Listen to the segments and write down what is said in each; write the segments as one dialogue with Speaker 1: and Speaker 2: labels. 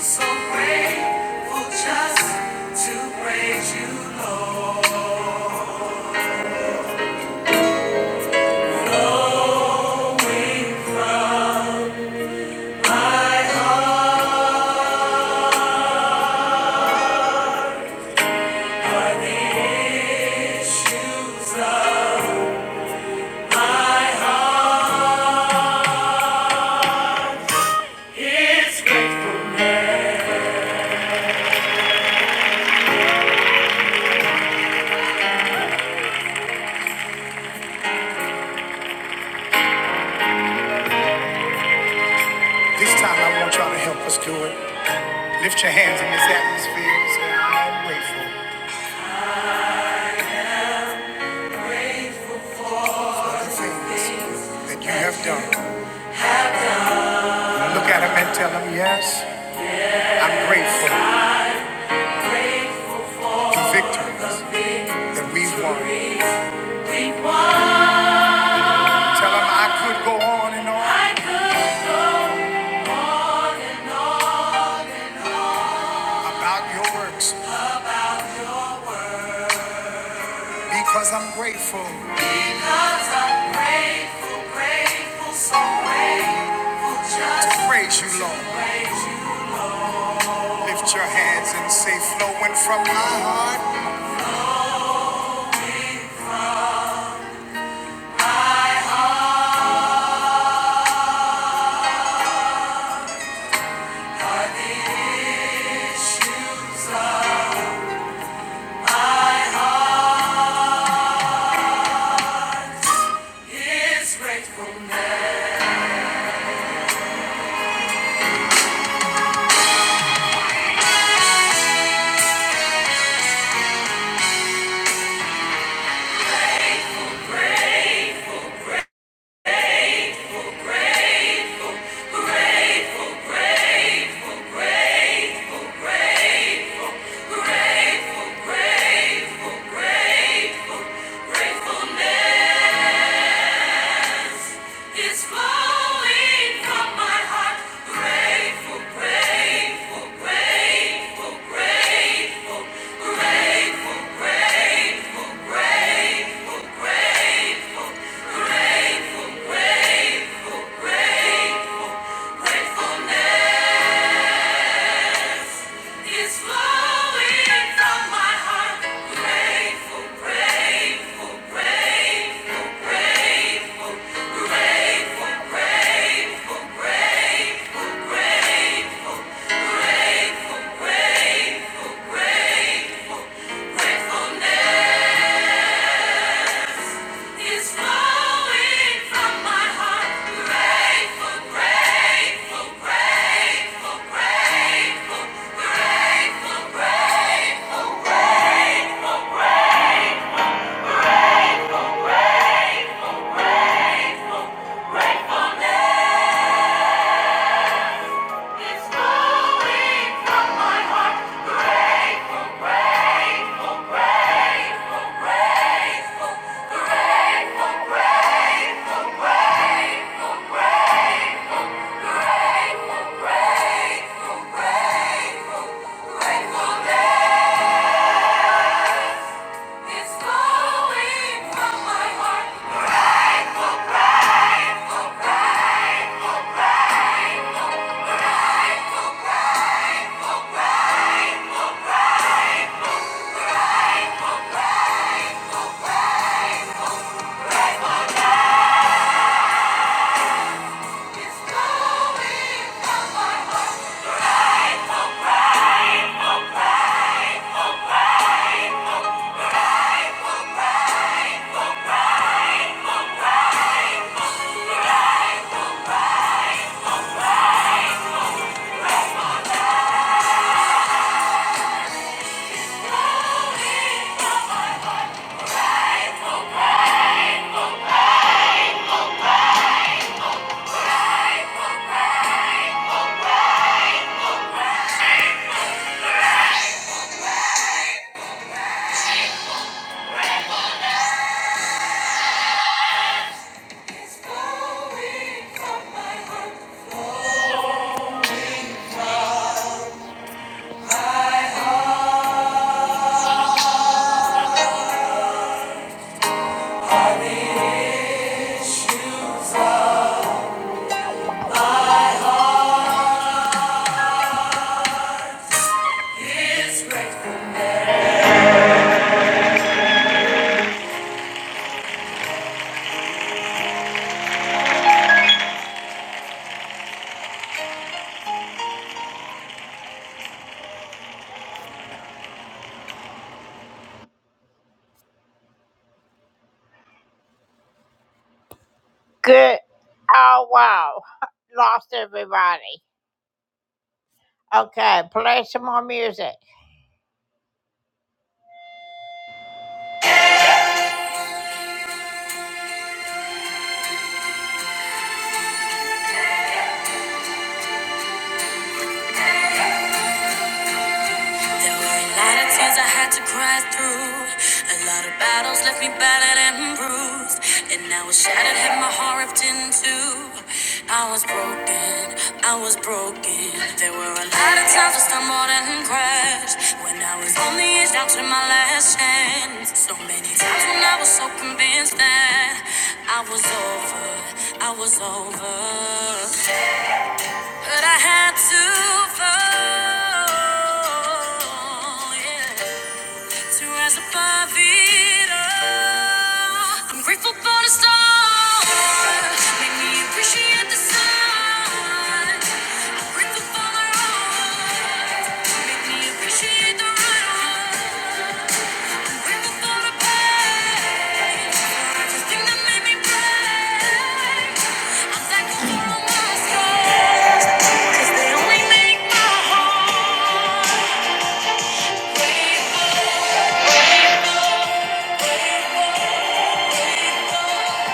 Speaker 1: so This time I want y'all to help us do it. Lift your hands in this atmosphere and say, I'm grateful. for Things that you have done. Look at him and tell him, yes, I'm grateful for victories that we won. Tell him I could go on and on about your works because I'm grateful. Because I'm grateful, grateful, so grateful just To praise you, Lord. Lift your hands and say, flowing from my heart. grateful? Grateful. grateful. Grateful, grateful, grateful, grateful, grateful, grateful, grateful, gratefulness is flowing from my heart. Grateful, grateful, grateful, grateful, grateful is flowing from my heart. Grateful, grateful, grateful, grateful, grateful. Grateful, grateful, Gratefulness. It's flowing from my heart. Grateful, grateful, grateful, grateful, grateful, grateful, grateful, grateful, grateful, grateful, grateful day. It's flowing from my heart. It's flowing from my heart. It's flowing from my heart. It's grateful. There were a lot of tears I had to cry through. A lot of battles left me battered and bruised. And I was shattered, had my heart ripped in two. I was broken, I was broken. There were a lot of times I stumbled and crashed. When I was on the edge, down to my last chance. So many times when I was so convinced that I was over, I was over. But I had to fall, yeah, to rise above it all. I'm grateful for the stars, make me appreciate the sun. Grateful for the road, make me appreciate the right one. I'm grateful for the pain, for everything that made me brave. I'm thankful for all my scars, 'cause they only make my Grateful, grateful,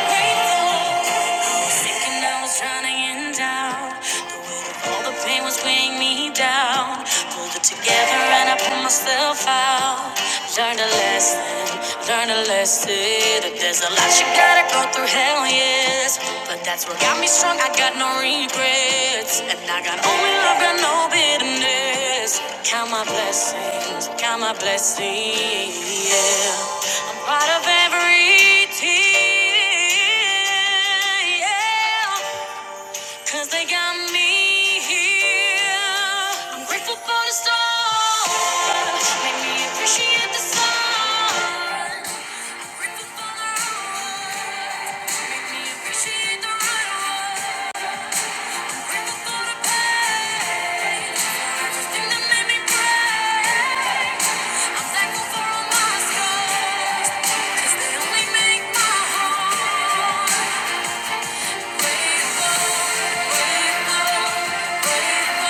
Speaker 1: grateful. Thinking I was drowning in doubt. The weight of all the pain was weighing me down. Pulled it together and I pulled myself out. Learned a lesson, learned a lesson. There's a lot you gotta go through, hell yes. But that's what got me strong, I got no regrets. And I got only love, got no bitterness. Count my blessings, count my blessings, yeah. I'm proud of every tear yeah, Cause they got me here. I'm grateful for the stars. Make me appreciate the sun. Make me appreciate the right rain. Grateful for the pain. For everything that made me brave. I'm thankful for all my scars. 'Cause they only make my heart grateful, grateful, grateful. Here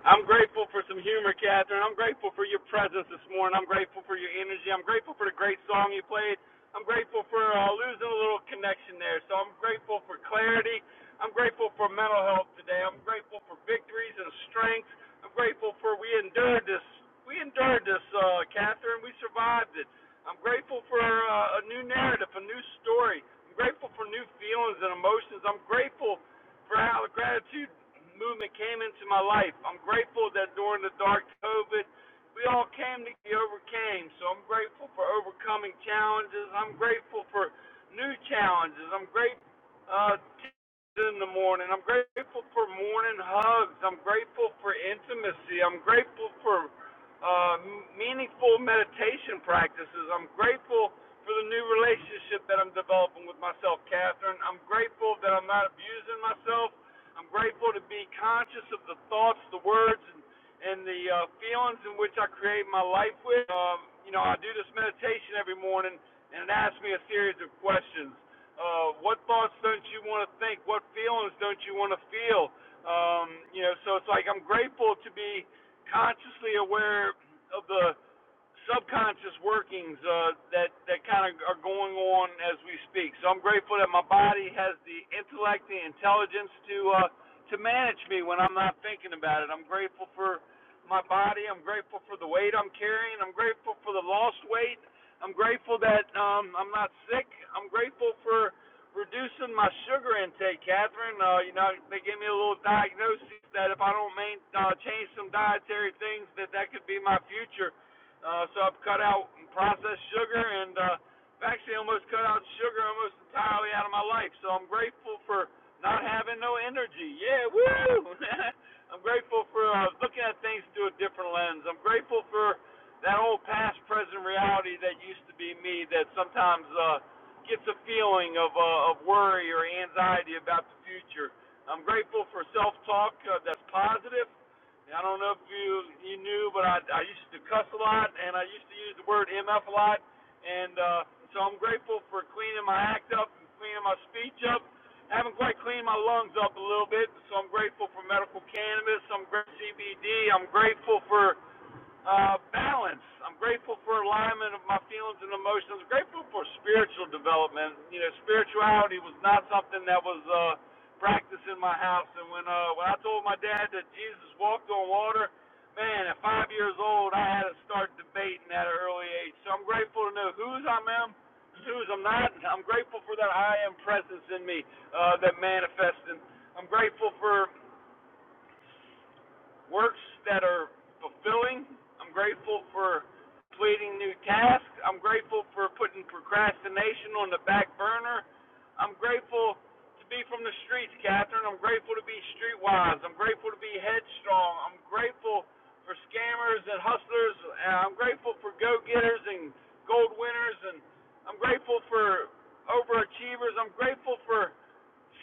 Speaker 2: I'm grateful for some humor, Catherine. I'm grateful for your presence this morning. I'm grateful for your energy. I'm grateful for the great song you played. I'm grateful for uh, losing a little connection there. So I'm grateful for clarity. I'm grateful for mental health today. I'm grateful for victories and strength. I'm grateful for we endured this. We endured this, uh, Catherine. We survived it. I'm grateful for uh, a new narrative, a new story. I'm grateful for new feelings and emotions. I'm grateful for how the gratitude movement came into my life. I'm grateful that during the dark COVID, we all came to be overcame. So I'm grateful for overcoming challenges. I'm grateful for new challenges. I'm grateful uh, in the morning. I'm grateful for morning hugs. I'm grateful for intimacy. I'm grateful for uh, meaningful meditation practices. I'm grateful for the new relationship that I'm developing with myself, Catherine. I'm grateful that I'm not abusing myself. I'm grateful to be conscious of the thoughts, the words, and, and the uh, feelings in which I create my life with. Um, you know, I do this meditation every morning, and it asks me a series of questions. Uh, what thoughts don't you want to think? What feelings don't you want to feel? Um, you know, so it's like I'm grateful to be consciously aware of the subconscious workings uh, that that kind of are going on as we speak. So I'm grateful that my body has the intellect, the intelligence to uh, to manage me when I'm not thinking about it. I'm grateful for my body. I'm grateful for the weight I'm carrying. I'm grateful for the lost weight. I'm grateful that um, I'm not sick. I'm grateful for reducing my sugar intake, Catherine. Uh, you know, they gave me a little diagnosis that if I don't main, uh, change some dietary things, that that could be my future uh, so I've cut out processed sugar, and uh, I've actually almost cut out sugar almost entirely out of my life. So I'm grateful for not having no energy. Yeah, woo! I'm grateful for uh, looking at things through a different lens. I'm grateful for that old past, present reality that used to be me. That sometimes uh, gets a feeling of uh, of worry or anxiety about the future. I'm grateful for self-talk uh, that's positive. I don't know if you you knew, but I I used to cuss a lot, and I used to use the word MF a lot, and uh, so I'm grateful for cleaning my act up and cleaning my speech up. I haven't quite cleaned my lungs up a little bit, so I'm grateful for medical cannabis. I'm grateful for CBD. I'm grateful for uh, balance. I'm grateful for alignment of my feelings and emotions. I'm grateful for spiritual development. You know, spirituality was not something that was uh, practiced in my house. And when uh, when I told my dad that Jesus walked on water, man, at five years old, I had to start debating at an early age. So I'm grateful to know whose I am, whose I'm not. I'm grateful for that I am presence in me uh, that manifests. And I'm grateful for works that are fulfilling. I'm grateful for completing new tasks. I'm grateful for putting procrastination on the back burner. I'm grateful to be from the streets, Catherine. I'm grateful to be streetwise. I'm grateful to be headstrong. I'm grateful for scammers and hustlers. Uh, I'm grateful for go getters and gold winners. And I'm grateful for overachievers. I'm grateful for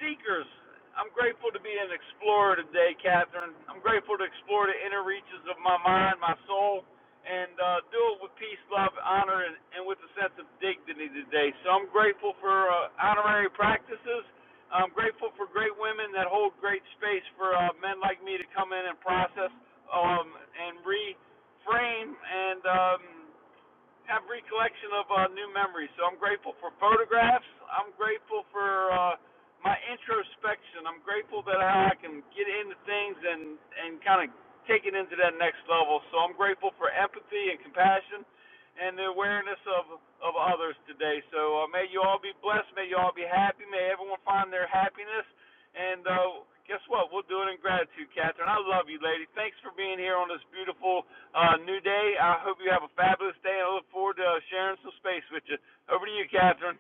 Speaker 2: seekers. I'm grateful to be an explorer today, Catherine. I'm grateful to explore the inner reaches of my mind, my soul, and uh, do it with peace, love, honor, and, and with a sense of dignity today. So I'm grateful for uh, honorary practices. I'm grateful for great women that hold great space for uh, men like me to come in and process um, and reframe and um, have recollection of uh, new memories. So I'm grateful for photographs. I'm grateful for uh, my introspection. I'm grateful that how I can get into things and and kind of take it into that next level. So I'm grateful for empathy and compassion and the awareness of of others today. So uh, may you all be blessed. May you all be happy. May everyone find their happiness. And uh, guess what? We'll do it in gratitude, Catherine. I love you, lady. Thanks for being here on this beautiful uh, new day. I hope you have a fabulous day. I look forward to uh, sharing some space with you. Over to you, Catherine.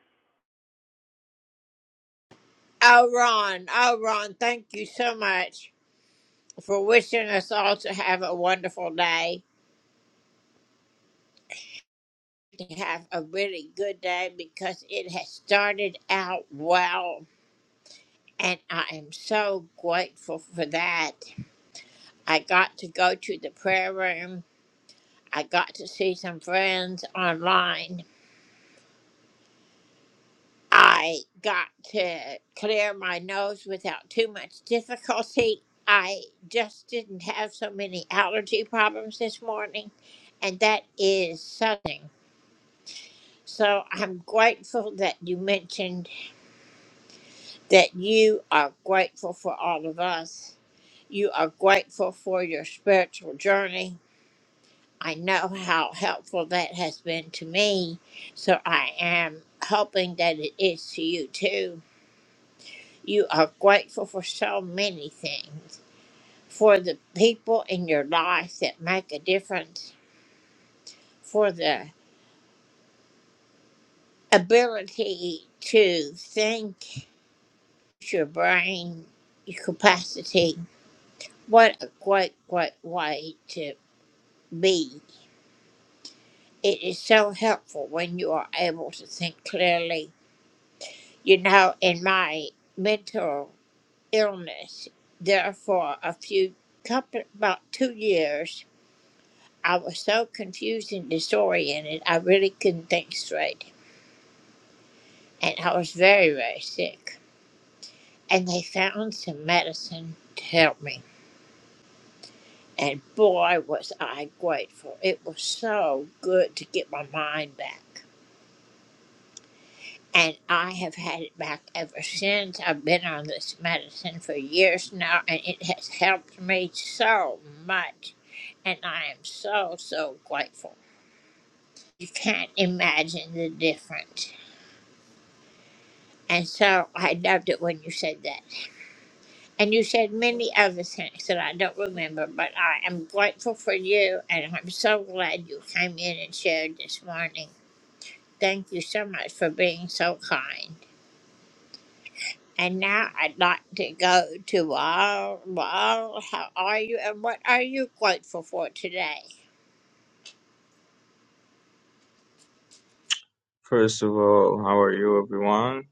Speaker 3: First of all, how are you, everyone?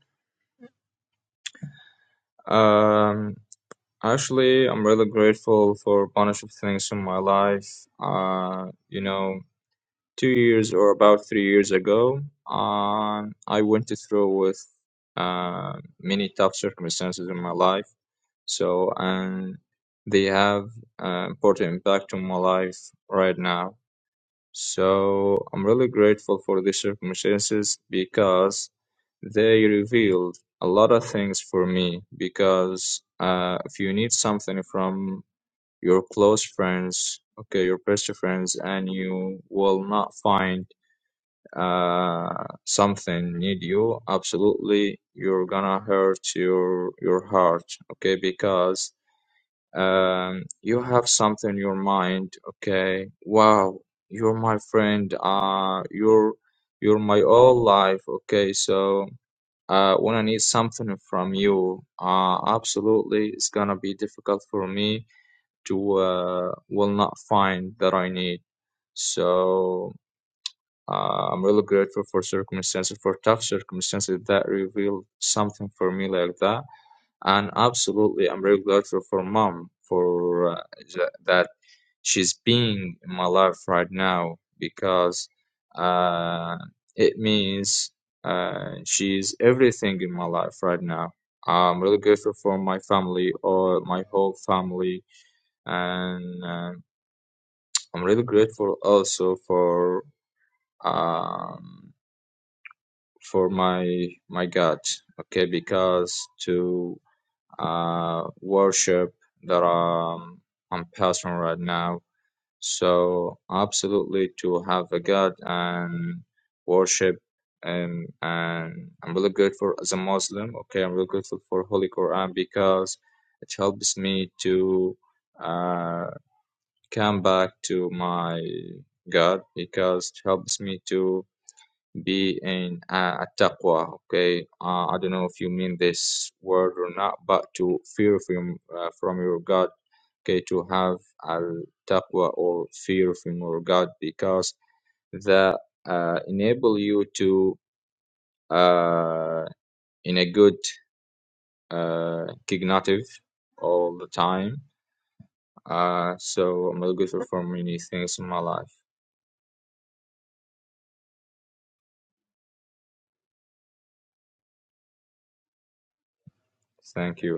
Speaker 3: Um, actually, I'm really grateful for a bunch of things in my life. Uh, you know, two years or about three years ago, um, I went through with uh, many tough circumstances in my life. So, and they have uh, important impact on my life right now. So I'm really grateful for these circumstances because they revealed a lot of things for me. Because uh, if you need something from your close friends, okay, your best friends, and you will not find uh, something need you, absolutely you're gonna hurt your your heart, okay? Because um, you have something in your mind, okay? Wow, you're my friend. Uh, you're you're my all life, okay? So, uh, when I need something from you, uh, absolutely, it's gonna be difficult for me to uh will not find that I need. So, uh, I'm really grateful for circumstances, for tough circumstances that reveal something for me like that and absolutely i'm very grateful for mom for uh, tha- that she's being in my life right now because uh, it means uh, she's everything in my life right now i'm really grateful for my family or my whole family and uh, i'm really grateful also for um, for my my god okay because to uh, worship that um, I'm passing right now. So absolutely to have a God and worship and and I'm really grateful as a Muslim. Okay, I'm really grateful for Holy Quran because it helps me to uh, come back to my God because it helps me to be in uh, taqwa okay uh, i don't know if you mean this word or not but to fear from uh, from your god okay to have al taqwa or fear from your god because that uh, enable you to uh, in a good uh, cognitive all the time uh, so i'm really grateful for many things in my life thank you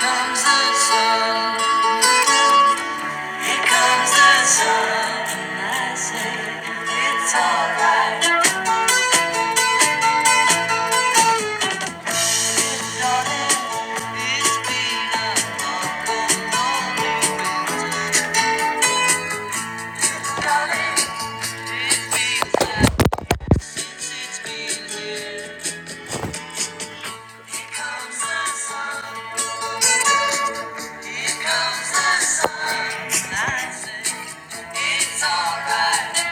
Speaker 1: Comes the sun. Comes the sun, I say it's alright. Comes the sun, here comes the sun. I say it's alright.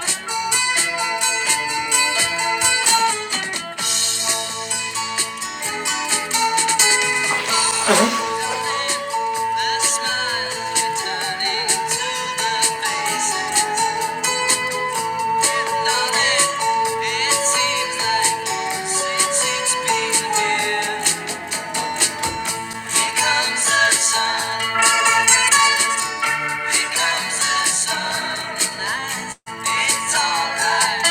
Speaker 1: The smile returning to the faces. Don't it? It seems like since it's been here. Here comes the sun, here comes the sun. I say it's alright.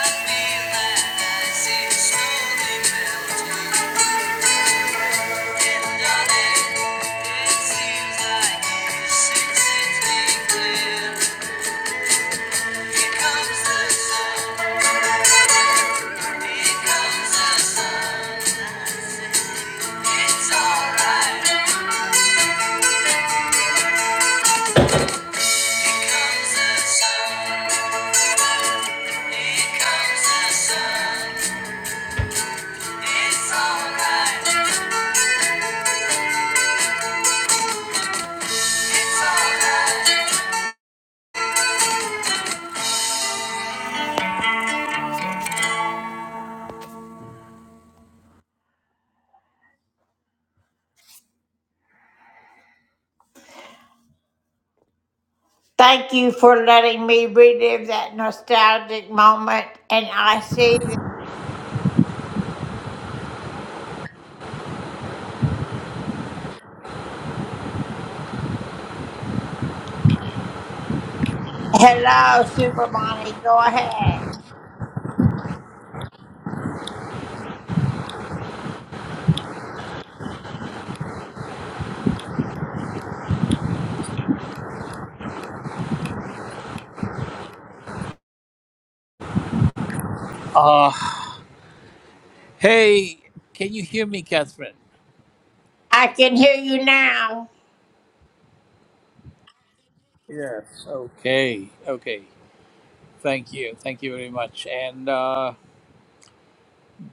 Speaker 1: Here comes the sun. It's alright. It's alright.
Speaker 4: Uh, hey, can you hear me, Catherine? Yes. Okay. Okay. Thank you. Thank you very much. And uh,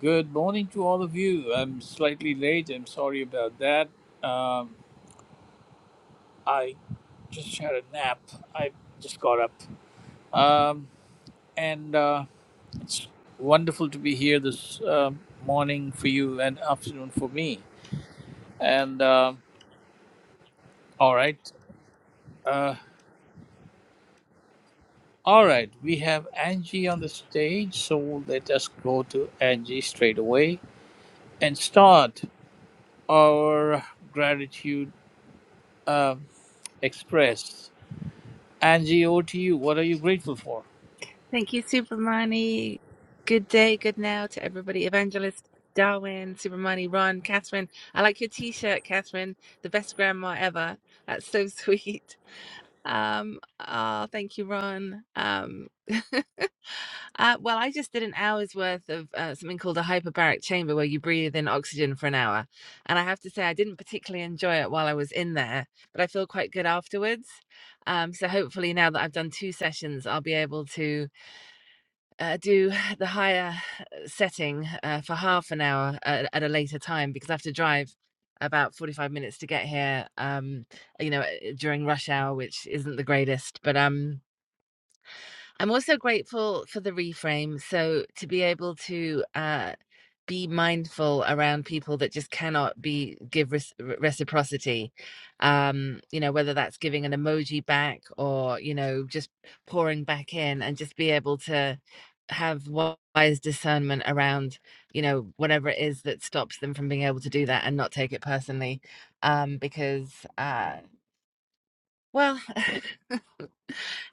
Speaker 4: good morning to all of you. I'm slightly late. I'm sorry about that. Um, I just had a nap. I just got up. Um, and uh, it's wonderful to be here this um morning for you and afternoon for me. And uh, all right. Uh, All right, we have Angie on the stage, so let us go to Angie straight away and start our gratitude um, express. Angie, over to you. What are you grateful for?
Speaker 5: Thank you, Supermani. Good day, good now to everybody. Evangelist Darwin, Supermani, Ron, Catherine. I like your t-shirt, Catherine. The best grandma ever. That's so sweet. Um, oh, thank you, Ron. Um, uh, well, I just did an hour's worth of uh, something called a hyperbaric chamber where you breathe in oxygen for an hour. And I have to say, I didn't particularly enjoy it while I was in there, but I feel quite good afterwards. Um, so hopefully now that I've done two sessions, I'll be able to uh, do the higher uh, setting uh, for half an hour at, at a later time because I have to drive about 45 minutes to get here um you know uh, during rush hour which isn't the greatest but um I'm also grateful for the reframe. So to be able to uh, be mindful around people that just cannot be give res- reciprocity, um, you know, whether that's giving an emoji back or you know just pouring back in, and just be able to have wise discernment around you know whatever it is that stops them from being able to do that and not take it personally um because uh well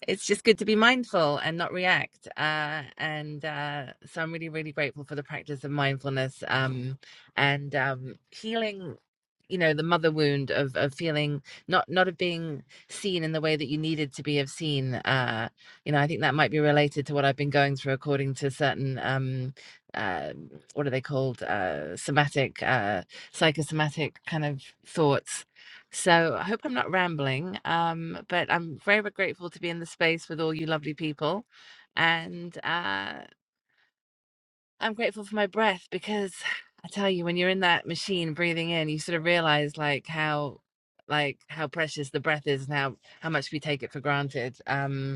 Speaker 5: it's just good to be mindful and not react. Uh, and uh, so I'm really, really grateful for the practice of mindfulness um, and um, healing. You know the mother wound of of feeling not not of being seen in the way that you needed to be of seen. Uh, you know I think that might be related to what I've been going through according to certain um, uh, what are they called uh, somatic uh, psychosomatic kind of thoughts so I hope I'm not rambling, um, but I'm very very grateful to be in the space with all you lovely people. And uh, I'm grateful for my breath because I tell you, when you're in that machine breathing in, you sort of realize like how like how precious the breath is and how how much we take it for granted. Um,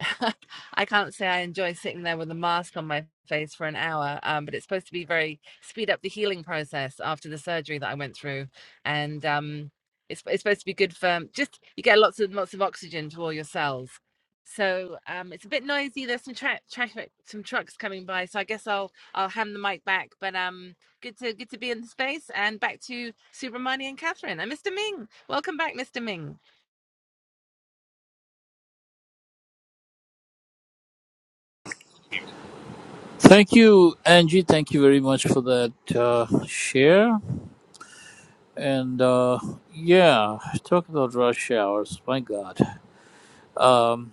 Speaker 5: I can't say I enjoy sitting there with a mask on my face for an hour, um, but it's supposed to be very speed up the healing process after the surgery that I went through, and um, it's it's supposed to be good for um, just you get lots and lots of oxygen to all your cells. So um, it's a bit noisy. There's some tra- traffic, some trucks coming by. So I guess I'll I'll hand the mic back. But um, good to good to be in the space and back to Subramani and Catherine and Mr. Ming. Welcome back, Mr. Ming.
Speaker 4: Thank you, Angie. Thank you very much for that uh, share. And uh, yeah, talk about rush hours. My God. Um,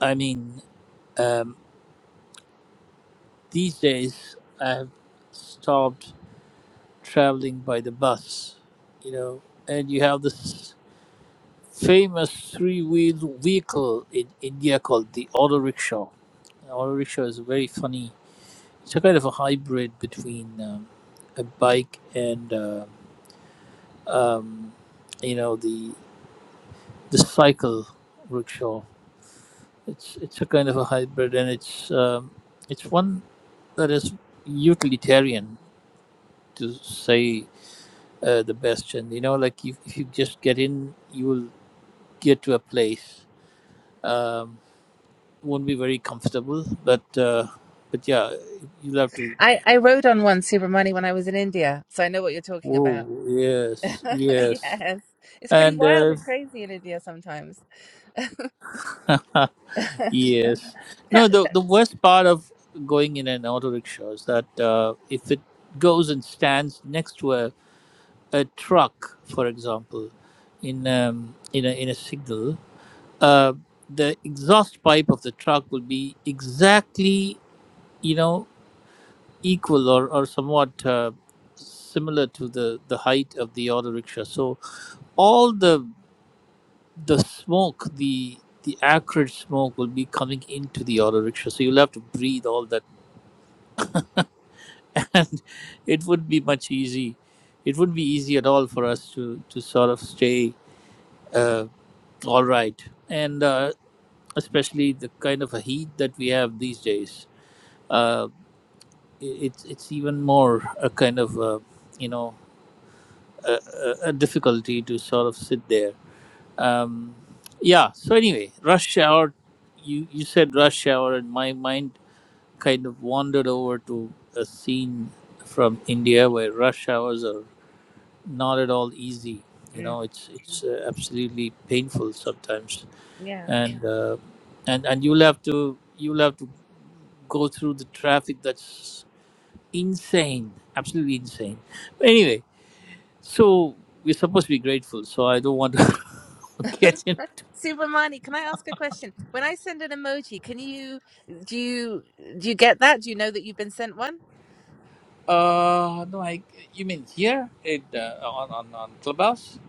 Speaker 4: I mean, um, these days I have stopped. traveling by the bus, you know, and you have this famous three-wheeled vehicle in India called the auto rickshaw. An auto rickshaw is very funny. It's a kind of a hybrid between um, a bike and uh, um, you know the the cycle rickshaw. It's it's a kind of a hybrid, and it's um, it's one that is utilitarian to say uh, the best. And you know, like if, if you just get in, you will. get to a place. Um, won't be very comfortable, but uh, but yeah, you'll have to.
Speaker 5: I, I rode on one Subramani when I was in India, so I know what you're talking
Speaker 4: Whoa!
Speaker 5: about.
Speaker 4: Yes, yes,
Speaker 5: yes. It's pretty
Speaker 4: and
Speaker 5: wild
Speaker 4: uh,
Speaker 5: and crazy in India sometimes.
Speaker 4: yes.
Speaker 5: Ta-
Speaker 4: No, the the worst part of going in an auto rickshaw is that uh, if it goes and stands next to a, a truck, for example, in um, in a in a signal, uh, the exhaust pipe of the truck will be exactly you know equal or, or somewhat uh, similar to the, the height of the auto rickshaw. So all the the smoke, the the acrid smoke will be coming into the auto rickshaw. So you'll have to breathe all that, and it would be much easy. It wouldn't be easy at all for us to to sort of stay uh, all right, and uh, especially the kind of a heat that we have these days. Uh, it- it's it's even more a kind of uh, you know a, a a difficulty to sort of sit there. Um, yeah. So anyway, rush hour. You you said rush hour, and my mind kind of wandered over to a scene from India where rush hours are not at all easy. You
Speaker 5: Mm,
Speaker 4: know, it's it's uh, absolutely painful sometimes,
Speaker 5: yeah.
Speaker 4: and uh, and and you'll have to you'll have to go through the traffic that's insane, absolutely insane. But anyway, so we're supposed to be grateful. So I don't want to Getting
Speaker 5: Subramani, can I ask a question? When I send an emoji, can you do you do you get that? Do you know that you've been sent one?
Speaker 4: Uh, no, I. You mean here? It uh, on on on Clubhouse?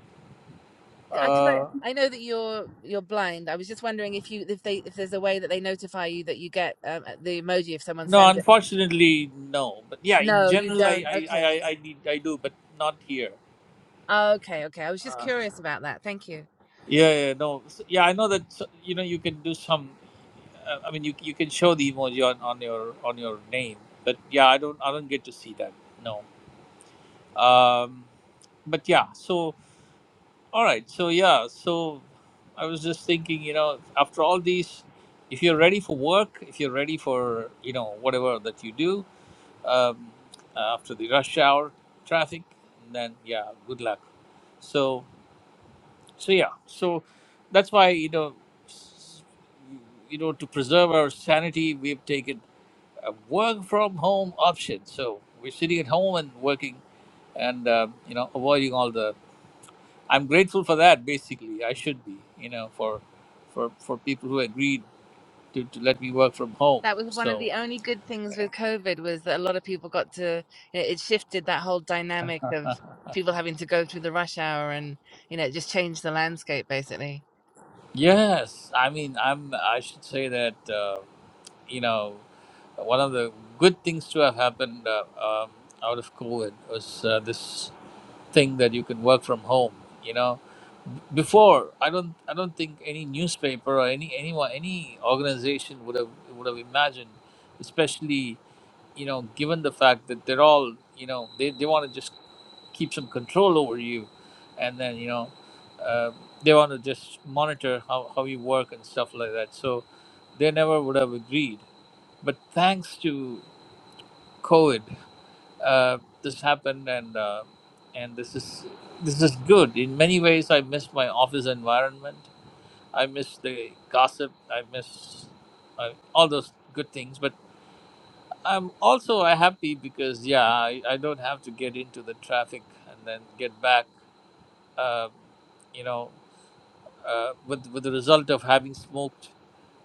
Speaker 5: Because
Speaker 4: Uh,
Speaker 5: I I know that you're you're blind. I was just wondering if you if they if there's a way that they notify you that you get um, uh, the emoji if someone
Speaker 4: no,
Speaker 5: sends it.
Speaker 4: unfortunately, no. But yeah, in
Speaker 5: No, you
Speaker 4: general, I
Speaker 5: don't.
Speaker 4: I I,
Speaker 5: Okay.
Speaker 4: I I need I do, but not here.
Speaker 5: Okay, okay. I was just
Speaker 4: Uh,
Speaker 5: curious about that. Thank you.
Speaker 4: yeah, yeah, no. So, yeah, I know that. so- You know, you can do some. Uh, I mean, you you can show the emoji on on your on your name, but yeah, I don't I don't get to see that. No. Um, but yeah, so. All right. So yeah. So I was just thinking, you know, after all these, if you're ready for work, if you're ready for you know whatever that you do um, after the rush hour traffic, then yeah, good luck. So so yeah. So that's why you know s- you know to preserve our sanity, we've taken a work from home option. So we're sitting at home and working and uh, you know avoiding all the I'm grateful for that. Basically, I should be, you know, for for for people who agreed to, to let me work from home.
Speaker 5: That was one of
Speaker 4: So
Speaker 5: the only good things with COVID was that a lot of people got to it it shifted that whole dynamic of people having to go through the rush hour and you know it just changed the landscape basically.
Speaker 4: yes, I mean, I'm. I should say that uh, you know, one of the good things to have happened uh, um, out of COVID was uh, this thing that you can work from home. You know, before I don't I don't think any newspaper or any anyone any organization would have would have imagined, especially you know, given the fact that they're all, you know, they, they want to just keep some control over you and then, you know, uh, they want to just monitor how, how you work and stuff like that. So they never would have agreed. But thanks to COVID, uh, this happened and, uh, and this is, this is good. In many ways, I miss my office environment. I miss the gossip. I miss uh, all those good things. But I'm also uh, happy because yeah, I, I don't have to get into the traffic and then get back. Uh, you know, uh, with with the result of having smoked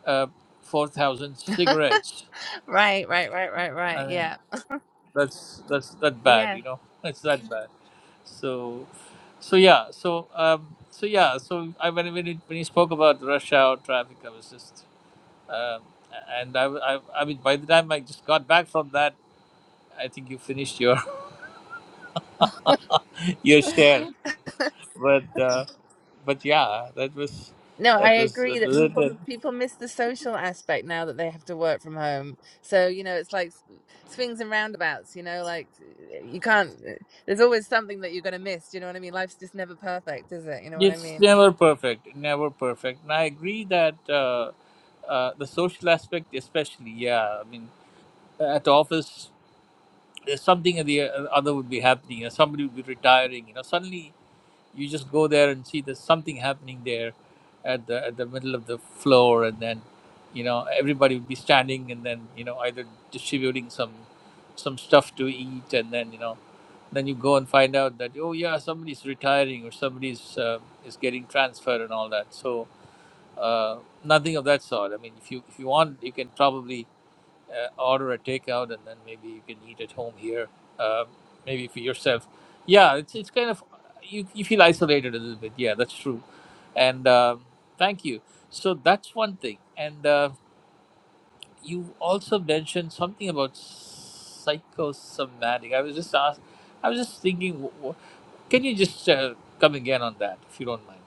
Speaker 4: uh, four thousand cigarettes.
Speaker 5: Right, right, right, right, right.
Speaker 4: I mean,
Speaker 5: Yeah.
Speaker 4: that's that's that bad.
Speaker 5: Yeah.
Speaker 4: You know, it's that bad. So, so yeah, so um, so yeah, so I when when, it, when you spoke about rush hour traffic, I was just um, and I, I I mean by the time I just got back from that, I think you finished your your share. but uh, but yeah, that was
Speaker 5: No, I
Speaker 4: that was
Speaker 5: agree
Speaker 4: that
Speaker 5: that
Speaker 4: was it.
Speaker 5: people
Speaker 4: That-
Speaker 5: people miss the social aspect now that they have to work from home. So, you know, it's like s- swings and roundabouts, you know, like eh, you can't eh, there's always something that you're going to miss, you know what I mean? Life's just never perfect, is it? You know what I
Speaker 4: It's
Speaker 5: mean?
Speaker 4: never perfect, never perfect. And I agree that uh, uh, the social aspect, especially, yeah. I mean, at office, there's something or the uh, other would be happening. You know, somebody would be retiring. You know, suddenly you just go there and see there's something happening there at the at the middle of the floor and then you know everybody would be standing and then you know either distributing some some stuff to eat and then you know then you go and find out that oh yeah somebody's retiring or somebody's uh, is getting transferred and all that so uh, nothing of that sort i mean if you if you want you can probably uh, order a takeout and then maybe you can eat at home here, um, maybe for yourself. Yeah, it's it's kind of you you feel isolated a little bit. Yeah, that's true. And um, thank you. So that's one thing. And uh, you also mentioned something about psychosomatic. I was just asked. I was just thinking. wh- wh- Can you just uh, come again on that, if you don't mind?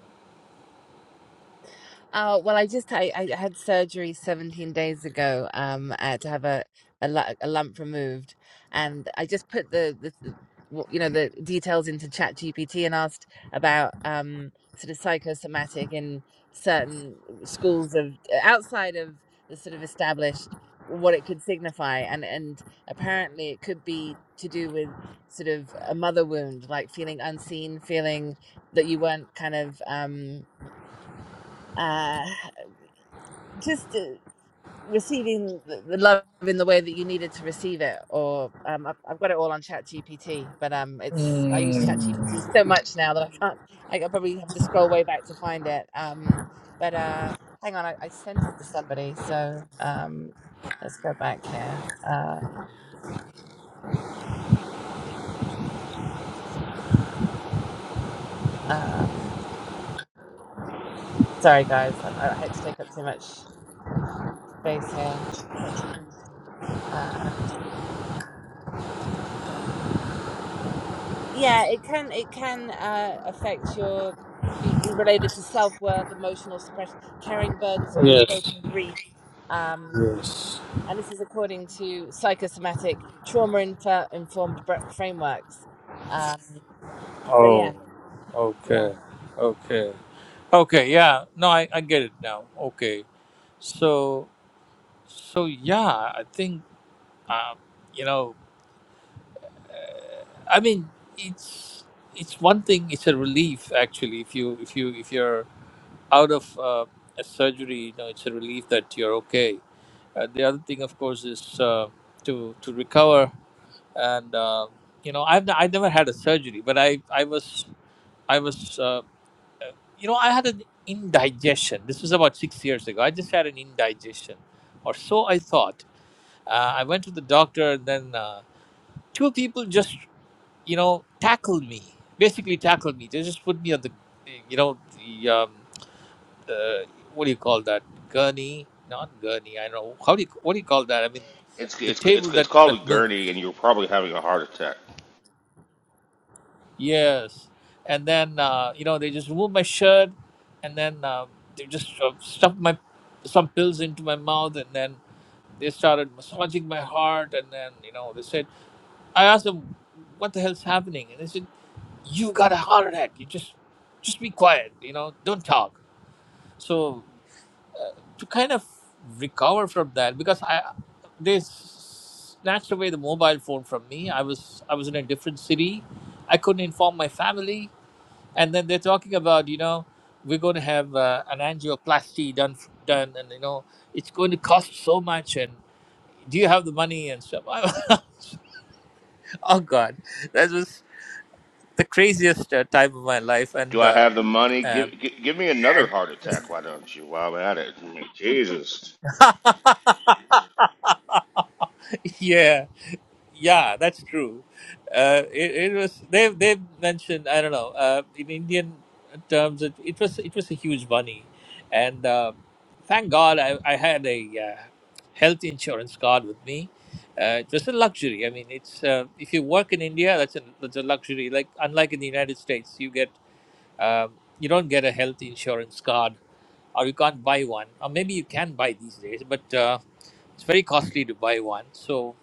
Speaker 5: Oh, well, I just I, I had surgery 17 days ago um uh, to have a a, lu- a lump removed and I just put the the the- what- you know the details into Chat GPT and asked about um sort of psychosomatic in certain schools of outside of the sort of established what it could signify and and apparently it could be to do with sort of a mother wound like feeling unseen feeling that you weren't kind of um uh, just uh, receiving the the love in the way that you needed to receive it or um, I've, I've got it all on chat gpt but um it's i use chat gpt
Speaker 4: Mm,
Speaker 5: so much now that i can't i I probably have to scroll way back to find it um but uh hang on i, I sent it to somebody so um let's go back here um um sorry guys I, I hate to take up too much space here uh, yeah it can it can uh, affect your be, be related to self-worth emotional suppression carrying burdens of
Speaker 4: yes.
Speaker 5: unspoken grief um
Speaker 4: Yes.
Speaker 5: and this is according to psychosomatic trauma infer- informed br- frameworks um so
Speaker 4: Oh,
Speaker 5: yeah yeah
Speaker 4: okay, okay, okay. Yeah, no, I, I get it now. Okay, so so yeah, I think uh, you know, I mean, it's it's one thing. It's a relief actually. If you if you if you're out of uh, a surgery, you know, it's a relief that you're okay. Uh, the other thing, of course, is uh, to to recover and. Uh, you know, I've n- I never had a surgery, but I I was I was. uh, you know, I had an indigestion. This was about six years ago. I just had an indigestion, or so I thought. Uh, I went to the doctor, and then uh, two people just, you know, tackled me. Basically, tackled me. They just put me on the, you know, the um, uh, what do you call that? Gurney? Not gurney. I don't know. How do you what do you call that? I mean,
Speaker 6: It's
Speaker 4: the
Speaker 6: it's
Speaker 4: table
Speaker 6: it's it's
Speaker 4: that
Speaker 6: called a
Speaker 4: that
Speaker 6: gurney,
Speaker 4: moves.
Speaker 6: and you're probably having a heart attack.
Speaker 4: Yes. And then, uh, you know, they just removed my shirt and then uh, they just uh, stuffed my some pills into my mouth and then they started massaging my heart. And then, you know, they said, I asked them, what the hell's happening? And they said, you got a heart attack. You just, just be quiet, you know, don't talk. So uh, to kind of recover from that, because I, they snatched away the mobile phone from me. I was, I was in a different city. I couldn't inform my family and then they're talking about you know we're going to have uh, an angioplasty done done and you know it's going to cost so much and do you have the money and stuff oh god that was the craziest uh, time of my life
Speaker 6: Do
Speaker 4: and
Speaker 6: I
Speaker 4: uh,
Speaker 6: have the money?
Speaker 4: um,
Speaker 6: Give give, give me another
Speaker 4: and
Speaker 6: heart attack. Why don't you? While I'm at it, I mean, Jesus.
Speaker 4: yeah Yeah, that's true. Uh, it, it was they they mentioned I don't know uh, in Indian terms it, it was it was a huge money, and uh, thank God I, I had a uh, health insurance card with me. Uh, it was a luxury. I mean, it's uh, if you work in India, that's a that's a luxury. Like unlike in the United States, you get um, you don't get a health insurance card, or you can't buy one, or maybe you can buy these days, but uh, it's very costly to buy one. So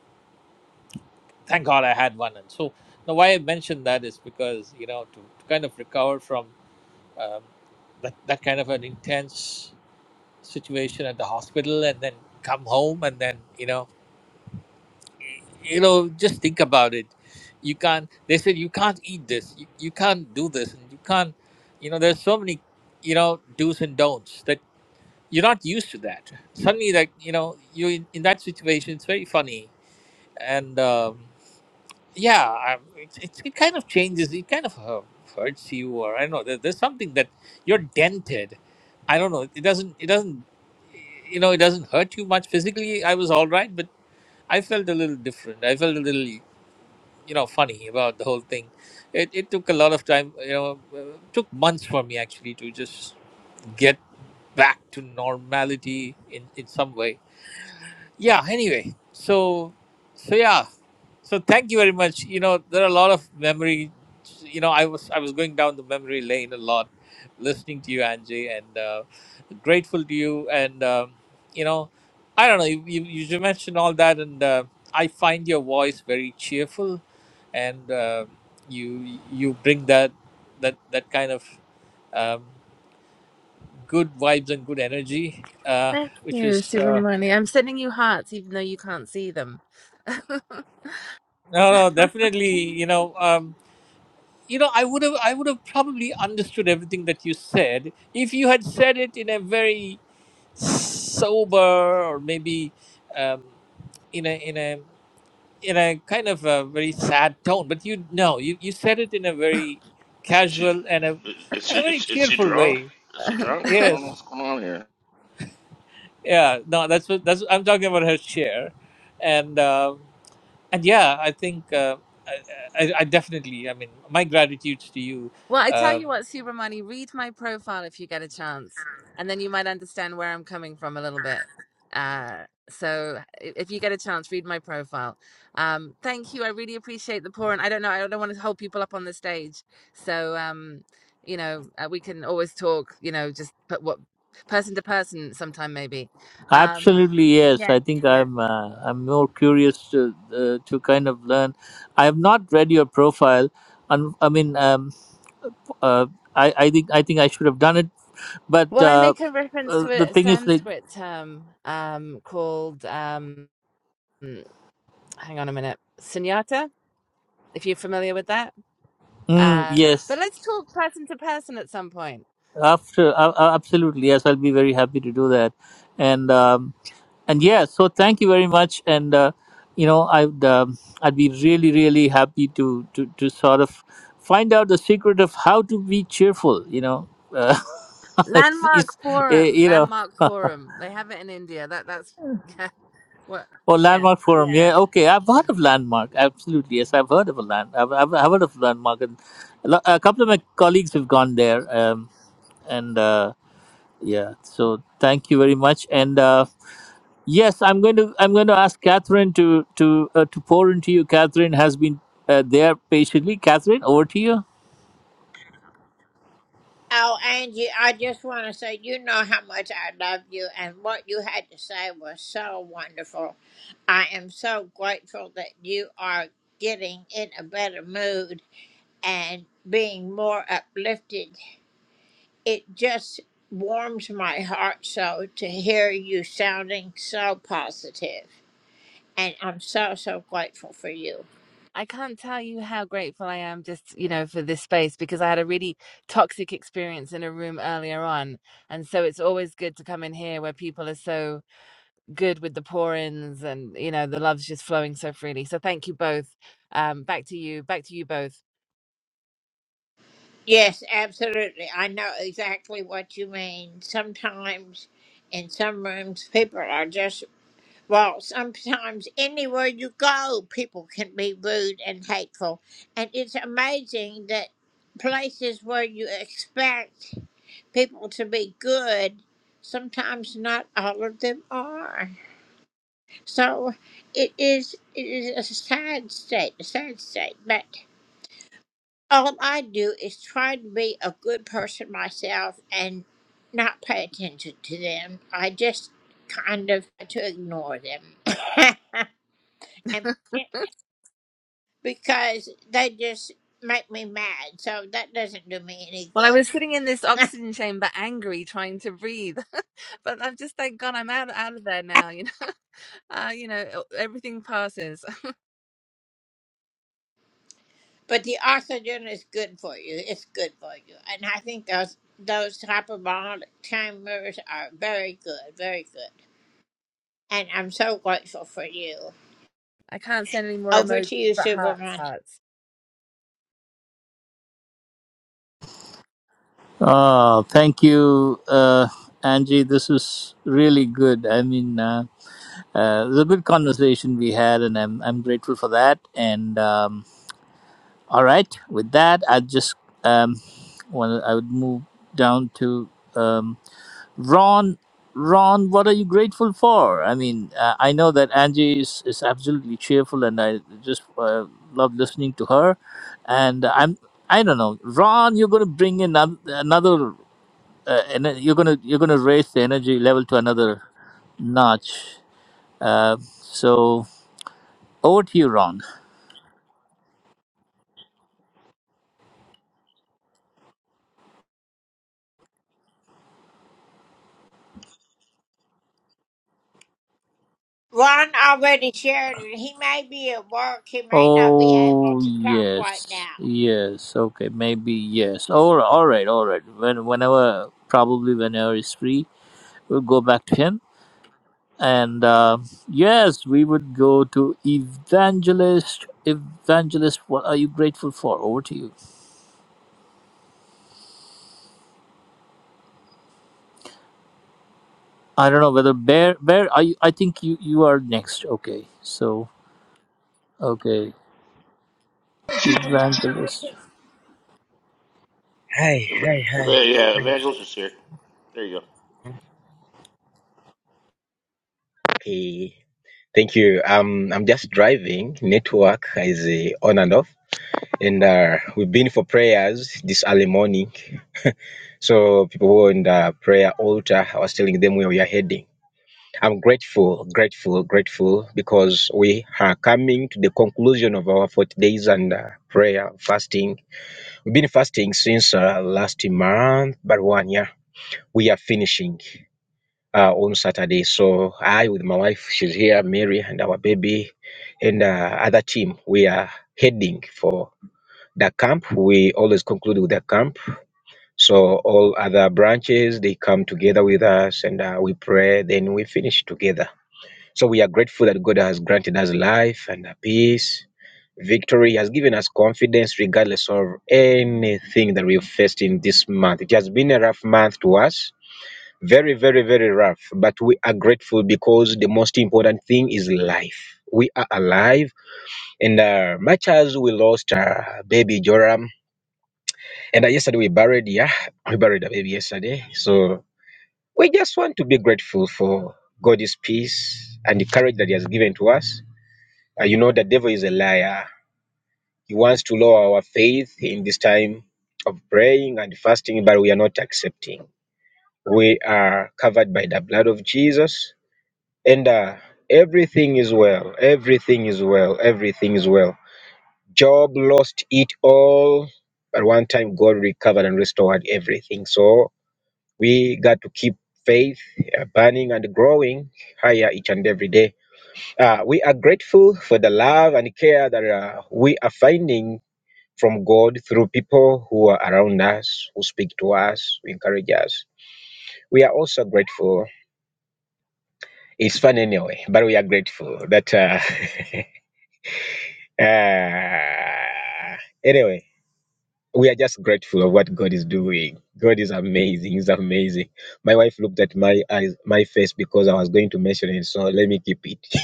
Speaker 4: thank God I had one. And so now why I mentioned that is because you know to, to kind of recover from um, that that kind of an intense situation at the hospital and then come home and then you know y- you know just think about it. You can't. They said you can't eat this. You, you can't do this, and you can't. You know, there's so many you know do's and don'ts that you're not used to that. Suddenly, that you know you in, in that situation, it's very funny and. Um, yeah, I- it, it, it kind of changes. It kind of hu- hurts you, or I don't know. There, there's something that you're dented. I don't know. It doesn't. It doesn't. You know, it doesn't hurt you much physically. I was all right, but I felt a little different. I felt a little, you know, funny about the whole thing. It it took a lot of time. You know, uh, took months for me actually to just get back to normality in in some way yeah anyway so so yeah so thank you very much you know there are a lot of memory you know i was i was going down the memory lane a lot listening to you angie and uh, grateful to you and um, you know i don't know you you, you mentioned all that and uh, i find your voice very cheerful and uh, you you bring that that that kind of um, good vibes and good energy uh,
Speaker 5: thank
Speaker 4: which
Speaker 5: you
Speaker 4: is uh,
Speaker 5: subramani i'm sending you hearts even though you can't see them
Speaker 4: No, no, definitely. You know, um, you know, I would have, I would have probably understood everything that you said if you had said it in a very sober or maybe um, in a in a in a kind of a very sad tone. But you no, you, you said it in a very
Speaker 6: Is she
Speaker 4: casual and a
Speaker 6: is
Speaker 4: and
Speaker 6: she
Speaker 4: a very
Speaker 6: is, is she
Speaker 4: cheerful
Speaker 6: drunk?
Speaker 4: way.
Speaker 6: Is she drunk? I don't know
Speaker 4: Yes,
Speaker 6: what's going on here.
Speaker 4: yeah. No, that's what that's. What, I'm talking about her chair, and. Um, and yeah i think uh, I, I, I definitely i mean my gratitude to you
Speaker 5: Well, I tell
Speaker 4: uh,
Speaker 5: you what, Subramani, read my profile if you get a chance, and then you might understand where I'm coming from a little bit. Uh, so i- if you get a chance, read my profile. Um, thank you. I really appreciate the pour, and I don't know, I don't want to hold people up on the stage. So, um, you know, uh, we can always talk, you know, just put what person to person sometime maybe. Um,
Speaker 4: Absolutely, yes.
Speaker 5: yeah,
Speaker 4: I think
Speaker 5: yeah.
Speaker 4: I'm. Uh, I'm more curious to uh, to kind of learn. I have not read your profile. Un- I mean, um, uh, I I think I think I should have done it. But
Speaker 5: Well, I
Speaker 4: uh,
Speaker 5: make a reference
Speaker 4: uh, the
Speaker 5: to a
Speaker 4: thing is, like,
Speaker 5: Sanskrit term um, called um, hang on a minute, Sunyata, if you're familiar with that.
Speaker 4: mm,
Speaker 5: Uh,
Speaker 4: yes,
Speaker 5: but let's talk person to person at some point.
Speaker 4: After, uh, uh, absolutely, yes, I'll be very happy to do that. And um, and yeah, so thank you very much. And uh, you know, I'd um, I'd be really, really happy to to to sort of find out the secret of how to be cheerful. You know, uh, it's,
Speaker 5: Landmark
Speaker 4: it's uh,
Speaker 5: Forum,
Speaker 4: you know,
Speaker 5: Landmark Forum. They have it in India. That that's yeah, what
Speaker 4: or
Speaker 5: yeah,
Speaker 4: landmark forum.
Speaker 5: yeah.
Speaker 4: Yeah, okay, I've heard of landmark. Absolutely, yes, I've heard of a land. I've, I've I've heard of landmark, and a lo- a couple of my colleagues have gone there. Um, and. Uh, Yeah. So thank you very much. And uh, yes, I'm going to I'm going to ask Catherine to to uh, to pour into you. Catherine has been uh, there patiently. Catherine, over to you.
Speaker 5: I can't tell you how grateful I am just, you know, for this space because I had a really toxic experience in a room earlier on. And so it's always good to come in here where people are so good with the pour-ins and you know the love's just flowing so freely so thank you both um back to you back to you both well i was sitting in this oxygen chamber angry trying to breathe but i've just thank god i'm out out of there now you know uh you know e, everything passes i can't send any more emojis but hearts hearts
Speaker 4: Ah, thank you, uh, Angie. This is really good. I mean, uh, uh, it was a good conversation we had, and I'm I'm grateful for that. And um, all right, with that, I just um, want I would move down to. Um, Ron, Ron, what are you grateful for? I mean, uh, I know that Angie is, is absolutely cheerful, and I just uh, love listening to her. And I'm, I don't know, Ron, you're going to bring in anoth- another, uh, and you're going to you're going to raise the energy level to another notch. Uh, so over to you, Ron. Oh yes, yes. Okay, maybe yes. All right, all right, all right. When whenever, probably whenever he's free, we'll go back to him and uh, yes we would go to evangelist evangelist what are you grateful for over to you i don't know whether bear bear i i think you you are next okay so okay evangelist
Speaker 7: Hi,
Speaker 6: Ev-
Speaker 7: hi, hi.
Speaker 6: ev- Yeah,
Speaker 7: Thank-
Speaker 6: evangelist is here. There you go.
Speaker 7: Okay. Thank you. Um, I'm just driving. Network is uh, on and off. And uh, we've been for prayers this early morning. So people who are in the prayer altar, I was telling them where we are heading. I'm grateful, grateful, grateful because we are coming to the conclusion of our 40 days and uh, prayer, fasting. We've been fasting since uh, last month, but one year. We are finishing. uh, on Saturday. So I, with my wife, she's here, Mary, and our baby, and uh, other team, we are heading for the camp. We always conclude with the camp. So all other branches they come together with us, and uh, we pray. Then we finish together. So we are grateful that God has granted us life and uh, peace. Victory has given us confidence regardless of anything that we've faced in this month. It has been a rough month to us, very, very, very rough, but we are grateful because the most important thing is life. We are alive, and uh, much as we lost uh, baby Joram, and uh, yesterday we buried, yeah, we buried the baby yesterday. So we just want to be grateful for God's peace and the courage that He has given to us. Uh, you know, the devil is a liar. He wants to lower our faith in this time of praying and fasting, but we are not accepting. We are covered by the blood of Jesus and uh, everything is well everything is well everything is well job lost it all but one time god recovered and restored everything so we got to keep faith uh, burning and growing higher each and every day uh, we are grateful for the love and care that uh, we are finding from god through people who are around us who speak to us who encourage us we are also grateful it's fun anyway but we are grateful that uh, Ah, anyway, we are just grateful of what God is doing. God is amazing. He's amazing. My wife looked at my eyes, my face, because I was going to mention it. So let me keep it.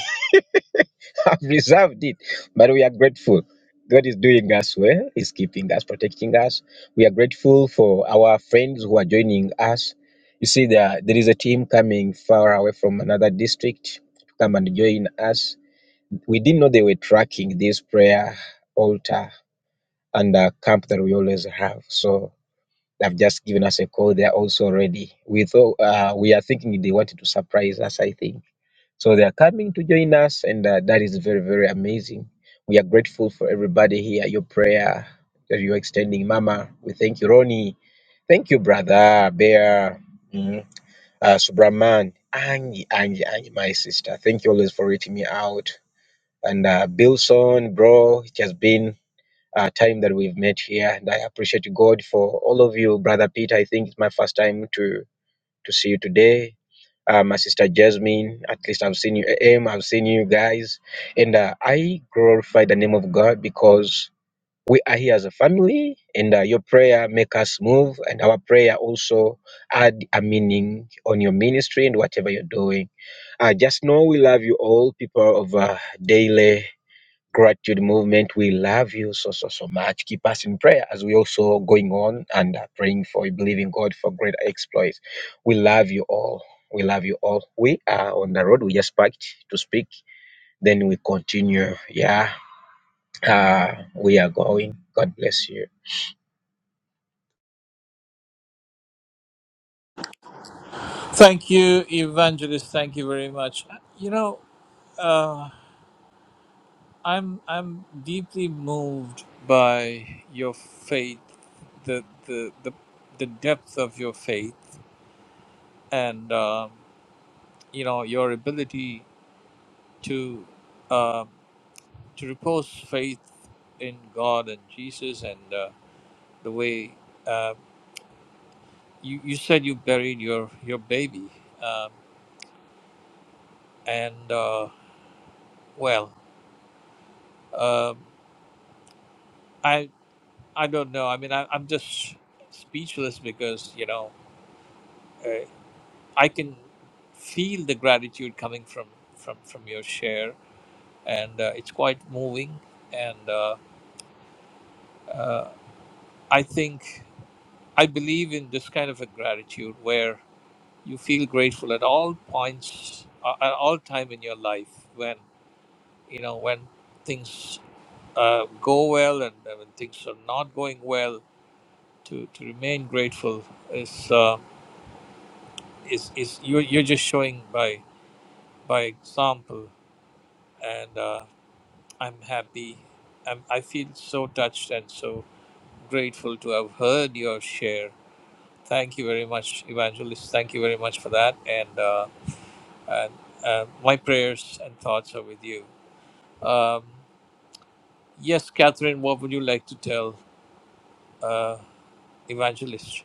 Speaker 7: I've reserved it, but we are grateful. God is doing us well. He's keeping us, protecting us. We are grateful for our friends who are joining us. You see, there there is a team coming far away from another district to come and join us. We didn't know they were tracking this prayer altar and a camp that we always have. So they've just given us a call. They are also ready. We thought uh, we are thinking they wanted to surprise us. I think so. They are coming to join us, and uh, that is very very amazing. We are grateful for everybody here. Your prayer that you are extending, Mama. We thank you, Ronnie. Thank you, brother Bear. Mhm. Uh, Subraman, Angie, Angie, Angie, my sister. Thank you always for reaching me out. And uh, Bilson, bro, it has been uh, time that we've met here. And I appreciate God for all of you, Brother Peter. I think it's my first time to to see you today. Uh, my sister Jasmine, at least I've seen you, AM, I've seen you guys. And uh, I glorify the name of God because we are here as a family, and uh, your prayer make us move, and our prayer also add a meaning on your ministry and whatever you're doing. Uh, just know we love you all, people of uh, Daily gratitude movement. We love you so, so, so much. Keep us in prayer as we also going on and uh, praying for, believing God for great exploits. We love you all. We love you all. We are on the road. We just packed to speak. Then we continue. Yeah. Uh, we are going. God bless you.
Speaker 4: Thank you, Evangelist. Thank you very much. You know, uh, I'm I'm deeply moved by your faith, the the the, the depth of your faith, and um, you know your ability to uh, to repose faith in God and Jesus and uh, the way uh, you you said you buried your your baby um, and uh, well um I I don't know I mean I, I'm just speechless because you know uh, I can feel the gratitude coming from from from your share and uh, it's quite moving and uh, uh, I think I believe in this kind of a gratitude where you feel grateful at all points uh, at all time in your life when you know when things uh, go well and uh, when things are not going well to, to remain grateful is uh, is, is you're, you're just showing by by example and uh, I'm happy I'm, I feel so touched and so grateful to have heard your share thank you very much evangelist thank you very much for that and uh, and uh, my prayers and thoughts are with you Um, yes, Catherine, what would you like to tell uh, Evangelist?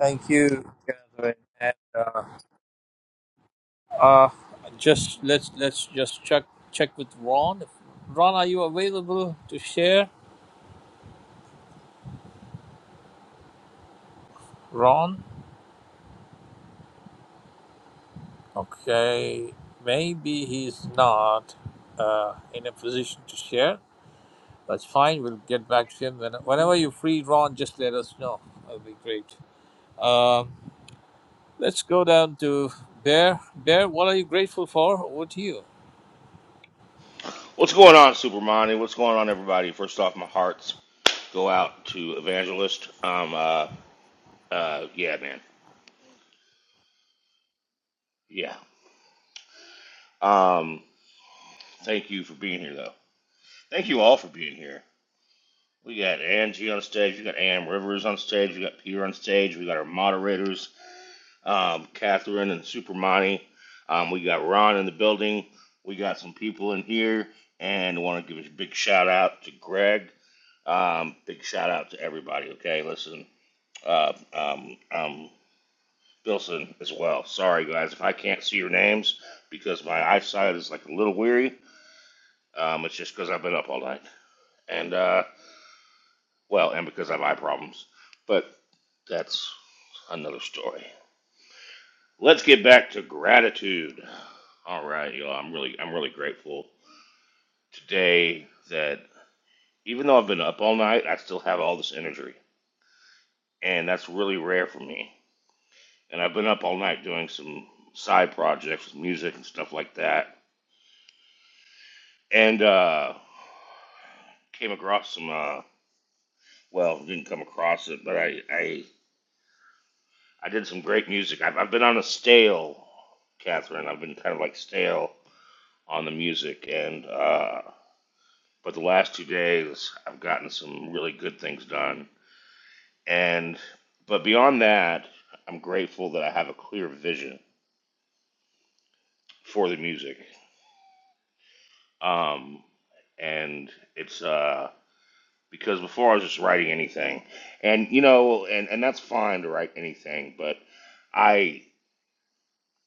Speaker 4: Thank you, Catherine. And uh, uh, just let's let's just check check with Ron. If, Ron, are you available to share? Ron, okay, maybe he's not uh, in a position to share. That's fine. We'll get back to him when, whenever you're free, Ron. Just let us know. That'll be great. Um, let's go down to Bear. Bear, what are you grateful for? Over to you.
Speaker 6: What's going on, Supermani? What's going on, everybody? First off, my hearts go out to Evangelist. Um, uh, uh, yeah, man, yeah. Um, thank you for being here, though. Thank you all for being here. We got Angie on stage. We got Am Rivers on stage. We got Peter on stage. We got our moderators, um, Catherine and Supermani. Um, we got Ron in the building. We got some people in here, and I want to give a big shout out to Greg. Um, big shout out to everybody. Okay, listen, uh, um, um, Bilson as well. Sorry guys if I can't see your names because my eyesight is like a little weary. Um, it's just because I've been up all night. And uh, Well, and because of eye problems. But that's another story. Let's get back to gratitude. All right, y'all. I'm really, I'm really grateful today that even though I've been up all night, I still have all this energy, and that's really rare for me. And I've been up all night doing some side projects, music and stuff like that, and uh, came across some. Uh, well, didn't come across it, but I, I I did some great music. I've, I've been on a stale, Catherine. I've been kind of like stale on the music, and uh, but the last two days I've gotten some really good things done. And but beyond that, I'm grateful that I have a clear vision for the music. Um, and it's uh, because before I was just writing anything, and you know, and and that's fine to write anything, but I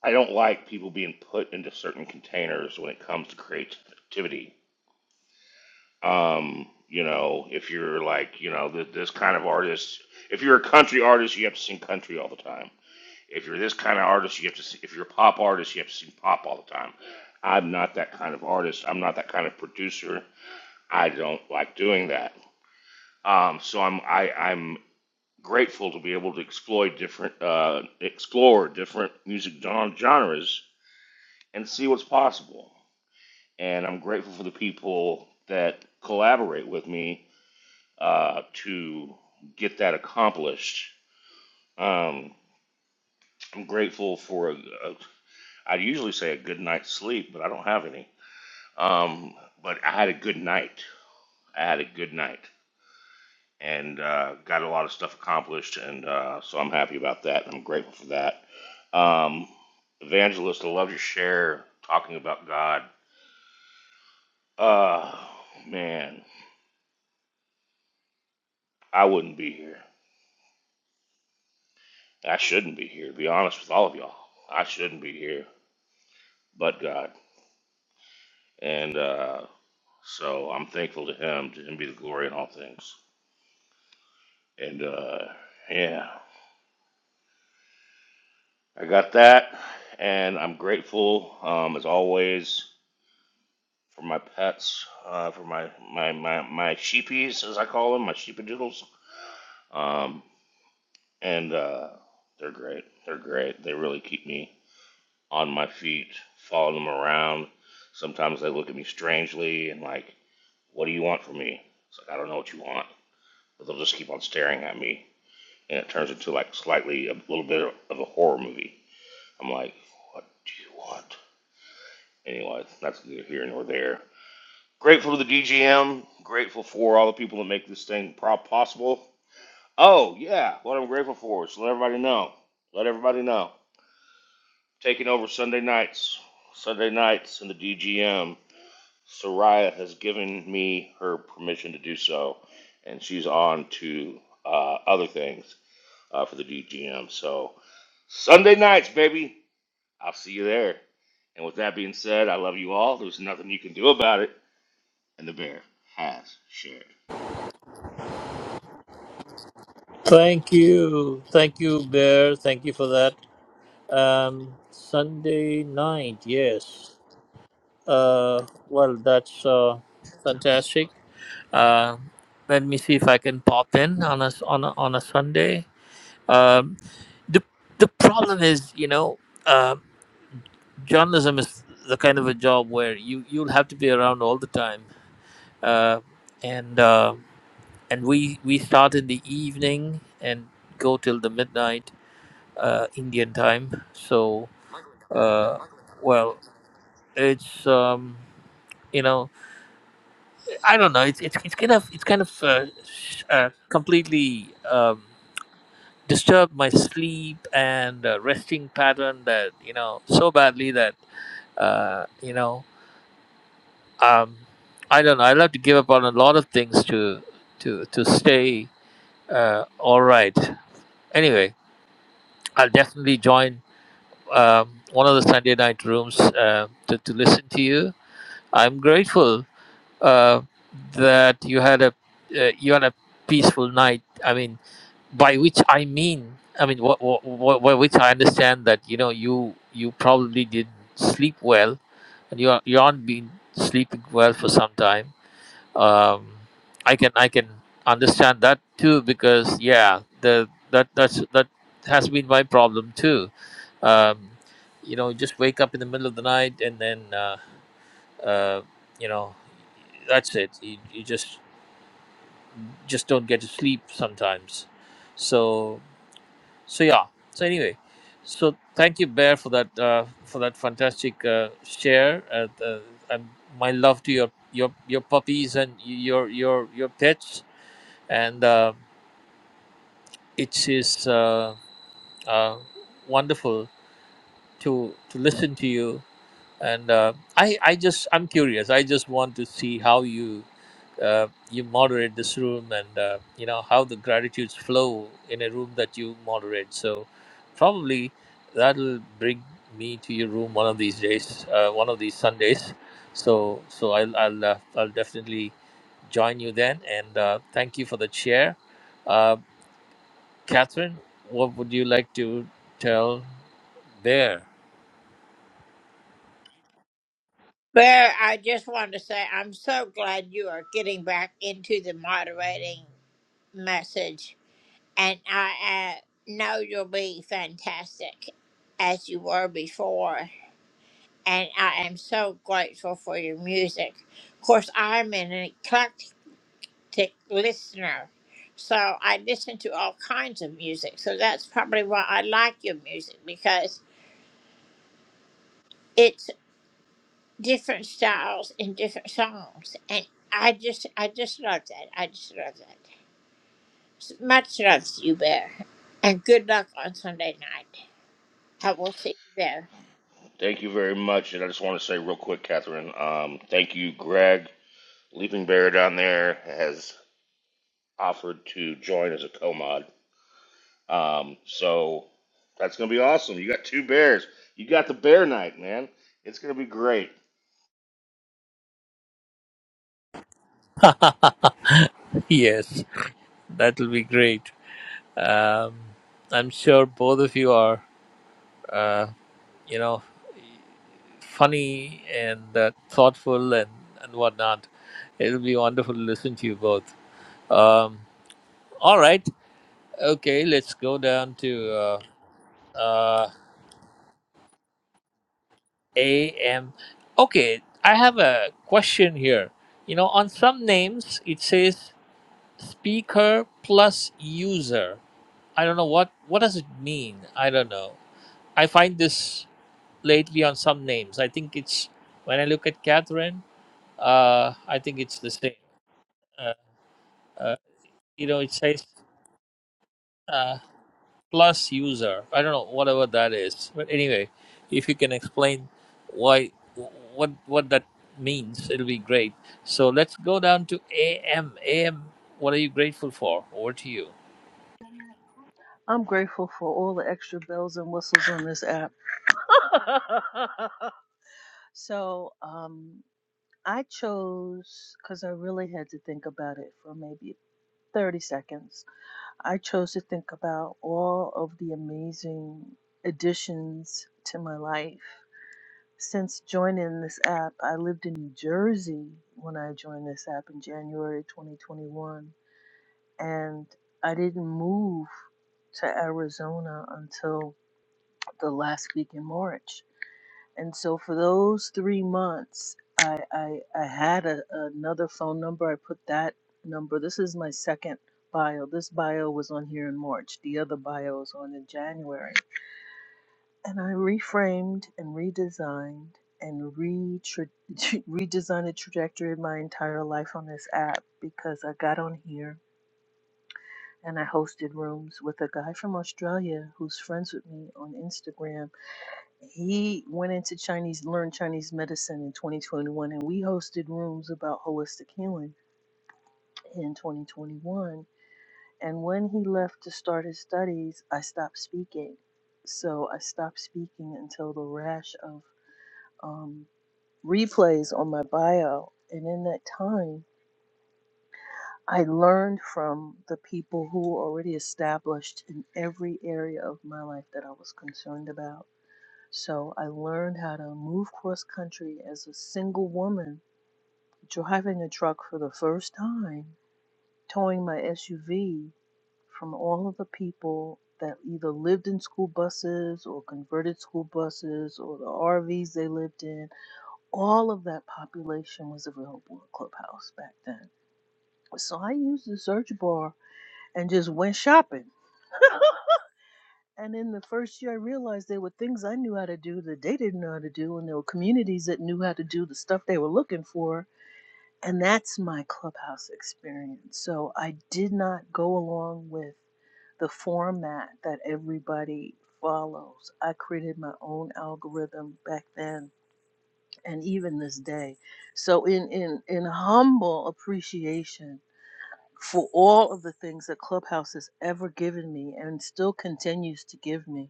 Speaker 6: I don't like people being put into certain containers when it comes to creativity. Um, you know, if you're like, you know, th- this kind of artist, if you're a country artist, you have to sing country all the time. If you're this kind of artist, you have to, sing, if you're a pop artist, you have to sing pop all the time. I'm not that kind of artist. I'm not that kind of producer. I don't like doing that. Um, so I'm, I, I'm grateful to be able to explore different, uh, explore different music gen- genres and see what's possible. and I'm grateful for the people that collaborate with me uh, to get that accomplished. Um, I'm grateful for a, a, I usually say a good night's sleep, but I don't have any. Um, but I had a good night. I had a good night and uh, got a lot of stuff accomplished, and uh, so I'm happy about that. I'm grateful for that. Um, Evangelist, I love your share talking about God. Uh, man, I wouldn't be here. I shouldn't be here, to be honest with all of y'all. I shouldn't be here, but God. And uh, so I'm thankful to Him. To Him be the glory in all things. And uh, yeah, I got that. And I'm grateful, um, as always, for my pets, uh, for my, my, my, my sheepies, as I call them, my sheepadoodles. Um, and uh, they're great. They're great. They really keep me on my feet, following them around. Sometimes they look at me strangely and like, What do you want from me? It's like, I don't know what you want. But they'll just keep on staring at me. And it turns into like slightly a little bit of a horror movie. I'm like, what do you want? Anyway, that's neither here nor there. Grateful to the DGM. Grateful for all the people that make this thing possible. Oh, yeah. What I'm grateful for is to let everybody know. Let everybody know. Taking over Sunday nights. Sunday nights in the DGM Soraya has given me her permission to do so, and she's on to uh, other things uh, for the DGM. So Sunday nights, baby, I'll see you there. And with that being said, I love you all. There's nothing you can do about it, and the bear has shared.
Speaker 4: Thank you. Thank you, Bear. Thank you for that. Um, Sunday night, yes. Uh, well, that's uh, fantastic. Uh, let me see if I can pop in on a, on a, on a Sunday. Um, the, the problem is, you know, uh, journalism is the kind of a job where you, you'll have to be around all the time. Uh, and uh, and we, we start in the evening and go till the midnight uh, Indian time. So, uh, well, it's um, you know, I don't know. It's it's, it's kind of it's kind of uh, sh- uh, completely um, disturbed my sleep and uh, resting pattern that you know so badly that uh, you know um, I don't know. I'll have to give up on a lot of things to to to stay uh, all right. Anyway, I'll definitely join um, one of the Sunday night rooms uh, to to listen to you I'm grateful uh, that you had a uh, you had a peaceful night. I mean, by which I mean, I mean, what, what, by which I understand that you know you you probably didn't sleep well, and you are you aren't been sleeping well for some time. Um, I can I can understand that too because yeah, the that that's that has been my problem too. Um, you know, just wake up in the middle of the night and then. Uh, uh, you know, that's it. You, you just just don't get to sleep sometimes. So so yeah. So anyway, so thank you, Bear, for that uh, for that fantastic uh, share. Uh, the, and my love to your your your puppies and your your your pets. And uh, it is uh, uh, wonderful to to listen to you. And uh, I I just I'm curious. I just want to see how you. uh, you moderate this room and uh, you know how the gratitudes flow in a room that you moderate so probably that'll bring me to your room one of these days uh, one of these sundays so so i'll i'll, uh, I'll definitely join you then and uh, thank you for the chair uh, catherine what would you like to tell there
Speaker 6: Thank you very much, and I just want to say real quick, Catherine. Um, thank you, Greg. Leaping Bear down there has offered to join as a co-mod Um, so that's gonna be awesome. You got two bears. You got the bear night, man. It's gonna be great.
Speaker 4: yes that'll be great um, i'm sure both of you are uh, you know funny and uh, thoughtful and, and whatnot. It'll be wonderful to listen to you both. Um, all right. Okay, let's go down to uh, uh, AM. Okay, I have a question here. You know, on some names it says speaker plus user. I don't know what what does it mean. I don't know. I find this lately on some names. I think it's when I look at Catherine. Uh, I think it's the same. Uh, uh, you know it says uh, plus user i don't know whatever that is but anyway if you can explain why what what that means it'll be great so let's go down to A M A M. what are you grateful for over to you
Speaker 8: I'm grateful for all the extra bells and whistles on this app. So um, I chose, because I really had to think about it for maybe 30 seconds, I chose to think about all of the amazing additions to my life. Since joining this app, I lived in New Jersey when I joined this app in January 2021, and I didn't move to Arizona until the last week in March. And so for those three months, I I, I had a, another phone number. I put that number. This is my second bio. This bio was on here in March. The other bio was on in January. And I reframed and redesigned and re redesigned the trajectory of my entire life on this app because I got on here and I hosted rooms with a guy from Australia who's friends with me on Instagram he went into Chinese, learned Chinese medicine in 2021, and we hosted rooms about holistic healing in 2021. And when he left to start his studies, I stopped speaking. So I stopped speaking until the rash of um, replays on my bio. And in that time, I learned from the people who were already established in every area of my life that I was concerned about So I learned how to move cross country as a single woman, driving a truck for the first time, towing my SUV from all of the people that either lived in school buses or converted school buses or the RVs they lived in. All of that population was available in Clubhouse back then. So I used the search bar and just went shopping. And in the first year, I realized there were things I knew how to do that they didn't know how to do, and there were communities that knew how to do the stuff they were looking for. And that's my clubhouse experience. So I did not go along with the format that everybody follows. I created my own algorithm back then and even this day. So in in in humble appreciation for all of the things that Clubhouse has ever given me and still continues to give me,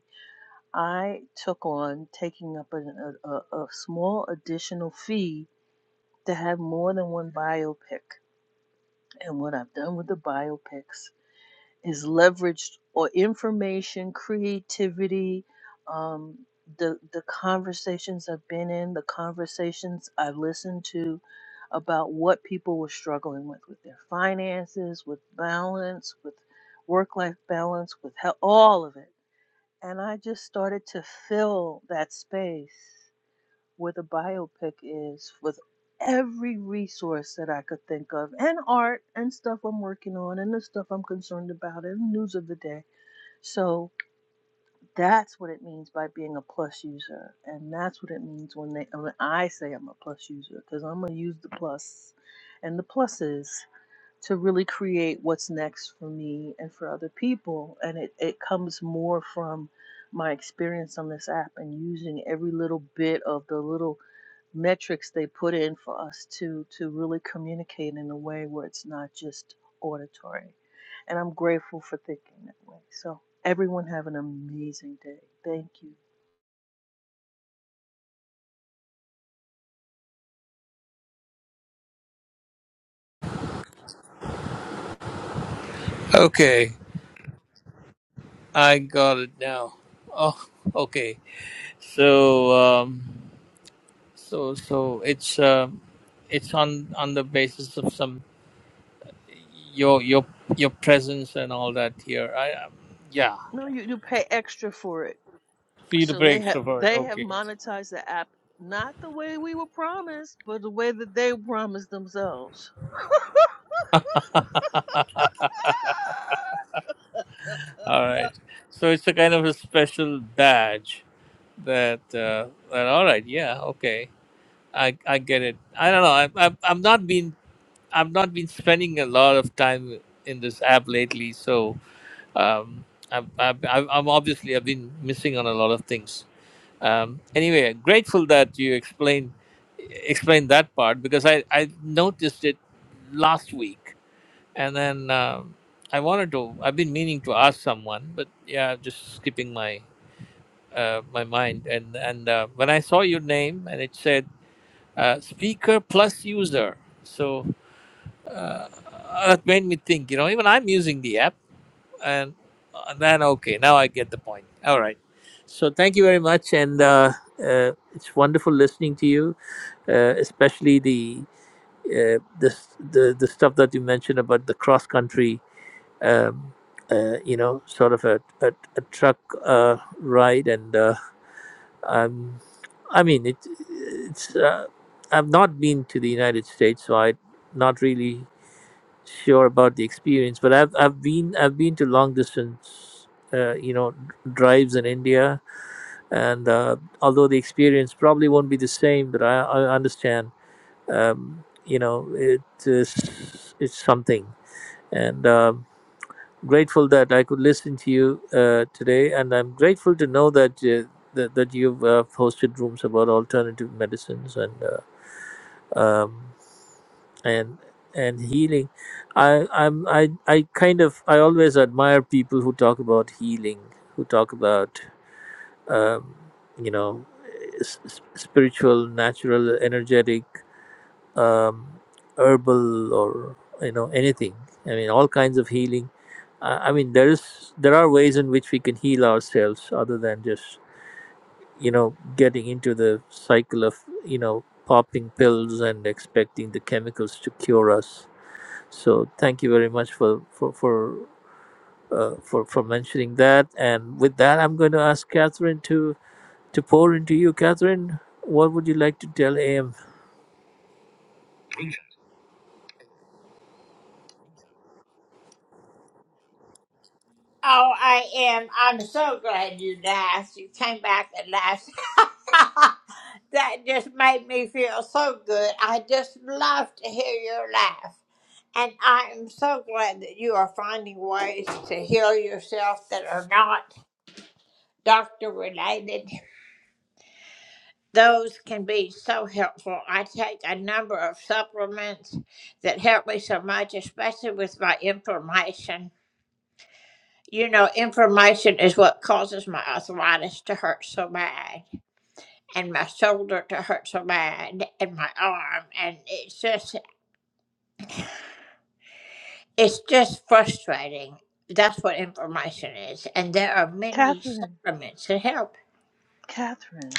Speaker 8: I took on taking up a, a, a small additional fee to have more than one biopic. And what I've done with the biopics is leveraged or information, creativity, um, the the conversations I've been in, the conversations I've listened to about what people were struggling with, with their finances, with balance, with work life balance, with health, all of it and I just started to fill that space where the biopic is with every resource that I could think of, and art, and stuff I'm working on, and the stuff I'm concerned about, and news of the day. So that's what it means by being a plus user, and that's what it means when they when I say I'm a plus user, because I'm gonna use the plus and the pluses to really create what's next for me and for other people. And it, it comes more from my experience on this app and using every little bit of the little metrics they put in for us to to really communicate in a way where it's not just auditory. And I'm grateful for thinking that way. So everyone have an amazing day. Thank you.
Speaker 4: okay i got it now oh okay so um so so it's um it's on on the basis of some your your your presence and all that here i um, yeah
Speaker 8: No, you, you pay extra for it.
Speaker 4: Free to
Speaker 8: So
Speaker 4: play
Speaker 8: they have
Speaker 4: extrovert.
Speaker 8: they have
Speaker 4: Okay.
Speaker 8: monetized the app not the way we were promised, but the way that they promised themselves.
Speaker 4: All right. So it's a kind of a special badge that. Uh, that all right. Yeah. Okay. I I get it. I don't know. I, I I'm not been I've not been spending a lot of time in this app lately. So um, I'm I'm i I'm obviously I've been missing on a lot of things. Um, anyway, grateful that you explained explained that part because I I noticed it last week And then um, I wanted to. I've been meaning to ask someone, but yeah, just skipping my uh, my mind. And and uh, when I saw your name and it said uh, speaker plus user, so uh, that made me think. You know, even I'm using the app, and, and then okay, now I get the point. All right. So thank you very much, and uh, uh, it's wonderful listening to you, uh, especially the uh, this the the stuff that you mentioned about the cross country um, uh, you know, sort of a, a, a truck uh, ride, and uh, I'm, I mean, it, it's uh, I've not been to the United States, so I'm not really sure about the experience. But I've I've been I've been to long distance, uh, you know, drives in India, and uh, although the experience probably won't be the same, but I, I understand, um, you know, it is it's something, and. Um, grateful that I could listen to you uh, today, and I'm grateful to know that uh, that, that you've uh, hosted rooms about alternative medicines and uh, um, and and healing. I I'm I I kind of I always admire people who talk about healing, who talk about um, you know s- s- spiritual, natural, energetic um, herbal or you know anything. I mean, all kinds of healing. I I mean, there is there are ways in which we can heal ourselves other than just you know getting into the cycle of you know popping pills and expecting the chemicals to cure us. So thank you very much for for for. Uh, for for mentioning that, and with that, I'm going to ask Catherine to to pour into you. Catherine, what would you like to tell AM?
Speaker 8: Catherine, Catherine,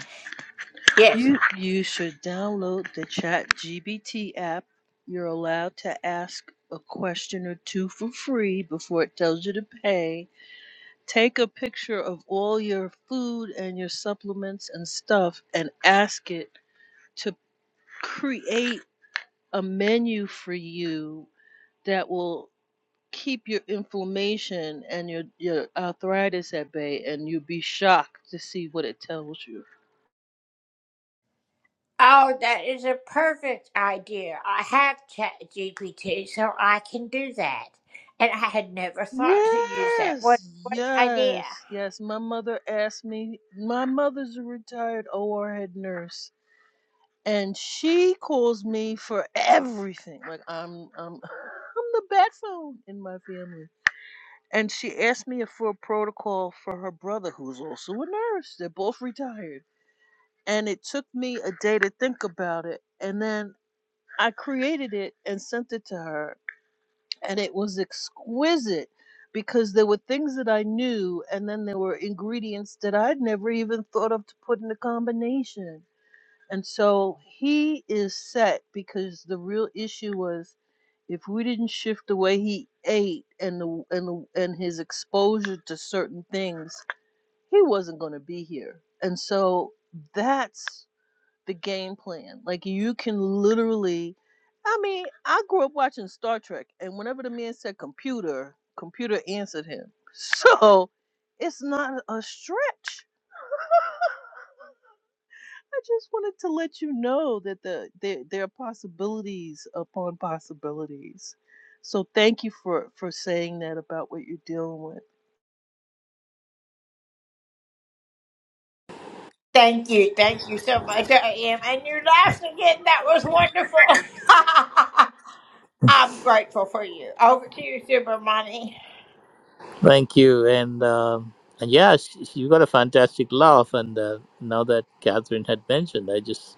Speaker 8: you you should download the ChatGPT app. You're allowed to ask a question or two for free before it tells you to pay. Take a picture of all your food and your supplements and stuff and ask it to create a menu for you that will keep your inflammation and your your arthritis at bay, and you'll be shocked to see what it tells you. Yes, yes, yes. My mother asked me. My mother's a retired OR head nurse, and she calls me for everything. Like I'm, I'm, I'm the bat phone in my family. And she asked me for a protocol for her brother, who's also a nurse. They're both retired and it took me a day to think about it and then I created it and sent it to her, and it was exquisite because there were things that I knew, and then there were ingredients that I'd never even thought of to put in the combination. And so he is set because the real issue was if we didn't shift the way he ate and the and the, and his exposure to certain things, he wasn't going to be here. And so that's the game plan. Like you can literally I mean, I grew up watching Star Trek and whenever the man said computer, computer answered him. So it's not a stretch. I just wanted to let you know that the there there are possibilities upon possibilities. So thank you for for saying that about what you're dealing with.
Speaker 4: Thank you, and um and yeah, she, she got a fantastic laugh. And uh, now that Catherine had mentioned, I just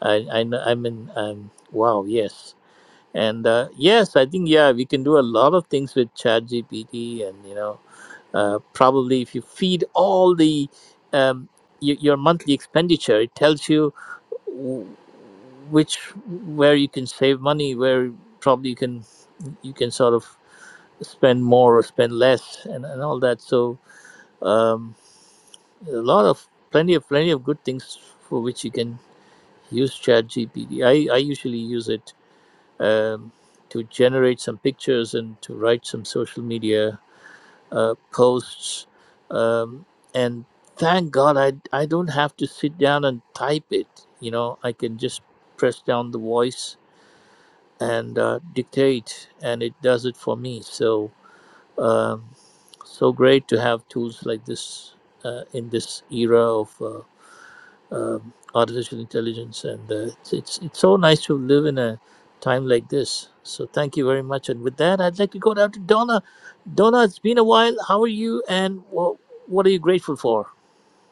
Speaker 4: I I kn- I mean um, wow yes, and uh, yes, I think yeah we can do a lot of things with ChatGPT, and you know uh, probably if you feed all the um, y- your monthly expenditure, it tells you w- which where you can save money, where probably you can you can sort of spend more or spend less, and, and all that. So um, a lot of plenty of plenty of good things for which you can use ChatGPT. I I usually use it um, to generate some pictures and to write some social media uh, posts. Um, and thank God I I don't have to sit down and type it. You know I can just press down the voice and uh, dictate, and it does it for me. So um, so great to have tools like this uh, in this era of. Uh, um, artificial intelligence, and uh, it's, it's it's so nice to live in a time like this. So thank you very much. And with that, I'd like to go down to Donna. Donna, it's been a while. How are you? And what what are you grateful for?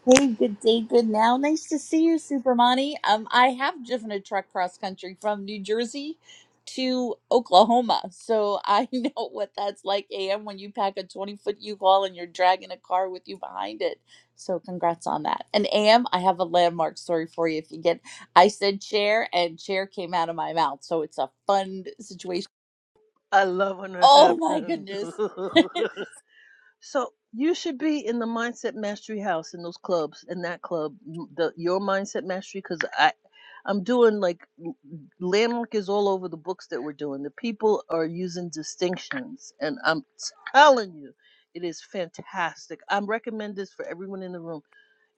Speaker 9: Hey, good day, good now. Nice to see you, Supermani. Um, I have driven a truck cross country from New Jersey to Oklahoma, so I know what that's like. Am when you pack a twenty-foot U-Haul and you're dragging a car with you behind it. So, congrats on that. And Am, I have a landmark story for you. If you get, I said chair, and chair came out of my mouth, so it's a fun situation.
Speaker 8: I love when it
Speaker 9: Oh my
Speaker 8: happens.
Speaker 9: goodness.
Speaker 8: So you should be in the mindset mastery house in those clubs in that club, the your mindset mastery. Because I, I'm doing like landmark is all over the books that we're doing. The people are using distinctions, and I'm telling you, it is fantastic. I recommend this for everyone in the room.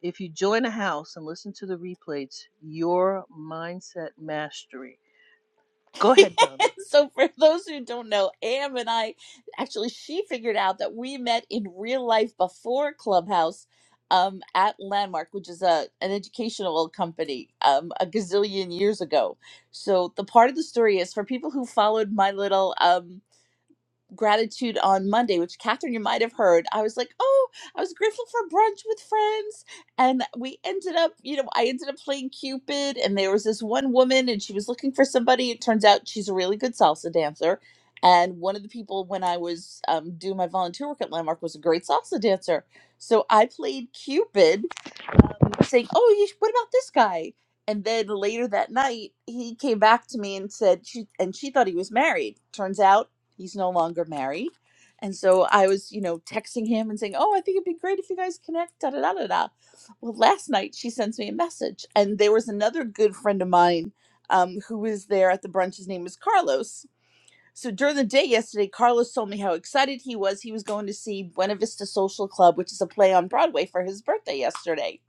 Speaker 8: If you join a house and listen to the replays, your mindset mastery. Go ahead, Donna.
Speaker 9: so for those who don't know, Am and I actually she figured out that we met in real life before Clubhouse um at Landmark, which is a an educational company um a gazillion years ago. So the part of the story is for people who followed my little um gratitude on Monday, which Catherine, you might have heard. I was like, oh, I was grateful for brunch with friends. And we ended up, you know, I ended up playing Cupid. And there was this one woman and she was looking for somebody. It turns out she's a really good salsa dancer. And one of the people when I was um, doing my volunteer work at Landmark was a great salsa dancer. So I played Cupid um, saying, "Oh, you, what about this guy?" And then later that night, he came back to me and said, she, "And she thought he was married. Turns out he's no longer married." And so I was, you know, texting him and saying, "Oh, I think it'd be great if you guys connect." Da da da da da. Well, last night she sends me a message, and there was another good friend of mine um, who was there at the brunch. His name was Carlos. So during the day yesterday, Carlos told me how excited he was. He was going to see Buena Vista Social Club, which is a play on Broadway for his birthday yesterday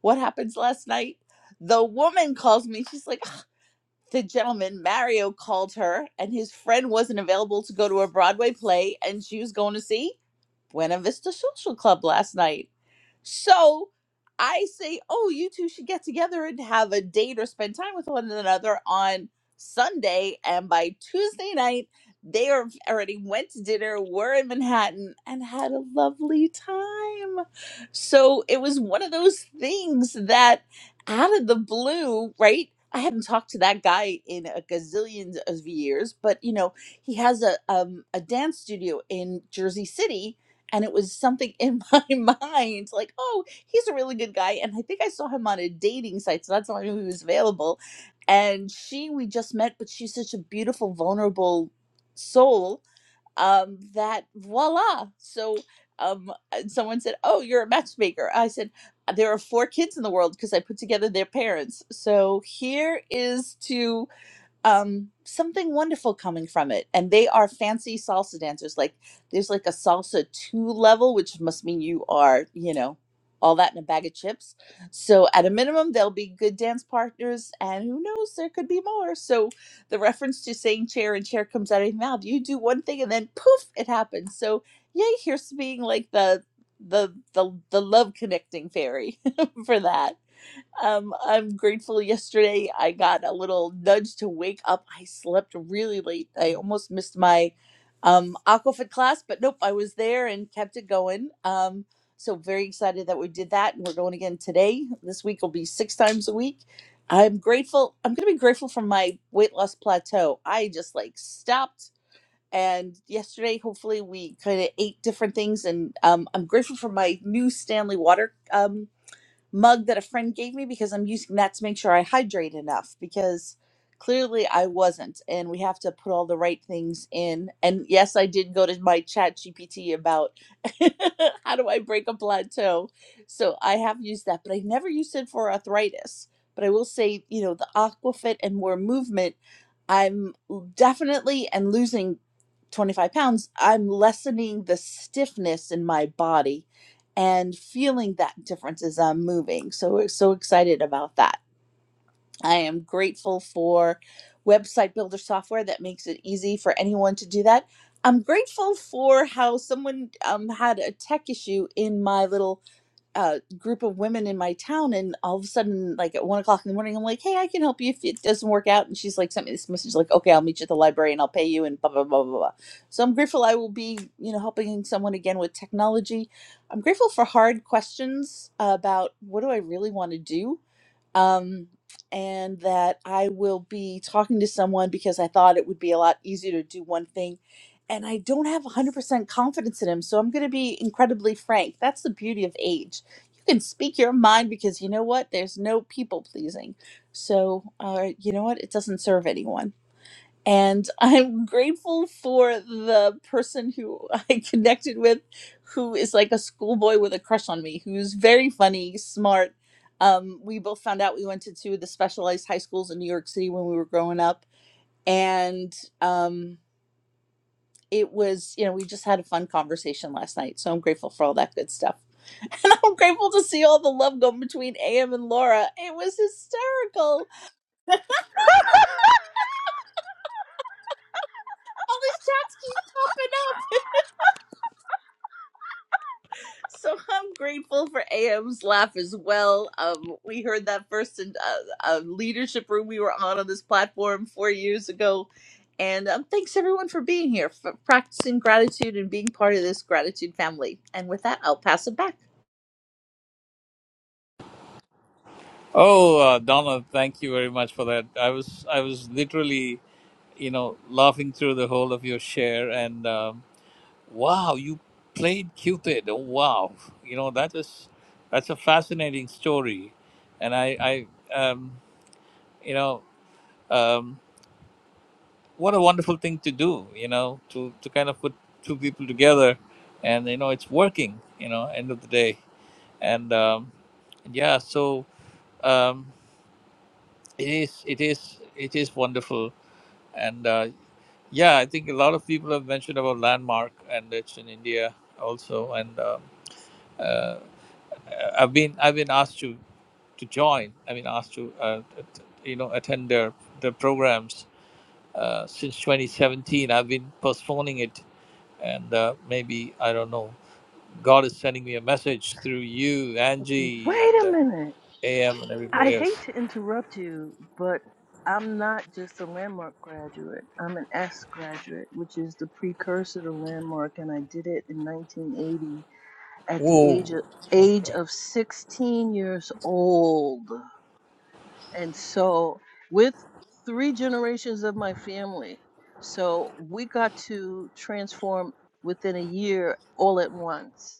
Speaker 9: what happens last night? The woman calls me. She's like, "Ugh." the gentleman, Mario, called her, and his friend wasn't available to go to a Broadway play, and she was going to see. Buena Vista Social Club last night. So I say, oh, you two should get together and have a date or spend time with one another on Sunday. And by Tuesday night, they are already went to dinner, were in Manhattan, and had a lovely time. So it was one of those things that out of the blue, right? I hadn't talked to that guy in a gazillion of years, but you know, he has a um, a dance studio in Jersey City and it was something in my mind like oh he's a really good guy and i think i saw him on a dating site so that's how i knew he was available and she we just met but she's such a beautiful vulnerable soul um that voila so um and someone said oh you're a matchmaker i said there are four kids in the world because i put together their parents so here is to um something wonderful coming from it and they are fancy salsa dancers like there's like a salsa 2 level which must mean you are you know all that in a bag of chips so at a minimum they'll be good dance partners and who knows there could be more so the reference to saying chair and chair comes out of your mouth you do one thing and then poof it happens so yay here's being like the the the, the love connecting fairy for that um, I'm grateful yesterday I got a little nudge to wake up. I slept really late. I almost missed my um, Aquafit class, but nope, I was there and kept it going. Um, so very excited that we did that and we're going again today. This week will be six times a week. I'm grateful. I'm going to be grateful for my weight loss plateau. I just like stopped. And yesterday, hopefully, we kind of ate different things. And um, I'm grateful for my new Stanley water. um, mug that a friend gave me because I'm using that to make sure I hydrate enough because clearly I wasn't. And we have to put all the right things in. And yes, I did go to my chat GPT about how do I break a plateau. So I have used that, but I never used it for arthritis. But I will say, you know, the Aquafit and more movement, I'm definitely and losing 25 pounds, I'm lessening the stiffness in my body and feeling that difference as I'm moving. So we're so excited about that. I am grateful for website builder software that makes it easy for anyone to do that. I'm grateful for how someone um, had a tech issue in my little uh, group of women in my town, and all of a sudden, like at one o'clock in the morning, I'm like, "Hey, I can help you if it doesn't work out." And she's like, "Sent me this message, like, okay, I'll meet you at the library and I'll pay you." And blah blah blah blah blah. So I'm grateful I will be, you know, helping someone again with technology. I'm grateful for hard questions about what do I really want to do um, and that I will be talking to someone because I thought it would be a lot easier to do one thing. And I don't have 100% confidence in him, so I'm going to be incredibly frank. That's the beauty of age. You can speak your mind because you know what? There's no people pleasing. So, uh, you know what? It doesn't serve anyone and I'm grateful for the person who I connected with, who is like a schoolboy with a crush on me, who's very funny, smart. Um, we both found out we went to two of the specialized high schools in New York City when we were growing up, and um, it was you know we just had a fun conversation last night. So I'm grateful for all that good stuff. And I'm grateful to see all the love going between AM and Laura. It was hysterical. All these chats keep popping up. So I'm grateful for AM's laugh as well. Um, we heard that first in a, a leadership room we were on on this platform four years ago. And um, thanks everyone for being here, for practicing gratitude and being part of this gratitude family. And with that, I'll pass it back.
Speaker 4: Oh, uh, Donna, thank you very much for that. I was I was literally, you know, laughing through the whole of your share, and um, wow, you played Cupid. Oh, wow, you know that is that's a fascinating story, and I I um, you know. Um, what a wonderful thing to do you know to to kind of put two people together and you know it's working you know end of the day and um yeah so um it is it is it is wonderful and uh yeah i think a lot of people have mentioned about landmark and it's in india also and um, uh, i've been i've been asked to to join i mean asked to uh, att- you know attend their their programs uh, since 2017 i've been postponing it and uh, maybe I don't know. God is sending me a message through you, Angie,
Speaker 8: Wait
Speaker 4: and
Speaker 8: a
Speaker 4: uh,
Speaker 8: minute.
Speaker 4: AM, and
Speaker 8: I
Speaker 4: everybody
Speaker 8: hate
Speaker 4: else.
Speaker 8: to interrupt you, but I'm not just a landmark graduate. I'm an S graduate, which is the precursor to landmark, and I did it in 1980 at the
Speaker 4: Whoa,
Speaker 8: age of age of 16 years old. And so with three generations of my family. So we got to transform within a year all at once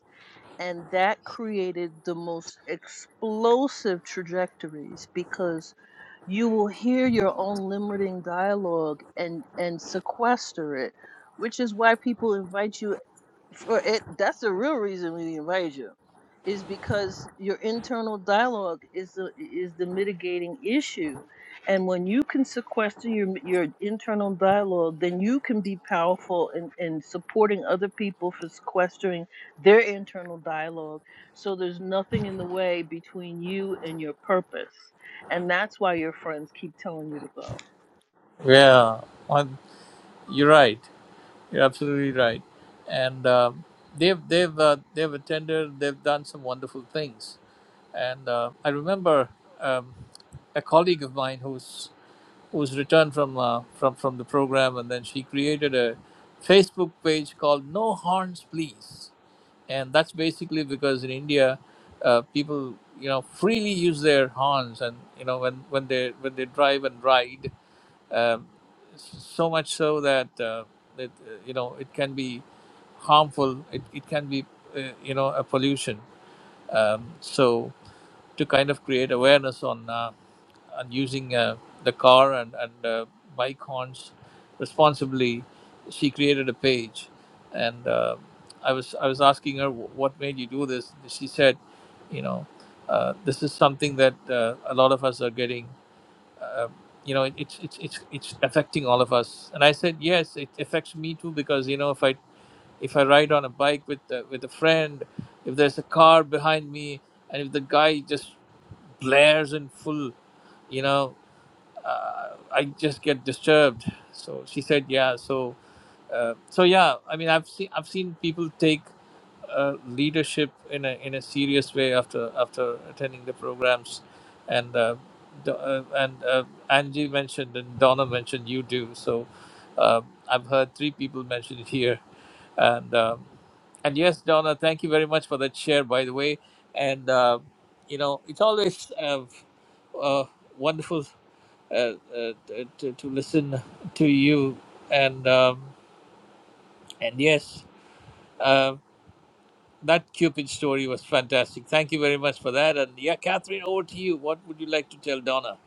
Speaker 8: and that created the most explosive trajectories because you will hear your own limiting dialogue and and sequester it which is why people invite you for it that's the real reason we invite you is because your internal dialogue is the is the mitigating issue and when you can sequester your your internal dialogue then you can be powerful in, in supporting other people for sequestering their internal dialogue so there's nothing in the way between you and your purpose and that's why your friends keep telling you to go
Speaker 4: yeah, I'm- you're right. You're absolutely right. And um they've they've uh, they've attended. They've done some wonderful things. And uh, I remember um, a colleague of mine who's who's returned from uh, from from the program, and then she created a Facebook page called No Horns Please and that's basically because in India, uh, people you know freely use their horns, and you know when when they when they drive and ride, um, so much so that uh, that uh, you know it can be harmful. It it can be uh, you know a pollution. Um, so to kind of create awareness on. Uh, and using uh, the car and, and uh, bike horns responsibly, she created a page. And uh, I was I was asking her "Wh- what made you do this. She said, you know, uh, this is something that uh, a lot of us are getting. Uh, you know, it, it's it's it's it's affecting all of us. And I said, yes, it affects me too because you know if I if I ride on a bike with uh, with a friend, if there's a car behind me, and if the guy just blares in full you know uh, I just get disturbed. So she said, yeah. So uh, so yeah. I mean, I've seen I've seen people take uh, leadership in a in a serious way after after attending the programs, and uh, Do- uh, and uh, Angie mentioned and Donna mentioned you do. So uh, I've heard three people mention it here, and um, and yes, Donna, thank you very much for that share. By the way, and uh, you know, it's always. Uh, uh, wonderful uh, uh, to, to listen to you and um, and yes uh, that cupid story was fantastic thank you very much for that and yeah catherine over to you what would you like to tell donna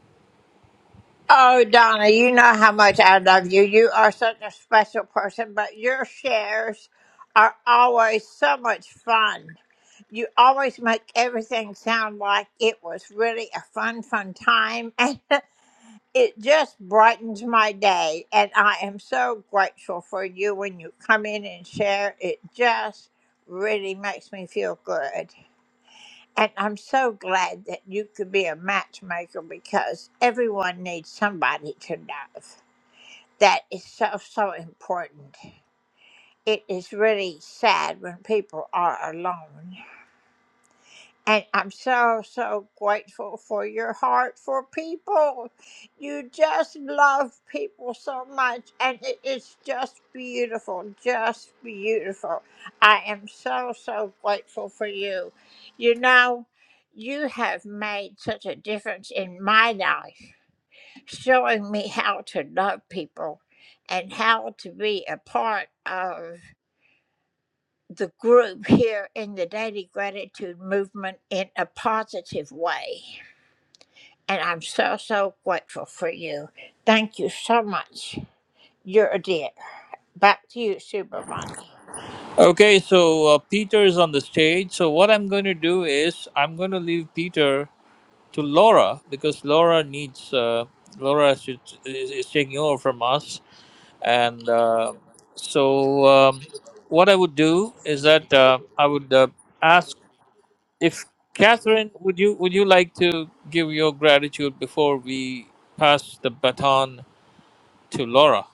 Speaker 4: okay so uh, peter is on the stage so what i'm going to do is i'm going to leave peter to laura because laura needs uh, laura is, is, is taking over from us and uh, so um, what i would do is that uh, i would uh, ask if Catherine, would you would you like to give your gratitude before we pass the baton to Laura?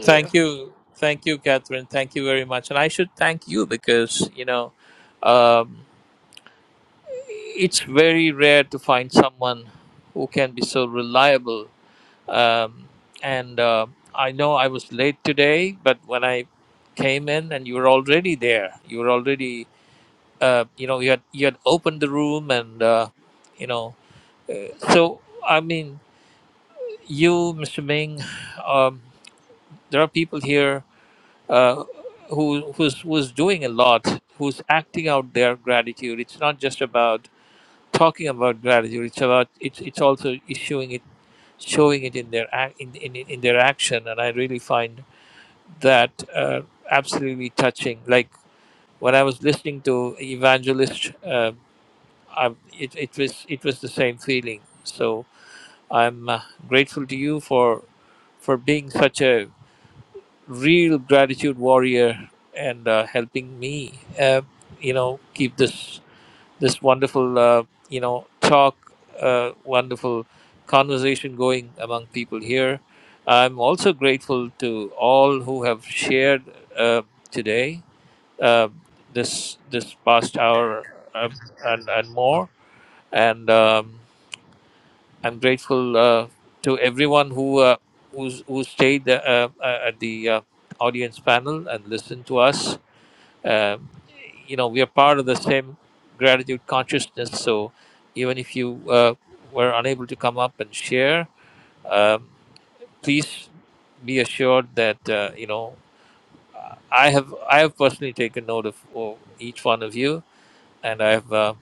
Speaker 4: Thank you, thank you, Catherine. Thank you very much, and I should thank you because you know um, it's very rare to find someone who can be so reliable. Um, and uh, I know I was late today, but when I came in, and you were already there, you were already uh, you know you had you had opened the room and. Uh, you know So, I mean, you, Mr. Ming, um, there are people here uh, who who's who's doing a lot, who's acting out their gratitude. It's not just about talking about gratitude. It's about it's it's also issuing it, showing it in their ac- in in, in their action. And I really find that uh, absolutely touching. Like when I was listening to Evangelist, uh, I, it it was it was the same feeling. So I'm uh, grateful to you for. for being such a real gratitude warrior and uh, helping me, uh, you know, keep this this wonderful, uh, you know, talk, uh, wonderful conversation going among people here. I'm also grateful to all who have shared uh, today, uh, this this past hour um, and and more. And um, I'm grateful uh, to everyone who uh, who's, who stayed uh, uh, uh, at the uh, audience panel and listened to us. Um you know, we are part of the same gratitude consciousness. So even if you uh, were unable to come up and share, um, please be assured that uh, you know I have I have personally taken note of oh, each one of you, and I've uh,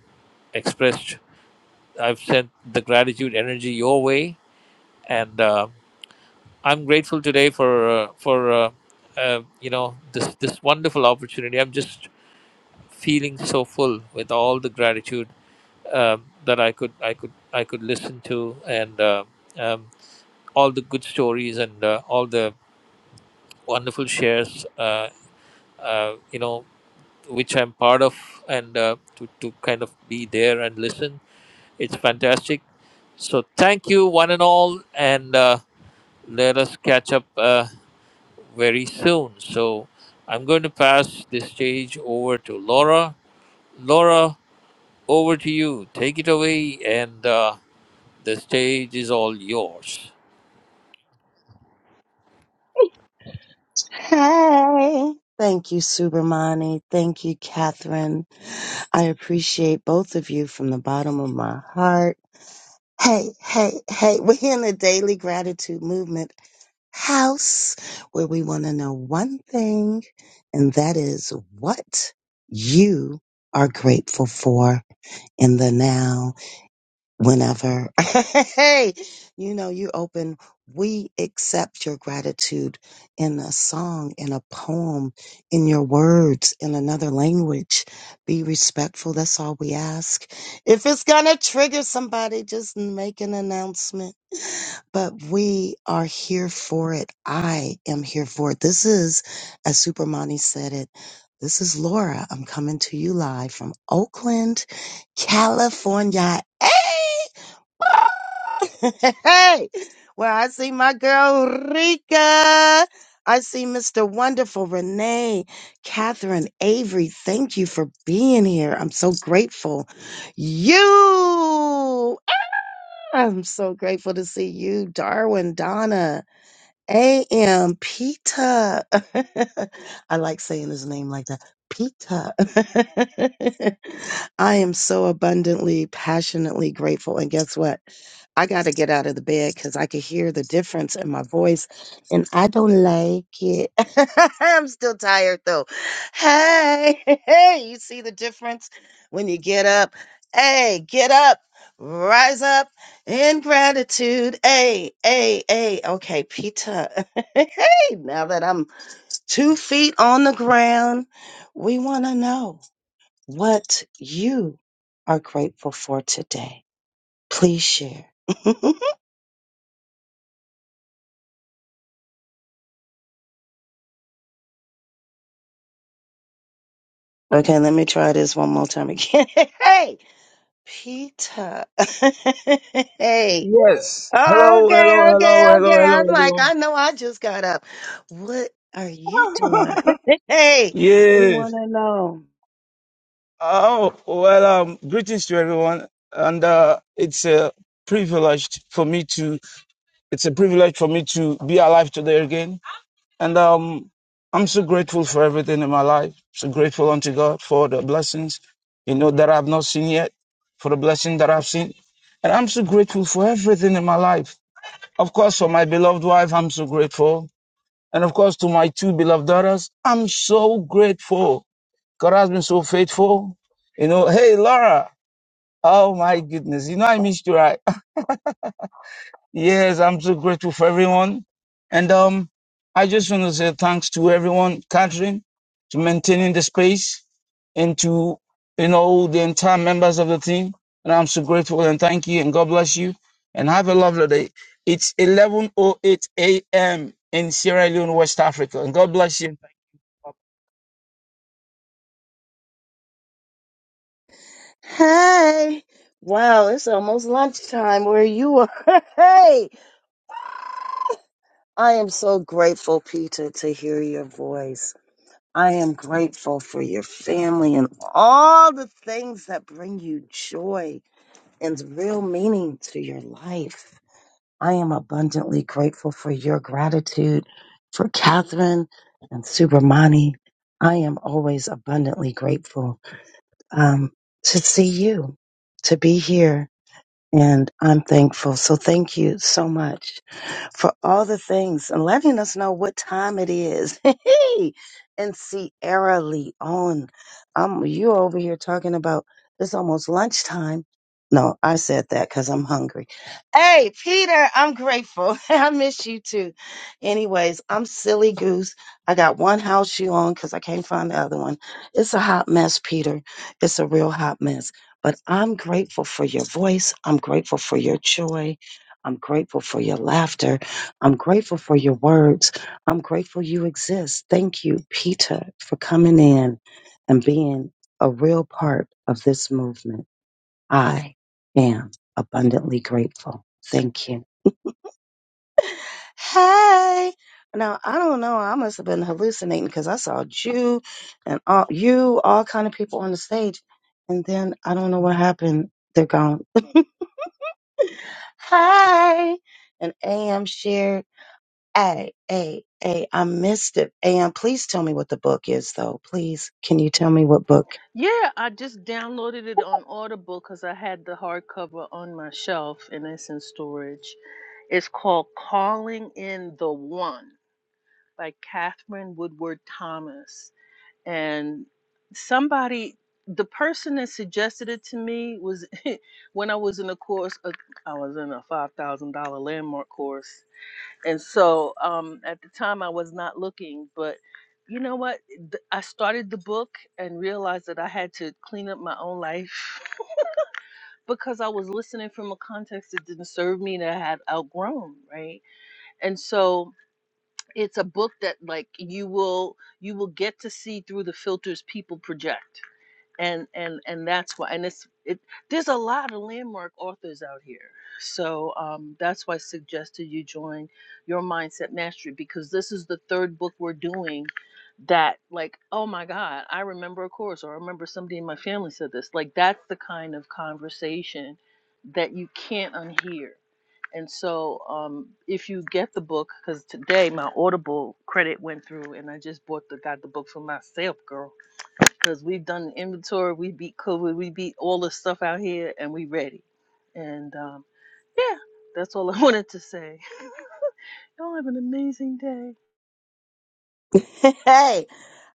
Speaker 4: expressed I've sent the gratitude energy your way, and. uh, I'm grateful today for uh, for uh, uh, you know this this wonderful opportunity. I'm just feeling so full with all the gratitude um, that I could I could I could listen to and uh, um, all the good stories and uh, all the wonderful shares. Uh, uh, you know which I'm part of and uh, to to kind of be there and listen. It's fantastic. So thank you one and all and. Uh, let us catch up. Uh, very soon. So I'm going to pass the stage over to Laura. Laura, over to you. Take it away, and uh, the stage is all yours.
Speaker 10: Hey. Thank you, Subramani. Thank you, Catherine. I appreciate both of you from the bottom of my heart. Hey, hey, hey, we're here in the Daily Gratitude Movement house where we want to know one thing, and that is what you are grateful for in the now whenever hey you know you open we accept your gratitude in a song in a poem in your words in another language be respectful that's all we ask if it's gonna trigger somebody just make an announcement but we are here for it i am here for it this is as supermani said it this is laura i'm coming to you live from oakland california Hey. hey, well, I see my girl Rika. I see Mr. Wonderful Renee, Catherine Avery. Thank you for being here. I'm so grateful. You, I'm so grateful to see you, Darwin, Donna. A.M. Peter. I like saying his name like that. Peter. I am so abundantly, passionately grateful. And guess what? I got to get out of the bed because I could hear the difference in my voice and I don't like it. I'm still tired though. Hey, hey, you see the difference when you get up? Hey, get up, rise up. And gratitude. Hey, hey, hey. Okay, Peter. hey, now that I'm two feet on the ground, we want to know what you are grateful for today. Please share. okay, let me try this one more time again. hey, Peter. hey.
Speaker 11: Yes. Hello,
Speaker 10: Okay,
Speaker 11: hello,
Speaker 10: okay,
Speaker 11: hello, hello,
Speaker 10: okay.
Speaker 11: hello,
Speaker 10: I'm like, I know I just got up. What are you doing?
Speaker 11: hello.
Speaker 10: hey, we
Speaker 11: yes.
Speaker 10: want to know.
Speaker 11: Oh, well, um, greetings to everyone. And uh, it's a privilege for me to, it's a privilege for me to be alive today again. And um, I'm so grateful for everything in my life. So grateful unto God for the blessings, you know, that I've not seen yet, for the blessing that I've seen. And I'm so grateful for everything in my life. Of course, for my beloved wife, I'm so grateful And of course, to my two beloved daughters, I'm so grateful. God has been so faithful. You know, hey, Laura. Oh my goodness. You know, I missed you, right? yes, I'm so grateful for everyone. And, um, I just want to say thanks to everyone, Catherine, to maintaining the space and to, you know, the entire members of the team. And I'm so grateful and thank you and God bless you and have a lovely day. It's 11.08 a.m. in Sierra Leone, West Africa. And God bless you.
Speaker 10: Hey! Wow, it's almost lunchtime where you are. Hey! I am so grateful, Peter, to hear your voice. I am grateful for your family and all the things that bring you joy and real meaning to your life. I am abundantly grateful for your gratitude for Catherine and Subramani. I am always abundantly grateful um, to see you, to be here, and I'm thankful. So thank you so much for all the things and letting us know what time it is. Hey, in Sierra Leone, um, you over here talking about it's almost lunchtime. No, I said that because I'm hungry. Hey, Peter, I'm grateful. I miss you too. Anyways, I'm silly goose. I got one house shoe on because I can't find the other one. It's a hot mess, Peter. It's a real hot mess. But I'm grateful for your voice. I'm grateful for your joy. I'm grateful for your laughter. I'm grateful for your words. I'm grateful you exist. Thank you, Peter, for coming in and being a real part of this movement. I am abundantly grateful. Thank you. Hey. Now I don't know. I must have been hallucinating because I saw you and all you, all kind of people on the stage, and then I don't know what happened. They're gone. Hey. And AM shared. Hey, hey, hey. I missed it. AM, please tell me what the book is, though. Please, can you tell me what book?
Speaker 8: Yeah, I just downloaded it on Audible because I had the hardcover on my shelf and it's in storage. It's called Calling in the One by Catherine Woodward Thomas. And somebody, the person that suggested it to me was when I was in a course, uh, I was in a $5,000 landmark course, and so um, at the time I was not looking, but you know what? Th- I started the book and realized that I had to clean up my own life because I was listening from a context that didn't serve me and I had outgrown, right? And so it's a book that like you will you will get to see through the filters people project and and and that's why and it's it there's a lot of landmark authors out here so um that's why i suggested you join your mindset mastery because this is the third book we're doing that like oh my god i remember a course or i remember somebody in my family said this like that's the kind of conversation that you can't unhear and so um if you get the book because today my audible credit went through and i just bought the got the book for myself girl because we've done inventory, we beat COVID, we beat all the stuff out here, and we ready. And um, yeah, that's all I wanted to say. Y'all have an amazing day.
Speaker 10: Hey,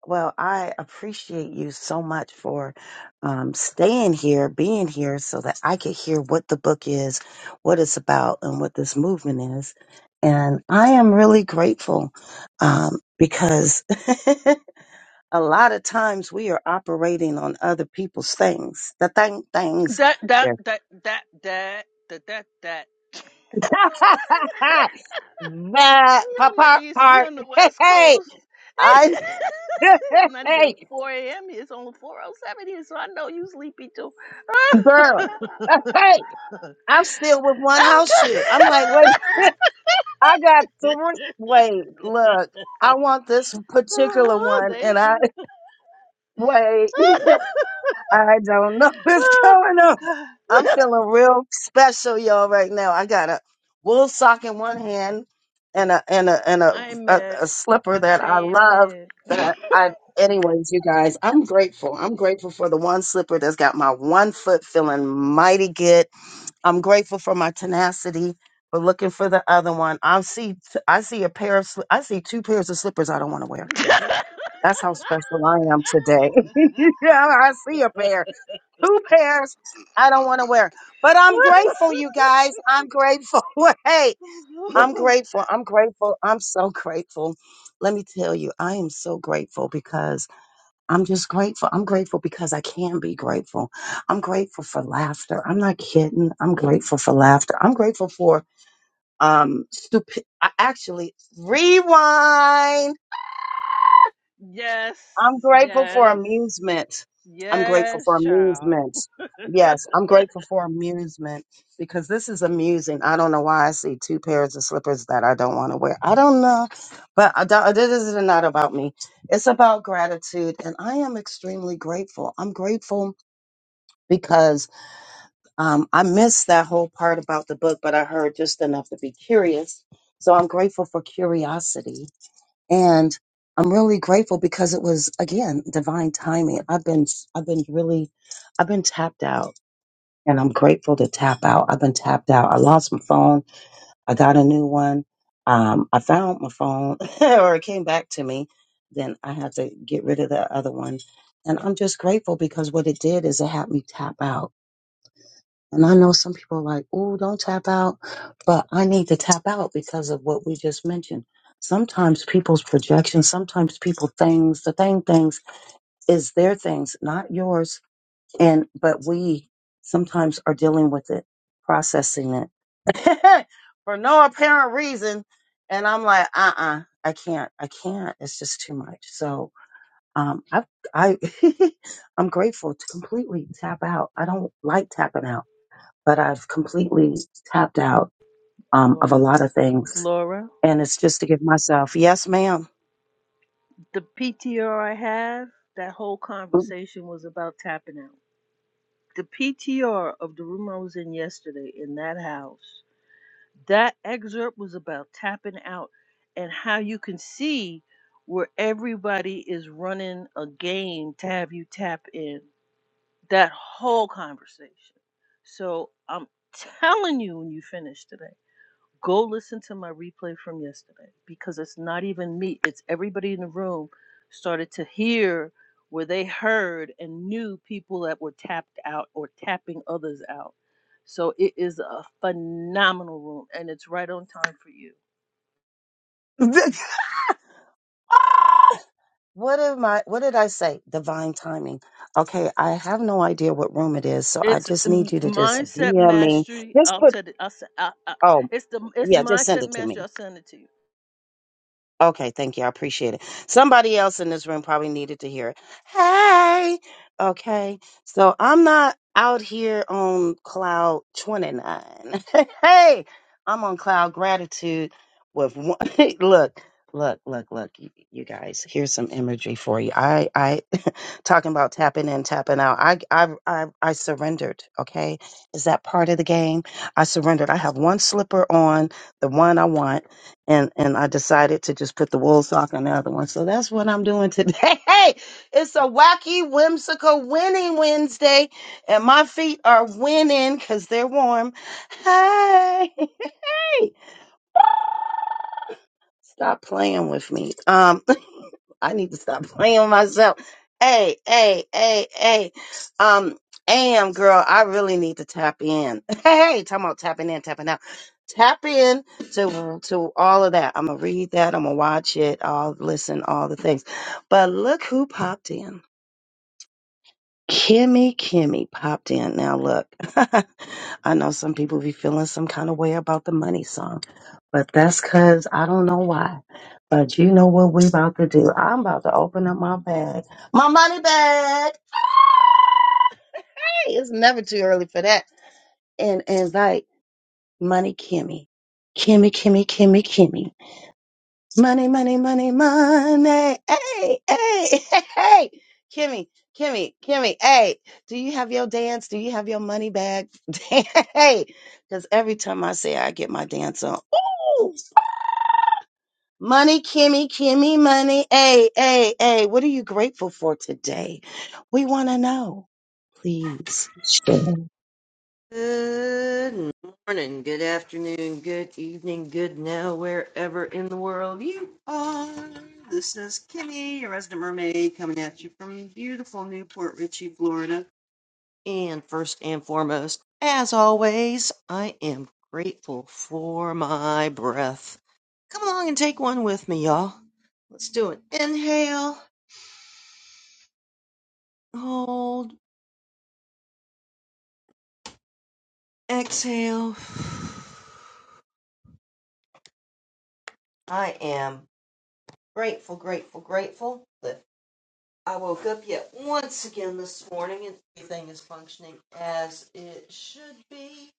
Speaker 10: well, I appreciate you so much for um, staying here, being here, so that I could hear what the book is, what it's about, and what this movement is. And I am really grateful um, because a lot of times we are operating on other people's things, the thing things.
Speaker 8: That that
Speaker 10: Yeah.
Speaker 8: that that that that that that. we
Speaker 10: that pa-
Speaker 8: on the
Speaker 10: part,
Speaker 8: east, we
Speaker 10: part.
Speaker 8: on the west
Speaker 10: Hey,
Speaker 8: coast.
Speaker 10: I,
Speaker 8: it's not even
Speaker 10: hey,
Speaker 8: 4 a.m. It's only 4:07 here, so I know you sleepy too.
Speaker 10: girl. hey. I'm still with one
Speaker 8: I'm
Speaker 10: house
Speaker 8: trying.
Speaker 10: shoe. I'm like, wait, I got three. Wait, look, I want this particular
Speaker 8: oh,
Speaker 10: one,
Speaker 8: Dana.
Speaker 10: and I wait, I don't know what's going
Speaker 8: Oh
Speaker 10: on.
Speaker 8: my
Speaker 10: I'm
Speaker 8: god.
Speaker 10: feeling real special, y'all, right now. I got a wool sock in one hand and a and a and a,
Speaker 8: I'm
Speaker 10: a,
Speaker 8: mad.
Speaker 10: a slipper that
Speaker 8: I
Speaker 10: I
Speaker 8: ain't
Speaker 10: love.
Speaker 8: mad.
Speaker 10: That I, anyways, you guys, I'm grateful. I'm grateful for the one slipper that's got my one foot feeling mighty good I'm grateful for my tenacity for looking for the other one. I see I see a pair of sli- I see two pairs of slippers I don't want to wear. That's how special I am today. yeah, I see a pair, two pairs I don't want to wear. But I'm grateful, you guys. I'm grateful. hey, I'm grateful. I'm grateful. I'm so grateful. Let me tell you, I am so grateful because. I'm just grateful. I'm grateful because I can be grateful. I'm grateful for laughter. I'm not kidding. I'm grateful for laughter. I'm grateful for um stupid I actually rewind.
Speaker 8: yes,
Speaker 10: I'm grateful for
Speaker 8: yes,
Speaker 10: amusement. I'm grateful
Speaker 8: yes,
Speaker 10: for
Speaker 8: child.
Speaker 10: amusement. Yes, I'm grateful for amusement because this is amusing. I don't know why I see two pairs of slippers that I don't want to wear. I don't know, but I don't, this is not about me. It's about gratitude, and I am extremely grateful. I'm grateful because um, I missed that whole part about the book, but I heard just enough to be curious. So I'm grateful for curiosity. And I'm really grateful because it was, again, divine timing. I've been, I've been really, I've been tapped out and I'm grateful to tap out. I've been tapped out. I lost my phone. I got a new one. Um, I found my phone or it came back to me. Then I had to get rid of the other one. And I'm just grateful because what it did is it had me tap out and I know some people are like, oh, don't tap out. But I need to tap out because of what we just mentioned. Sometimes people's projections, sometimes people things, the thing things is their things, not yours. And, but we sometimes are dealing with it, processing it for no apparent reason. And I'm like, uh uh I can't, I can't. It's just too much. So, um, I, I, I'm grateful to completely tap out. I don't like tapping out but I've completely tapped out um, of a
Speaker 8: Laura,
Speaker 10: lot of things.
Speaker 8: Laura,
Speaker 10: And it's just to give myself, yes, ma'am.
Speaker 8: the PTR I have, that whole conversation was about tapping out. The PTR of the room I was in yesterday in that house that excerpt was about tapping out and how you can see where everybody is running a game to have you tap in that whole conversation. So I'm telling you when you finish today. Go listen to my replay from yesterday because it's not even me, it's everybody in the room started to hear where they heard and knew people that were tapped out or tapping others out. So it is a phenomenal room and it's right on time for you.
Speaker 10: Ah! what am I? What did I say? Divine timing. Okay, I have no idea what room it is, so I
Speaker 8: It's
Speaker 10: just need
Speaker 8: m-
Speaker 10: you to just
Speaker 8: mindset
Speaker 10: DM me.
Speaker 8: mastery.
Speaker 10: Just
Speaker 8: I'll
Speaker 10: put.
Speaker 8: tell you. I'll, s- I, I-
Speaker 10: Oh,
Speaker 8: it's the it's
Speaker 10: yeah, just send
Speaker 8: mindset
Speaker 10: it to me.
Speaker 8: mastery. I'll send it to you.
Speaker 10: Okay, thank you. I appreciate it. Somebody else in this room probably needed to hear it. Hey, okay. So I'm not out here on cloud 29. hey, I'm on cloud gratitude with one. look, look, look, look, you, you guys. Here's some imagery for you. I, I, talking about tapping in, tapping out. I, I, I, I surrendered. Okay, is that part of the game? I surrendered. I have one slipper on, the one I want and and I decided to just put the wool sock on the other one. So that's what I'm doing today. Hey, it's a wacky, whimsical winning Wednesday, and my feet are winning because they're warm. Hey, hey. Stop playing with me. Um, I need to stop playing with myself. Hey, hey, hey, hey. Um, AM girl, I really need to tap in. Hey, talking about tapping in, tapping out. Tap in to to all of that. I'm gonna read that. I'm gonna watch it. I'll listen. All the things. But look who popped in. Kimmy, Kimmy popped in. Now look, I know some people be feeling some kind of way about the money song, but that's cause I don't know why. But you know what we about to do? I'm about to open up my bag, my money bag. Hey, it's never too early for that. And invite money Kimmy, Kimmy, Kimmy, Kimmy, Kimmy. Money, money, money, money. Hey, hey, hey. Kimmy, Kimmy, Kimmy, hey. Do you have your dance? Do you have your money bag? hey. Because every time I say I get my dance on, ooh, money, Kimmy, Kimmy, money. Hey, hey, hey. What are you grateful for today? We want to know. Please share.
Speaker 12: Good morning, good afternoon, good evening, good now, wherever in the world you are. This is Kimmy, your resident mermaid, coming at you from beautiful Newport Richey, Florida. And first and foremost, as always, I am grateful for my breath. Come along and take one with me, y'all. Let's do an inhale, hold, exhale. I am. Grateful, grateful, grateful that I woke up yet once again this morning and everything is functioning as it should be.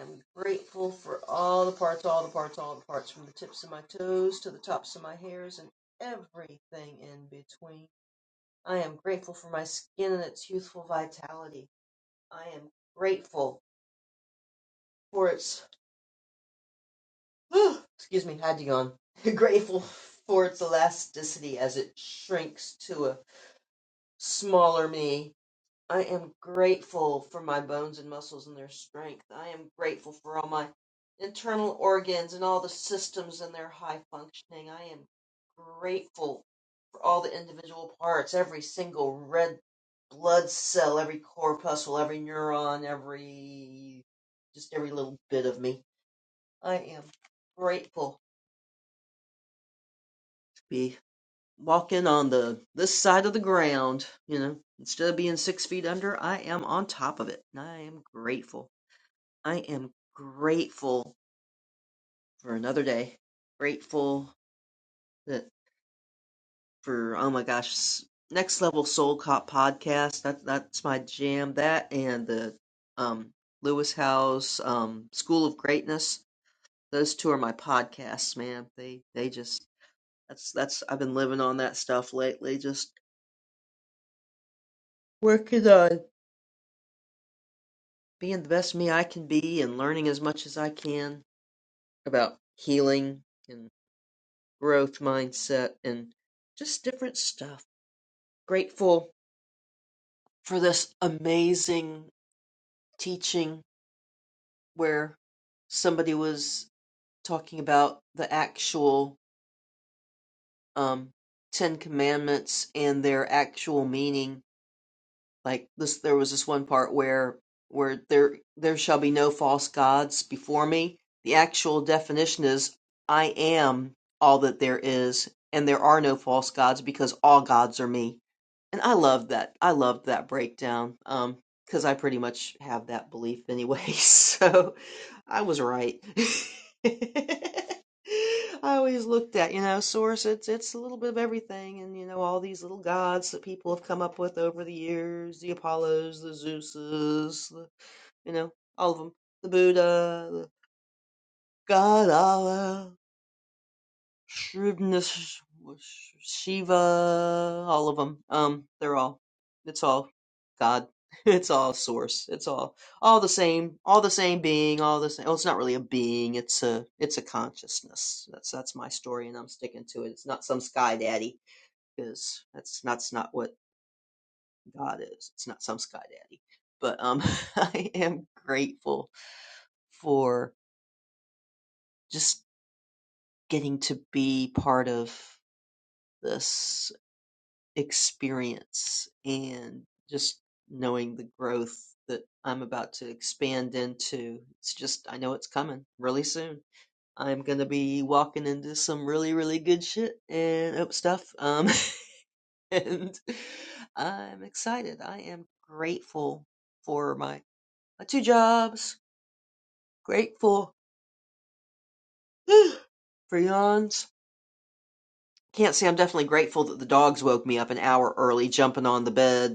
Speaker 12: I'm grateful for all the parts, all the parts, all the parts, from the tips of my toes to the tops of my hairs and everything in between. I am grateful for my skin and its youthful vitality. I am grateful for its, oh, excuse me, had to yawn. grateful for its elasticity as it shrinks to a smaller me I am grateful for my bones and muscles and their strength. I am grateful for all my internal organs and all the systems and their high functioning. I am grateful for all the individual parts, every single red blood cell, every corpuscle, every neuron, every just every little bit of me. I am grateful to be walking on the this side of the ground, you know. Instead of being six feet under, I am on top of it. And I am grateful. I am grateful for another day. Grateful that for oh my gosh, s- next level soul cop podcast. That that's my jam. That and the um Lewis House um School of Greatness. Those two are my podcasts, man. They they just that's that's I've been living on that stuff lately. Just working on being the best me I can be and learning as much as I can about healing and growth mindset and just different stuff grateful for this amazing teaching where somebody was talking about the actual um, Ten Commandments and their actual meaning. like this there was this one part where where there there shall be no false gods before me the actual definition is i am all that there is and there are no false gods because all gods are me and i loved that i loved that breakdown um because i pretty much have that belief anyway so i was right I always looked at, you know, source. It's it's a little bit of everything, and you know all these little gods that people have come up with over the years: the Apollos, the Zeuses, the, you know, all of them, the Buddha, the God Allah. Shrewdness, Sh- Shiva, all of them. Um, they're all. It's all God. It's all source. It's all all the same. All the same being. All the same. Well, it's not really a being. It's a it's a consciousness. That's that's my story, and I'm sticking to it. It's not some sky daddy because that's that's not what God is. It's not some sky daddy. But um, I am grateful for just getting to be part of this experience and just knowing the growth that I'm about to expand into. It's just, I know it's coming really soon. I'm going to be walking into some really, really good shit and up stuff. Um, and I'm excited. I am grateful for my, my two jobs, grateful for yawns. Can't say I'm definitely grateful that the dogs woke me up an hour early jumping on the bed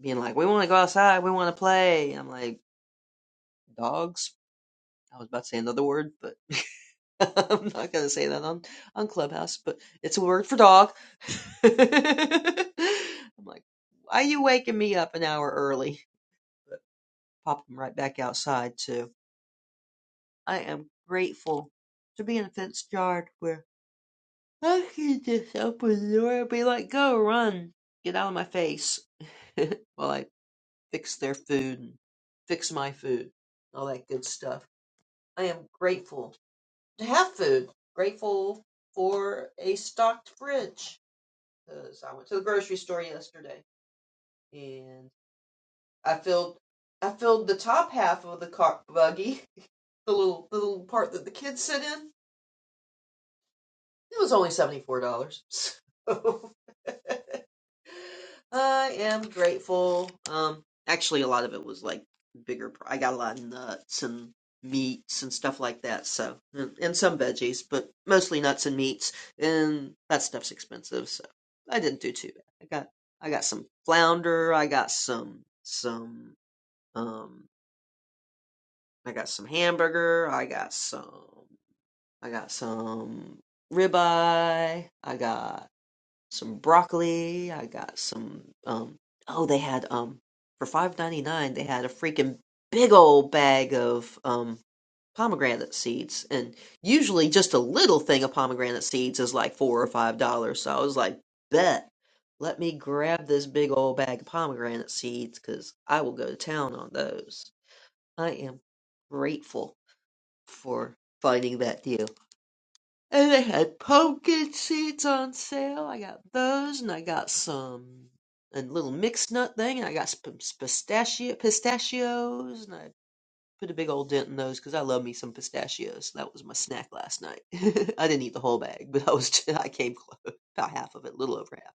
Speaker 12: being like, "We want to go outside. We want to play." And I'm like, "Dogs." I was about to say another word, but I'm not gonna say that on on Clubhouse. But it's a word for dog. I'm like, "Why are you waking me up an hour early?" But pop them right back outside too. I am grateful to be in a fenced yard where I can just open the door and be like, "Go run, get out of my face." while I fix their food and fix my food, all that good stuff. I am grateful to have food, grateful for a stocked fridge because I went to the grocery store yesterday and I filled I filled the top half of the car buggy, the little the little part that the kids sit in, It was only $74. So I am grateful. Um, actually, a lot of it was like bigger. I got a lot of nuts and meats and stuff like that. So, and, and some veggies, but mostly nuts and meats. And that stuff's expensive. So I didn't do too bad. I got, I got some flounder. I got some, some, um, I got some hamburger. I got some, I got some ribeye. I got some broccoli. I got some um oh they had um for five ninety nine they had a freaking big old bag of um pomegranate seeds and usually just a little thing of pomegranate seeds is like four or five dollars. So I was like, bet let me grab this big old bag of pomegranate seeds because I will go to town on those. I am grateful for finding that deal. And they had pumpkin seeds on sale. I got those, and I got some a little mixed nut thing, and I got some pistachio pistachios, and I put a big old dent in those because I love me some pistachios. That was my snack last night. I didn't eat the whole bag, but I was I came close, about half of it, a little over half.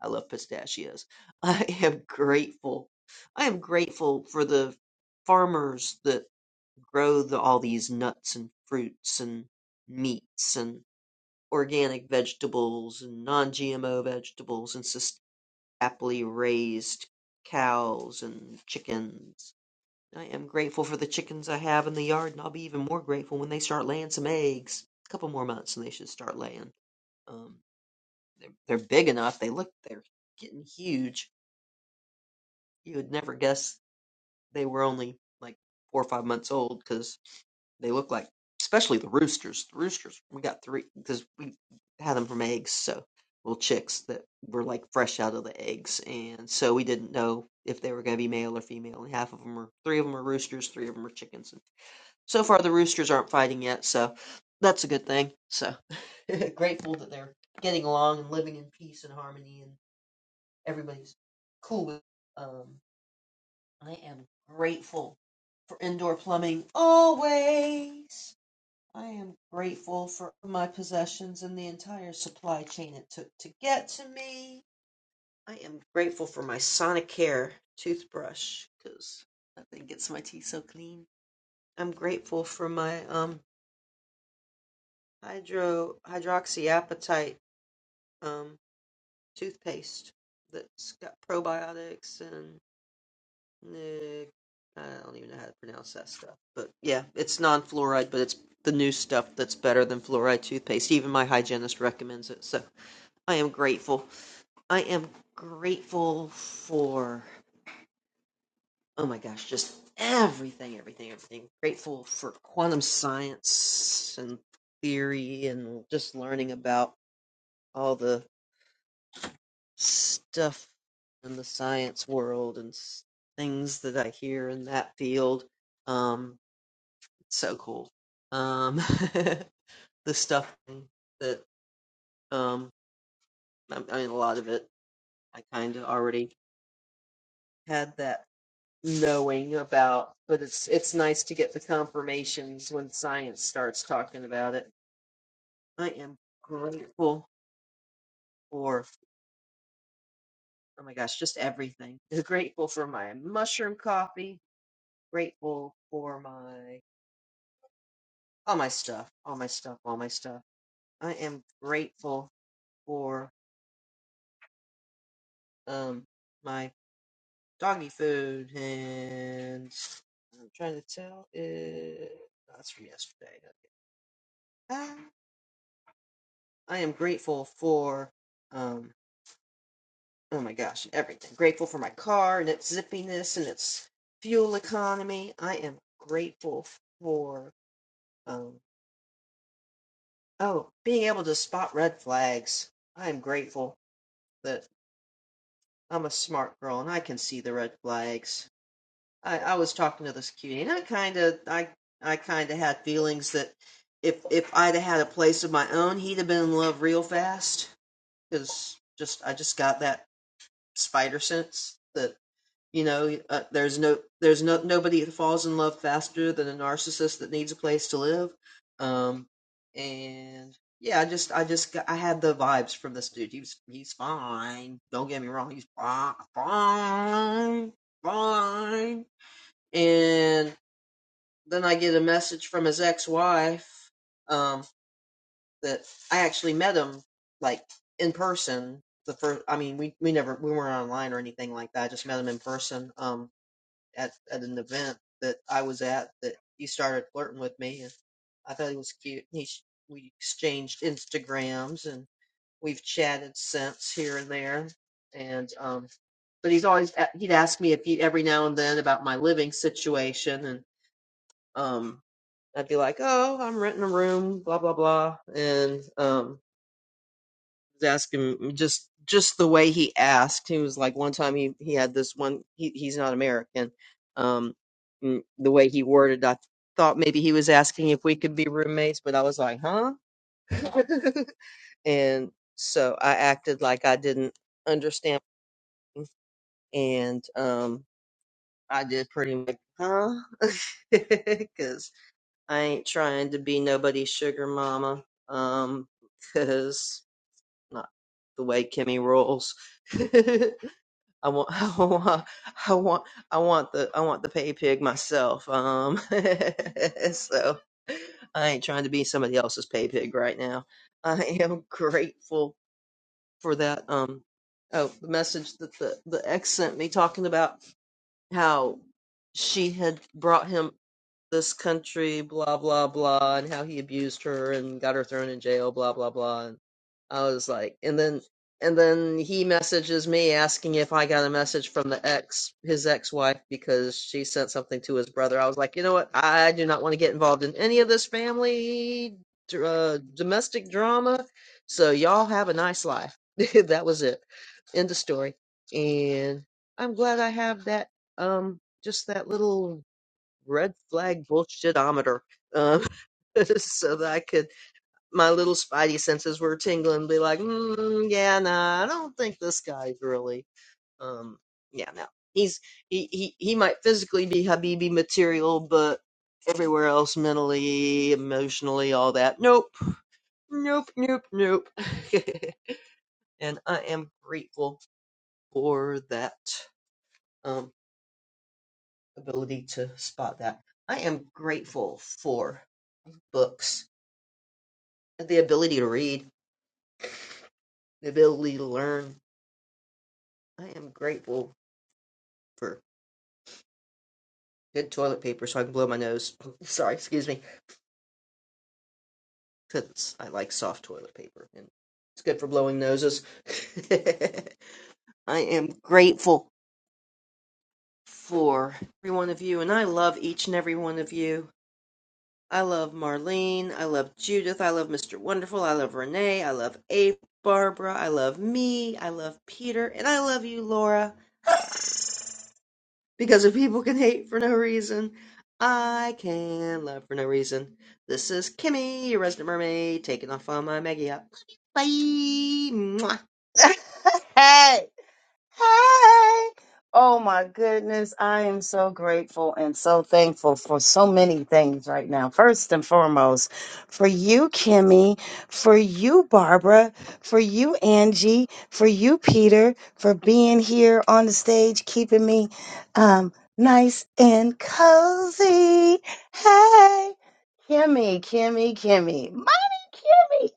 Speaker 12: I love pistachios. I am grateful. I am grateful for the farmers that grow the, all these nuts and fruits and meats and organic vegetables and non-GMO vegetables and sustainably raised cows and chickens. I am grateful for the chickens I have in the yard, and I'll be even more grateful when they start laying some eggs. A couple more months, and they should start laying. Um, they're, they're big enough. They look they're getting huge. You would never guess they were only like four or five months old, because They look like, especially the roosters. The roosters, we got three because we had them from eggs, so little chicks that were like fresh out of the eggs, and so we didn't know if they were going to be male or female. And half of them are, three of them are roosters, three of them are chickens. And so far, the roosters aren't fighting yet, so that's a good thing. So grateful that they're getting along and living in peace and harmony, and everybody's cool with. Um, I am grateful for indoor plumbing always. I am grateful for my possessions and the entire supply chain it took to get to me. I am grateful for my Sonicare toothbrush because that thing gets my teeth so clean. I'm grateful for my um hydro hydroxyapatite um toothpaste that's got probiotics and. Nic- I don't even know how to pronounce that stuff. But yeah, it's non fluoride, but it's the new stuff that's better than fluoride toothpaste. Even my hygienist recommends it. So I am grateful. I am grateful for, oh my gosh, just everything, everything, everything. Grateful for quantum science and theory and just learning about all the stuff in the science world and s- things that I hear in that field. Um, so cool. Um, the stuff that um, I, I mean, a lot of it I kind of already had that knowing about, but it's it's nice to get the confirmations when science starts talking about it. I am grateful for oh my gosh, just everything. Grateful for my mushroom coffee. Grateful for my all my stuff, all my stuff, all my stuff. I am grateful for um my doggy food, and I'm trying to tell it. That's from yesterday. Okay. Ah, I am grateful for um. Oh my gosh, everything. Grateful for my car and its zippiness and its fuel economy. I am grateful for um. Oh, being able to spot red flags. I am grateful that I'm a smart girl and I can see the red flags. I, I was talking to this cutie, and I kind of, I, I kind of had feelings that if if I'd have had a place of my own, he'd have been in love real fast. Because just, I just got that spider sense that you know, uh, there's no, there's no nobody that falls in love faster than a narcissist that needs a place to live. Um, and yeah, I just, I just, got, I had the vibes from this dude. He's, he's fine. Don't get me wrong, he's fine, fine, fine and then I get a message from his ex-wife um, that I actually met him like in person. The first, I mean, we we never we weren't online or anything like that. I just met him in person um, at at an event that I was at that he started flirting with me, and I thought he was cute. He we exchanged Instagrams and we've chatted since here and there, and um, but he's always he'd ask me if he every now and then about my living situation and. um, I'd be like, "Oh, I'm renting a room, blah blah blah," and um, asking mm, just just the way he asked. He was like, one time he he had this one. He he's not American. Um, mm, the way he worded, I thought maybe he was asking if we could be roommates, but I was like, "Huh?" and so I acted like I didn't understand, and um, I did pretty much, "Huh," because I ain't trying to be nobody's sugar mama, um, 'cause not the way Kimmy rolls. I want, I want, I want, I want the, I want the pay pig myself. Um, so I ain't trying to be somebody else's pay pig right now. I am grateful for that. Um, oh, the message that the the ex sent me talking about how she had brought him this country, blah blah blah, and how he abused her and got her thrown in jail, blah blah blah. And I was like, and then and then he messages me asking if I got a message from the ex his ex wife because she sent something to his brother. I was like, you know what? I do not want to get involved in any of this family dr- uh, domestic drama. So y'all have a nice life. that was it. End of story. And I'm glad I have that um just that little red flag bullshitometer um so that I could my little spidey senses were tingling, be like, mm, yeah, nah, I don't think this guy's really, um, yeah, no, he's he he he might physically be Habibi material, but everywhere else, mentally, emotionally, all that, nope, nope, nope, nope, and I am grateful for that um ability to spot that. I am grateful for books, the ability to read, the ability to learn. I am grateful for. good toilet paper so I can blow my nose. Sorry, excuse me. 'Cause I like soft toilet paper and it's good for blowing noses. I am grateful for every one of you and I love each and every one of you. I love Marlene. I love Judith. I love Mr. Wonderful. I love Renee. I love Abe, Barbara. I love me. I love Peter. And I love you, Laura. Because if people can hate for no reason, I can love for no reason. This is Kimmy, your resident mermaid, taking off on my Maggie. Bye. Mwah.
Speaker 10: hey. Hey! Oh my goodness, I am so grateful and so thankful for so many things right now. First and foremost, for you, Kimmy, for you, Barbara, for you, Angie, for you, Peter, for being here on the stage, keeping me um, nice and cozy. Hey! Kimmy, Kimmy, Kimmy, mommy, Kimmy.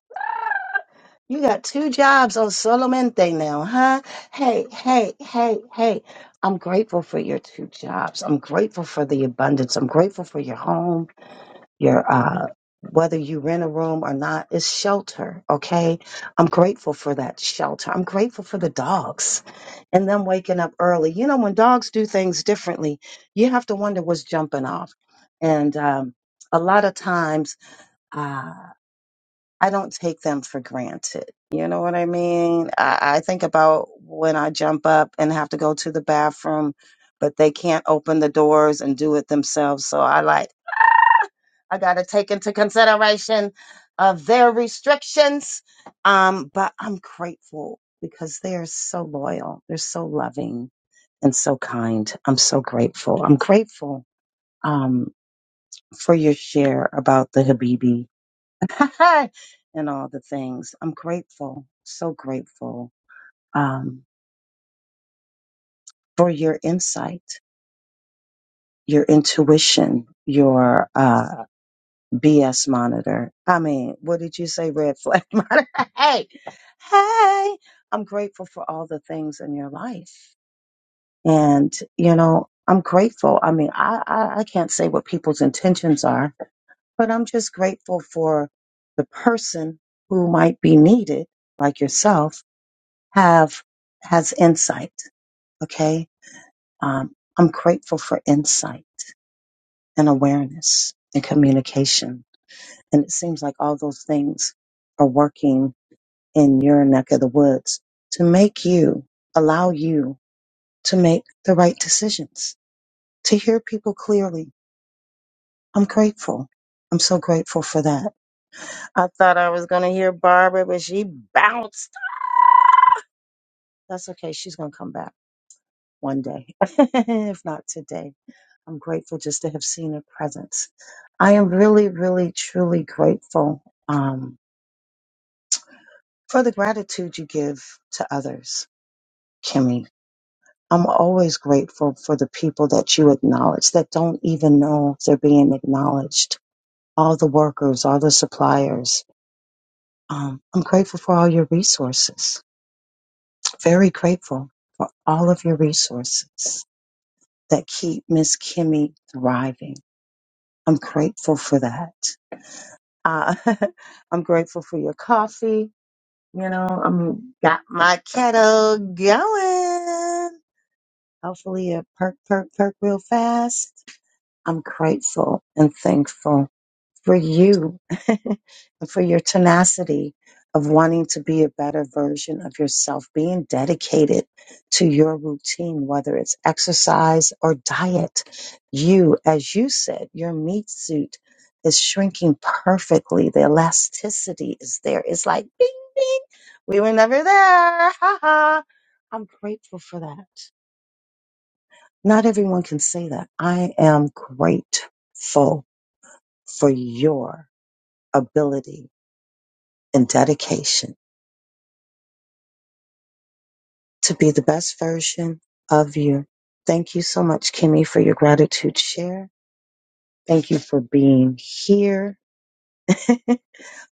Speaker 10: You got two jobs on Solamente now, huh? Hey, hey, hey, hey. I'm grateful for your two jobs. I'm grateful for the abundance. I'm grateful for your home, your uh whether you rent a room or not, it's shelter, okay? I'm grateful for that shelter. I'm grateful for the dogs and them waking up early. You know, when dogs do things differently, you have to wonder what's jumping off. And um, a lot of times, uh, I don't take them for granted. You know what I mean? I, I think about when I jump up and have to go to the bathroom, but they can't open the doors and do it themselves. So I like, I got to take into consideration of their restrictions. Um, but I'm grateful because they are so loyal. They're so loving and so kind. I'm so grateful. I'm grateful, um, for your share about the Habibi and all the things. I'm grateful, so grateful um, for your insight, your intuition, your uh, BS monitor. I mean, what did you say, red flag monitor? hey, hey, I'm grateful for all the things in your life. And, you know, I'm grateful. I mean, I, I, I can't say what people's intentions are, but I'm just grateful for the person who might be needed, like yourself have has insight. Okay, um, I'm grateful for insight and awareness and communication, and it seems like all those things are working in your neck of the woods to make you allow you to make the right decisions, to hear people clearly. I'm grateful. I'm so grateful for that. I thought I was going to hear Barbara, but she bounced. That's okay. She's going to come back one day, if not today. I'm grateful just to have seen her presence. I am really, really, truly grateful um, for the gratitude you give to others, Kimmy. I'm always grateful for the people that you acknowledge that don't even know they're being acknowledged. All the workers, all the suppliers. Um, I'm grateful for all your resources. Very grateful for all of your resources that keep Miss Kimmy thriving. I'm grateful for that. Uh, I'm grateful for your coffee. You know, I'm got my kettle going. Hopefully it perk, perk, perk real fast. I'm grateful and thankful for you and for your tenacity of wanting to be a better version of yourself, being dedicated to your routine, whether it's exercise or diet. You, as you said, your meat suit is shrinking perfectly. The elasticity is there. It's like, bing, bing. We were never there. Ha ha. I'm grateful for that. Not everyone can say that. I am grateful for your ability and dedication to be the best version of you. Thank you so much, Kimmy, for your gratitude share. Thank you for being here.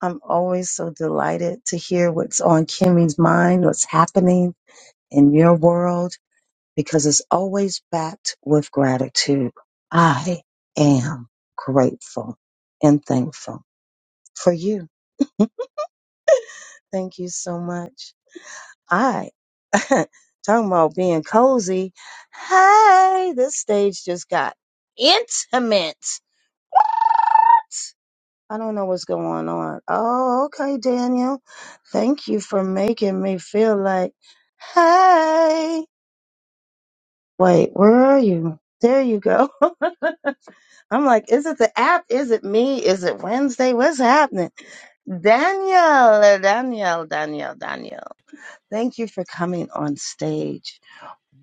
Speaker 10: I'm always so delighted to hear what's on Kimmy's mind, what's happening in your world, because it's always backed with gratitude. I am grateful and thankful for you. Thank you so much. I talking about being cozy. Hey, this stage just got intimate. What? I don't know what's going on. Oh, okay, Daniel. Thank you for making me feel like, hey, wait, where are you? There you go. I'm like, is it the app? Is it me? Is it Wednesday? What's happening? Daniel, Daniel, Daniel, Daniel. Thank you for coming on stage.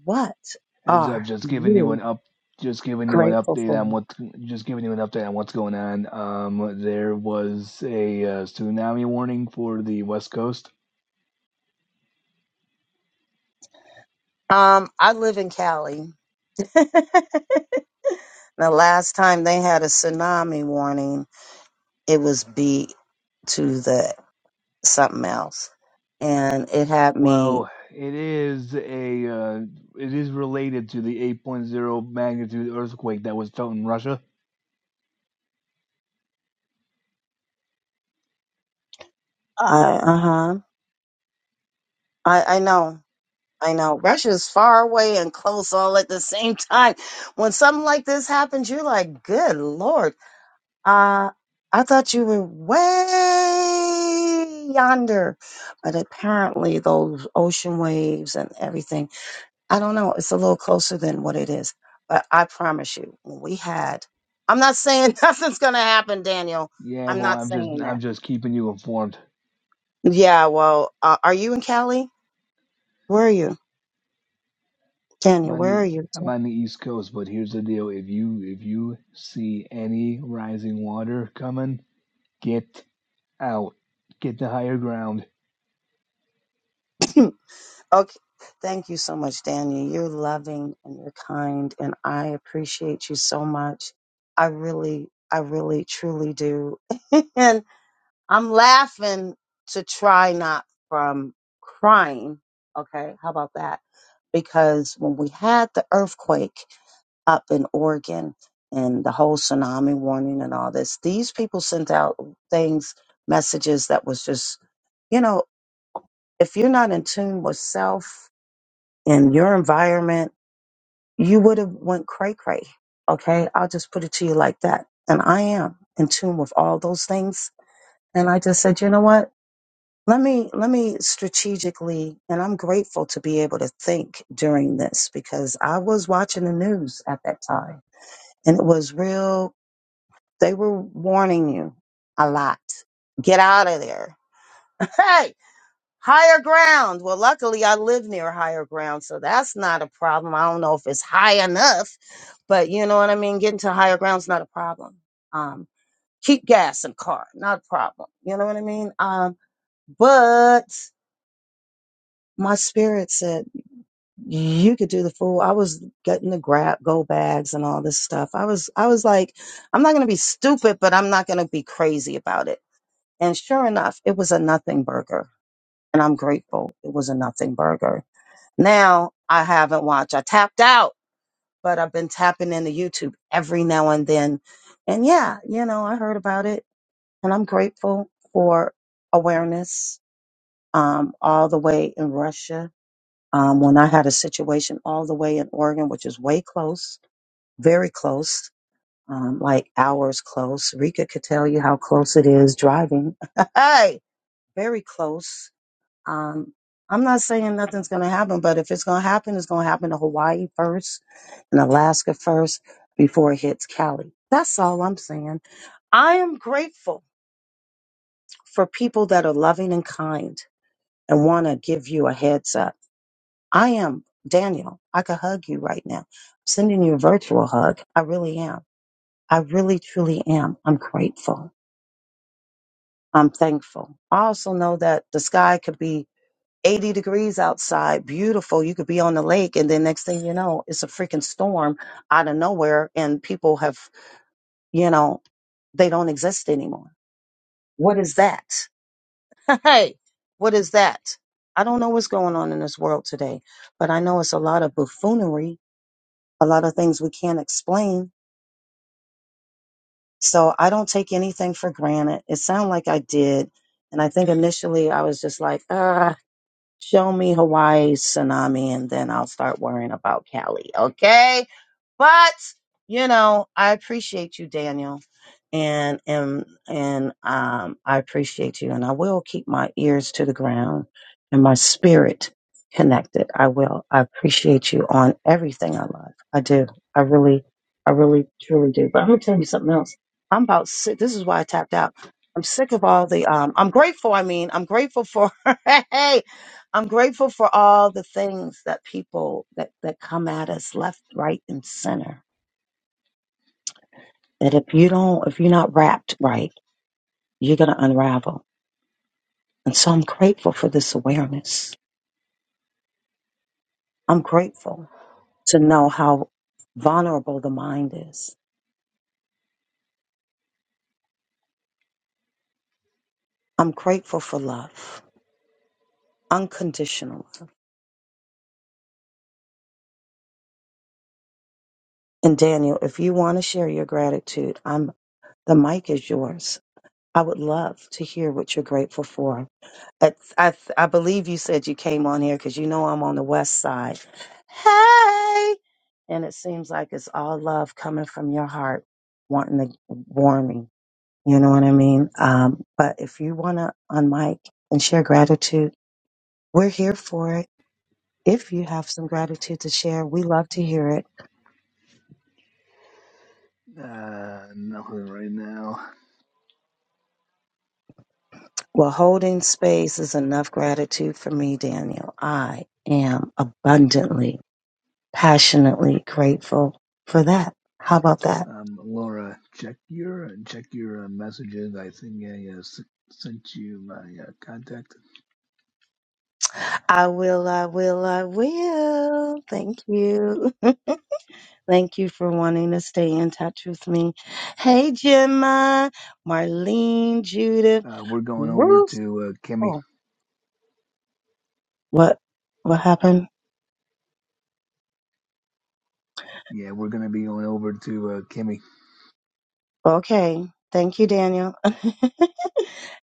Speaker 10: What
Speaker 13: Heads
Speaker 10: are
Speaker 13: up, just giving you
Speaker 10: you
Speaker 13: an up, just giving you an
Speaker 10: grateful for?
Speaker 13: update on what, just giving you an update on what's going on. Um, there was a uh, tsunami warning for the West Coast.
Speaker 10: Um, I live in Cali. the last time they had a tsunami warning, it was beat to the something else. And it had me,
Speaker 13: Well, it is a, uh, it is related to the 8.0 magnitude earthquake that was felt in Russia.
Speaker 10: uh huh. I, I know. I know. Russia's far away and close all at the same time. When something like this happens, you're like, good Lord, Uh, I thought you were way yonder, but apparently those ocean waves and everything, I don't know, it's a little closer than what it is. But I promise you, when we had, I'm not saying nothing's going to happen, Daniel.
Speaker 13: Yeah,
Speaker 10: I'm
Speaker 13: well,
Speaker 10: not
Speaker 13: I'm just,
Speaker 10: saying that.
Speaker 13: I'm just keeping you informed.
Speaker 10: Yeah, well, uh, are you in Cali? Where are you?
Speaker 13: I'm
Speaker 10: Daniel,
Speaker 13: on
Speaker 10: where are
Speaker 13: the,
Speaker 10: you?
Speaker 13: I'm on the East Coast, but here's the deal: if you, if you see any rising water coming, get out, get to higher ground
Speaker 10: Okay. Thank you so much, Daniel. You're loving and you're kind, and I appreciate you so much. I really, I really, truly do. And I'm laughing to try not from crying. Okay. How about that? Because when we had the earthquake up in Oregon and the whole tsunami warning and all this, these people sent out things, messages that was just, you know, if you're not in tune with self, in your environment, you would have went cray cray. Okay. I'll just put it to you like that. And I am in tune with all those things. And I just said, you know what? Let me, let me strategically, and I'm grateful to be able to think during this because I was watching the news at that time and it was real. They were warning you a lot. Get out of there. Hey. Higher ground. Well, luckily I live near higher ground, so that's not a problem. I don't know if it's high enough, but you know what I mean? Getting to higher ground's not a problem. Um, keep gas in car, not a problem. You know what I mean? Um, but my spirit said you could do the fool. I was getting the grab go bags and all this stuff. I was I was like, I'm not gonna be stupid, but I'm not gonna be crazy about it. And sure enough, it was a nothing burger. And I'm grateful it was a nothing burger Now I haven't watched. I tapped out, but I've been tapping into YouTube every now and then. And yeah, you know, I heard about it and I'm grateful for awareness um, all the way in Russia. Um, when I had a situation all the way in Oregon, which is way close, very close, um, like hours close. Rika could tell you how close it is driving. hey, very close um, I'm not saying nothing's going to happen, but if it's going to happen, it's going to happen to Hawaii first and Alaska first before it hits Cali. That's all I'm saying. I am grateful for people that are loving and kind and want to give you a heads up. I am Daniel. I could hug you right now. I'm sending you a virtual hug. I really am. I really, truly am. I'm grateful. I'm thankful. I also know that the sky could be 80 degrees outside, beautiful. You could be on the lake, and then next thing you know, it's a freaking storm out of nowhere, and people have, you know, they don't exist anymore. What is that? Hey, what is that? I don't know what's going on in this world today, but I know it's a lot of buffoonery, a lot of things we can't explain. So I don't take anything for granted. It sounded like I did. And I think initially I was just like, ah. show me Hawaii tsunami and then I'll start worrying about Cali. Okay. But, you know, I appreciate you, Daniel. And, and, and, um, I appreciate you and I will keep my ears to the ground and my spirit connected. I will. I appreciate you on everything I love. I do. I really, I really, truly do. But I'm going to tell you something else. I'm about sick. This is why I tapped out. I'm sick of all the, um, I'm grateful. I mean, I'm grateful for, Hey. I'm grateful for all the things that people that, that come at us left, right, and center. That if you don't, if you're not wrapped right, you're going to unravel. And so I'm grateful for this awareness. I'm grateful to know how vulnerable the mind is. I'm grateful for love, unconditional love. And Daniel, if you want to share your gratitude, I'm the mic is yours. I would love to hear what you're grateful for I, I, I believe you said you came on here because you know I'm on the west side. Hey! And it seems like it's all love coming from your heart, wanting to warm me. You know what I mean? Um, but if you want to unmic and share gratitude, we're here for it. If you have some gratitude to share, we love to hear it.
Speaker 13: Uh, nothing right now.
Speaker 10: Well, holding space is enough gratitude for me, Daniel. I am abundantly, passionately grateful for that. How about that?
Speaker 13: Um, Laura, check your check your uh, messages. I think I uh, s- sent you my uh, contact.
Speaker 10: I will, I will, I will. Thank you. Thank you for wanting to stay in touch with me. Hey, Gemma, Marlene, Judith,
Speaker 13: Uh, we're going over
Speaker 10: Ruth.
Speaker 13: to uh, Kimmy.
Speaker 10: Oh, what? What happened?
Speaker 13: Yeah, we're gonna be going over to uh, Kimmy.
Speaker 10: Okay. Thank you, Daniel.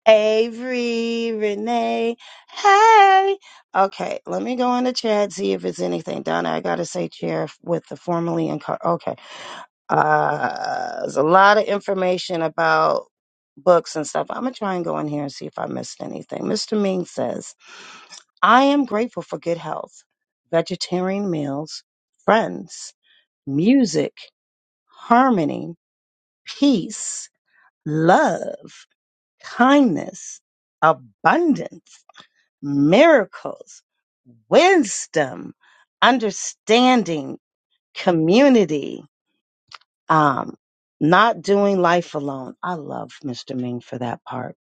Speaker 10: Avery, Renee. Hey. Okay. Let me go in the chat, see if it's anything. Donna, I got to say chair with the formally and car. Uh, there's a lot of information about books and stuff. I'm going to try and go in here and see if I missed anything. Mr. Ming says, I am grateful for good health, vegetarian meals, friends, music, harmony, peace, love, kindness, abundance, miracles, wisdom, understanding, community. Um, not doing life alone. I love Mr. Ming for that part.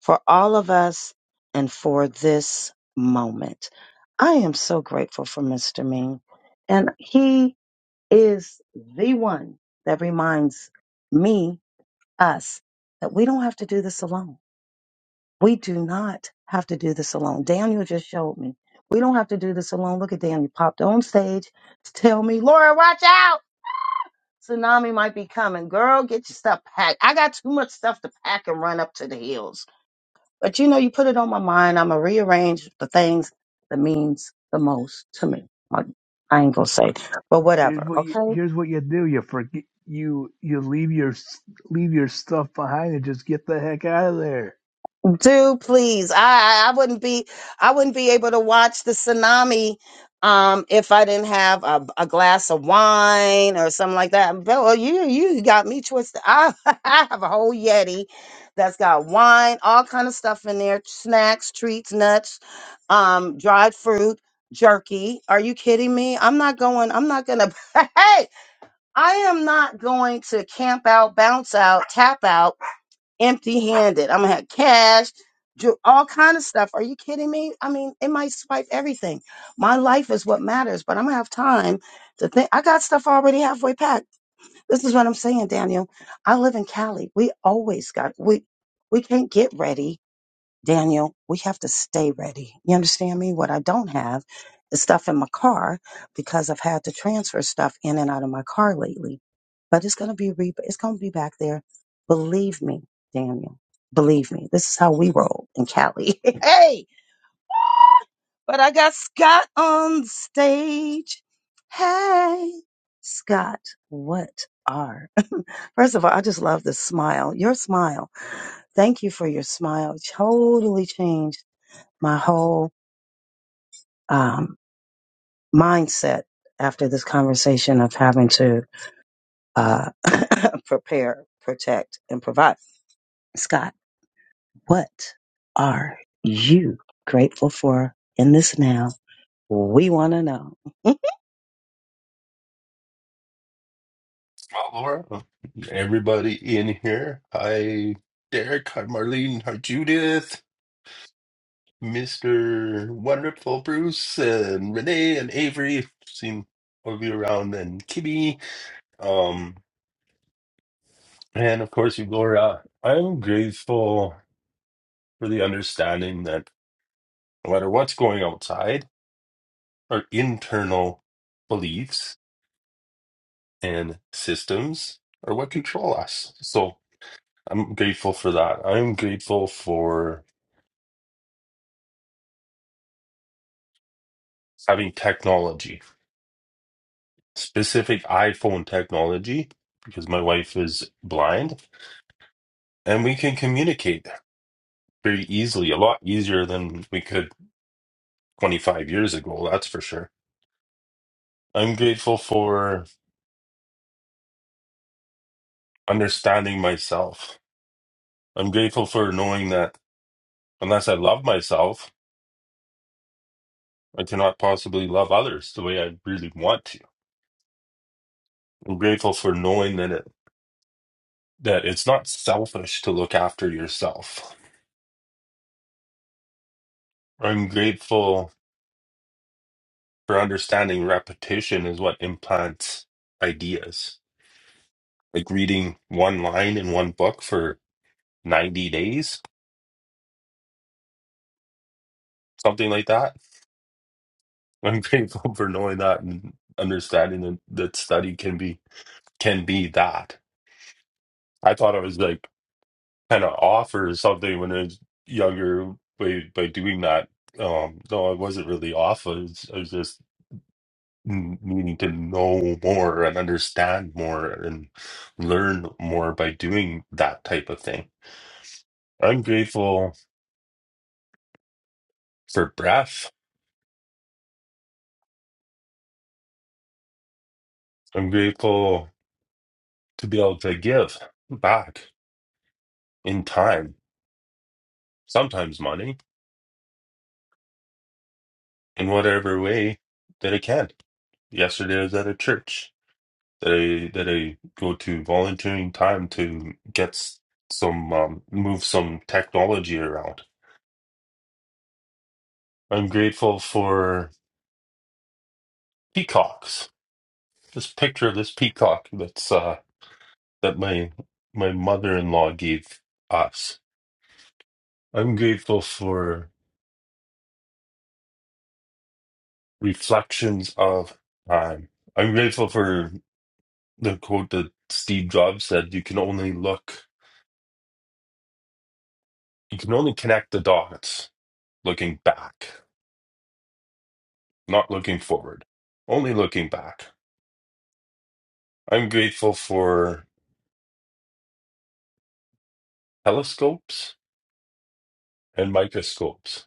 Speaker 10: For all of us and for this moment. I am so grateful for Mr. Ming. And he is the one that reminds me, us, that we don't have to do this alone. We do not have to do this alone. Daniel just showed me. We don't have to do this alone. Look at Daniel popped on stage to tell me, Laura, watch out. Tsunami might be coming. Girl, get your stuff packed. I got too much stuff to pack and run up to the hills. But you know, you put it on my mind. I'm going to rearrange the things that means the most to me. Like, I ain't going to say, but
Speaker 13: Here's
Speaker 10: whatever.
Speaker 13: what you
Speaker 10: Okay.
Speaker 13: here's what you do. You forget you you leave your s- leave your stuff behind and just get the heck out of there.
Speaker 10: do please I, I I wouldn't be i wouldn't be able to watch the tsunami um if i didn't have a, a glass of wine or something like that Bill, you you got me twisted I, I have a whole yeti that's got wine all kind of stuff in there snacks treats nuts um dried fruit jerky are you kidding me i'm not going i'm not gonna hey i am not going to camp out bounce out tap out empty handed. I'm gonna have cash, ju- all kind of stuff. Are you kidding me? I mean, it might swipe everything. My life is what matters, but I'm gonna have time to think. I got stuff already halfway packed. This is what I'm saying, Daniel. I live in Cali. We always got we we can't get ready. Daniel, we have to stay ready. You understand me? What I don't have is stuff in my car because I've had to transfer stuff in and out of my car lately. But it's gonna be re- it's gonna be back there. Believe me, Daniel. Believe me. This is how we roll in Cali. hey, but I got Scott on the stage. Hey, Scott, what are? First of all, I just love the smile. Your smile. Thank you for your smile. It totally changed my whole um, mindset after this conversation of having to uh, prepare, protect, and provide. Scott, what are you grateful for in this now? We want to know.
Speaker 14: Well, Laura, everybody in here. Hi, Derek. Hi, Marlene. Hi, Judith. Mr. Wonderful Bruce and Renee and Avery. Seen all of you around and Kimmy. Um, and of course, you, Laura. I'm grateful for the understanding that no matter what's going outside, our internal beliefs and systems are what control us. So I'm grateful for that. I'm grateful for having technology, specific iPhone technology, because my wife is blind, and we can communicate very easily, a lot easier than we could 25 years ago, that's for sure. I'm grateful for understanding myself. I'm grateful for knowing that unless I love myself, I cannot possibly love others the way I really want to. I'm grateful for knowing that it, that it's not selfish to look after yourself. I'm grateful for understanding repetition is what implants ideas. Like reading one line in one book for 90 days, something like that. I'm grateful for knowing that and understanding that, that study can be can be that. I thought I was like kind of off or something when I was younger by by doing that. Um, no, I wasn't really off. I was, I was just n- needing to know more and understand more and learn more by doing that type of thing I'm grateful for breath. I'm grateful to be able to give back in time, sometimes money, in whatever way that I can. Yesterday I was at a church that I that I go to volunteering time to get s- some um, move some technology around. I'm grateful for peacocks. This picture of this peacock that's uh, that my my mother-in-law gave us. I'm grateful for. Reflections of Time. I'm grateful for the quote that Steve Jobs said you can only look, you can only connect the dots looking back, not looking forward, only looking back. I'm grateful for telescopes and microscopes.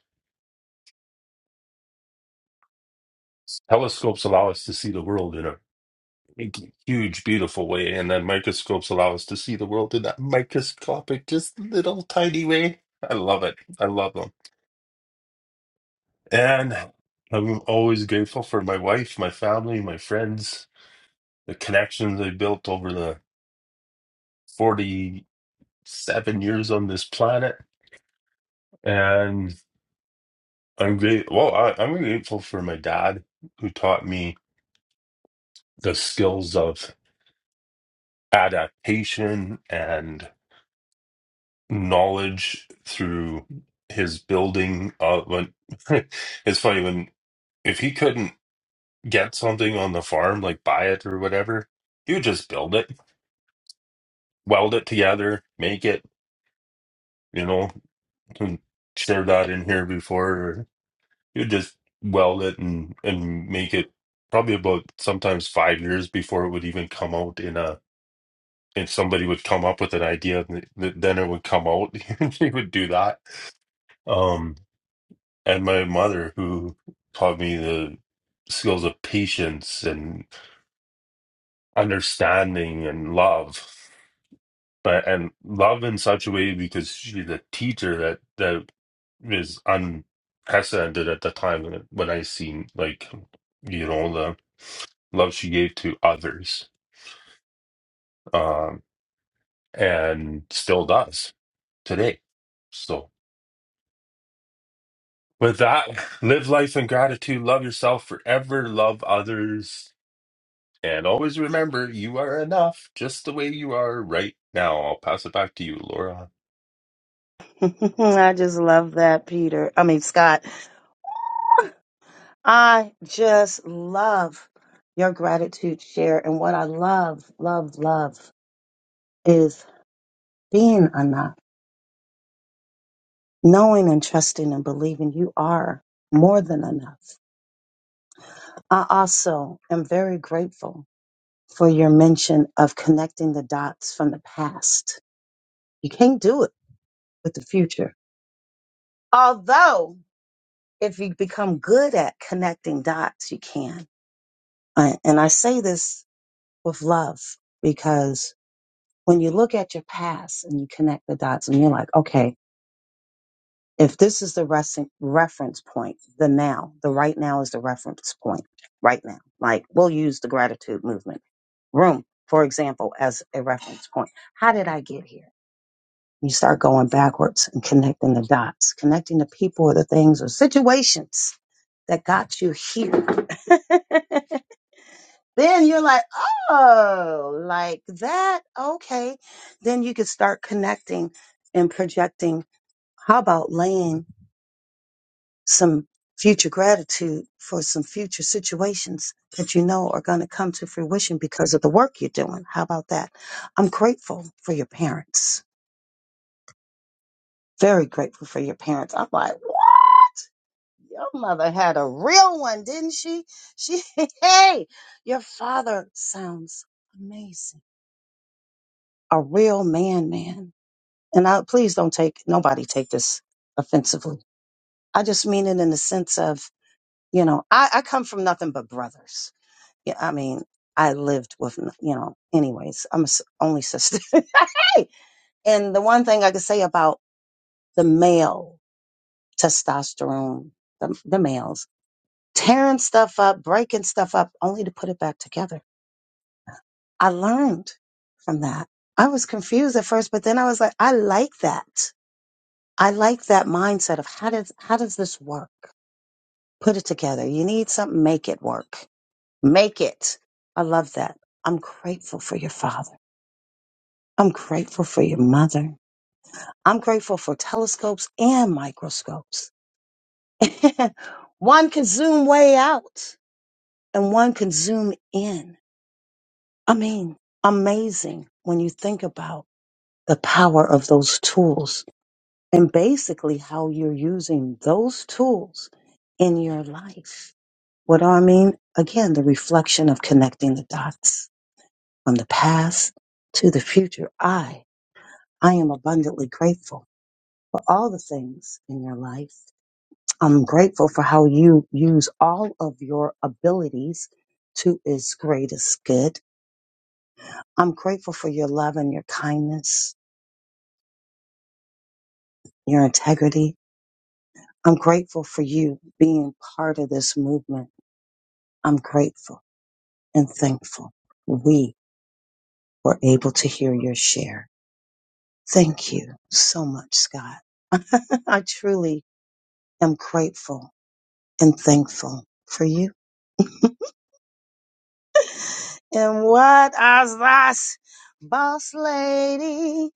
Speaker 14: Telescopes allow us to see the world in a big, huge, beautiful way, and then microscopes allow us to see the world in that microscopic, just little tiny way. I love it. I love them. And I'm always grateful for my wife, my family, my friends, the connections I built over the 47 years on this planet. And I'm great. Well, I, I'm grateful for my dad, who taught me the skills of adaptation and knowledge through his building. Uh, when it's funny when if he couldn't get something on the farm, like buy it or whatever, he would just build it weld it together, make it, you know, and share that in here before. You just weld it and and make it probably about sometimes five years before it would even come out in a if somebody would come up with an idea th- th- then it would come out they would do that um and my mother who taught me the skills of patience and understanding and love but and love in such a way because she's a teacher that that is unprecedented at the time when I seen like you know the love she gave to others um and still does today so with that live life in gratitude love yourself forever love others and always remember you are enough just the way you are right now I'll pass it back to you Laura
Speaker 10: I just love that, Peter. I mean, Scott, I just love your gratitude share. And what I love, love, love is being enough, knowing and trusting and believing you are more than enough I also am very grateful for your mention of connecting the dots from the past. You can't do it with the future. Although, if you become good at connecting dots, you can. I- And I say this with love because when you look at your past and you connect the dots and you're like, okay, If this is the rec- reference point, the now, the right now is the reference point, right now. Like we'll use the gratitude movement room, for example, as a reference point. How did I get here? You start going backwards and connecting the dots, connecting the people or the things or situations that got you here. then you're like, oh, like that. Okay. Then you can start connecting and projecting. How about laying? some future gratitude for some future situations that you know are going to come to fruition because of the work you're doing. How about that? I'm grateful for your parents. Very grateful for your parents. I'm like, your mother had a real one, didn't she? She, hey, your father sounds amazing. A real man, man. And I, please don't take, nobody take this offensively. I just mean it in the sense of, you know, I, I come from nothing but brothers Yeah, I mean, I lived with, n- you know, anyways, I'm a s- only sister. hey! And the one thing I could say about the male testosterone, the, the males, tearing stuff up, breaking stuff up, only to put it back together. I learned from that. I was confused at first, but then I was like, I like that. I like that mindset of how does, how does this work? Put it together. You need something, make it work. Make it. I love that. I'm grateful for your father. I'm grateful for your mother. I'm grateful for telescopes and microscopes. one can zoom way out and one can zoom in. I mean, amazing when you think about the power of those tools and basically how you're using those tools in your life. What do I mean? Again, the reflection of connecting the dots from the past to the future. I, I am abundantly grateful for all the things in your life. I'm grateful for how you use all of your abilities to its greatest good. I'm grateful for your love and your kindness, your integrity. I'm grateful for you being part of this movement. I'm grateful and thankful we were able to hear your share. Thank you so much, Scott. I truly am grateful and thankful for you. And what is this, boss lady?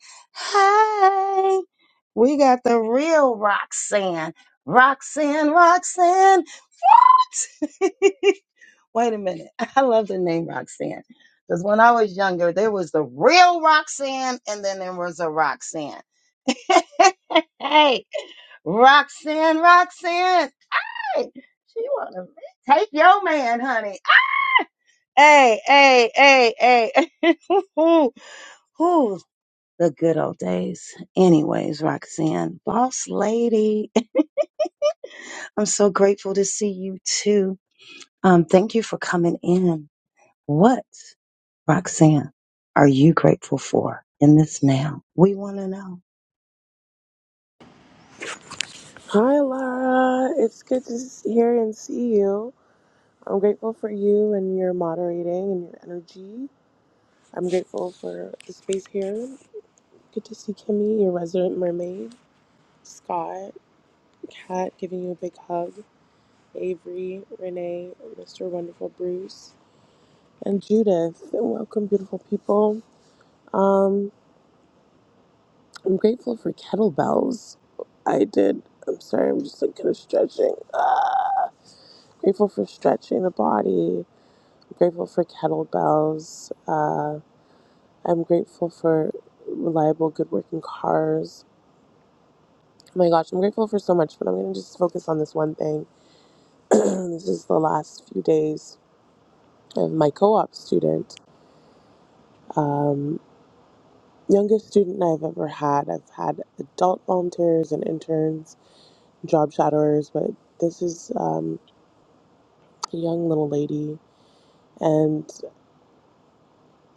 Speaker 10: Hey, we got the real Roxanne. Roxanne, Roxanne. Wait a minute. I love the name Roxanne. Because when I was younger, there was the real Roxanne, and then there was a Roxanne. hey, Roxanne, Roxanne. Hey, she wanna take your man, honey. Hey, hey, hey, hey. Whew, the good old days. Anyways, Roxanne, boss lady, I'm so grateful to see you too. Um, thank you for coming in. What, Roxanne, are you grateful for in this now? We want to know.
Speaker 15: Hi, Lara. It's good to s- hear and see you. I'm grateful for you and your moderating and your energy. I'm grateful for the space here. Good to see Kimmy, your resident mermaid, Scott, Kat giving you a big hug, Avery, Renee, Mr. Wonderful Bruce, and Judith. Welcome, beautiful people. Um, I'm grateful for kettlebells. I did. I'm sorry, I'm just like kind of stretching. Ah. Grateful for stretching the body I'm grateful for kettlebells. Uh, I'm grateful for reliable, good working cars. Oh my gosh, I'm grateful for so much, but I'm going to just focus on this one thing. this is the last few days of my co op student. Um, youngest student I've ever had. I've had adult volunteers and interns, job shadowers, but this is um, a young little lady. And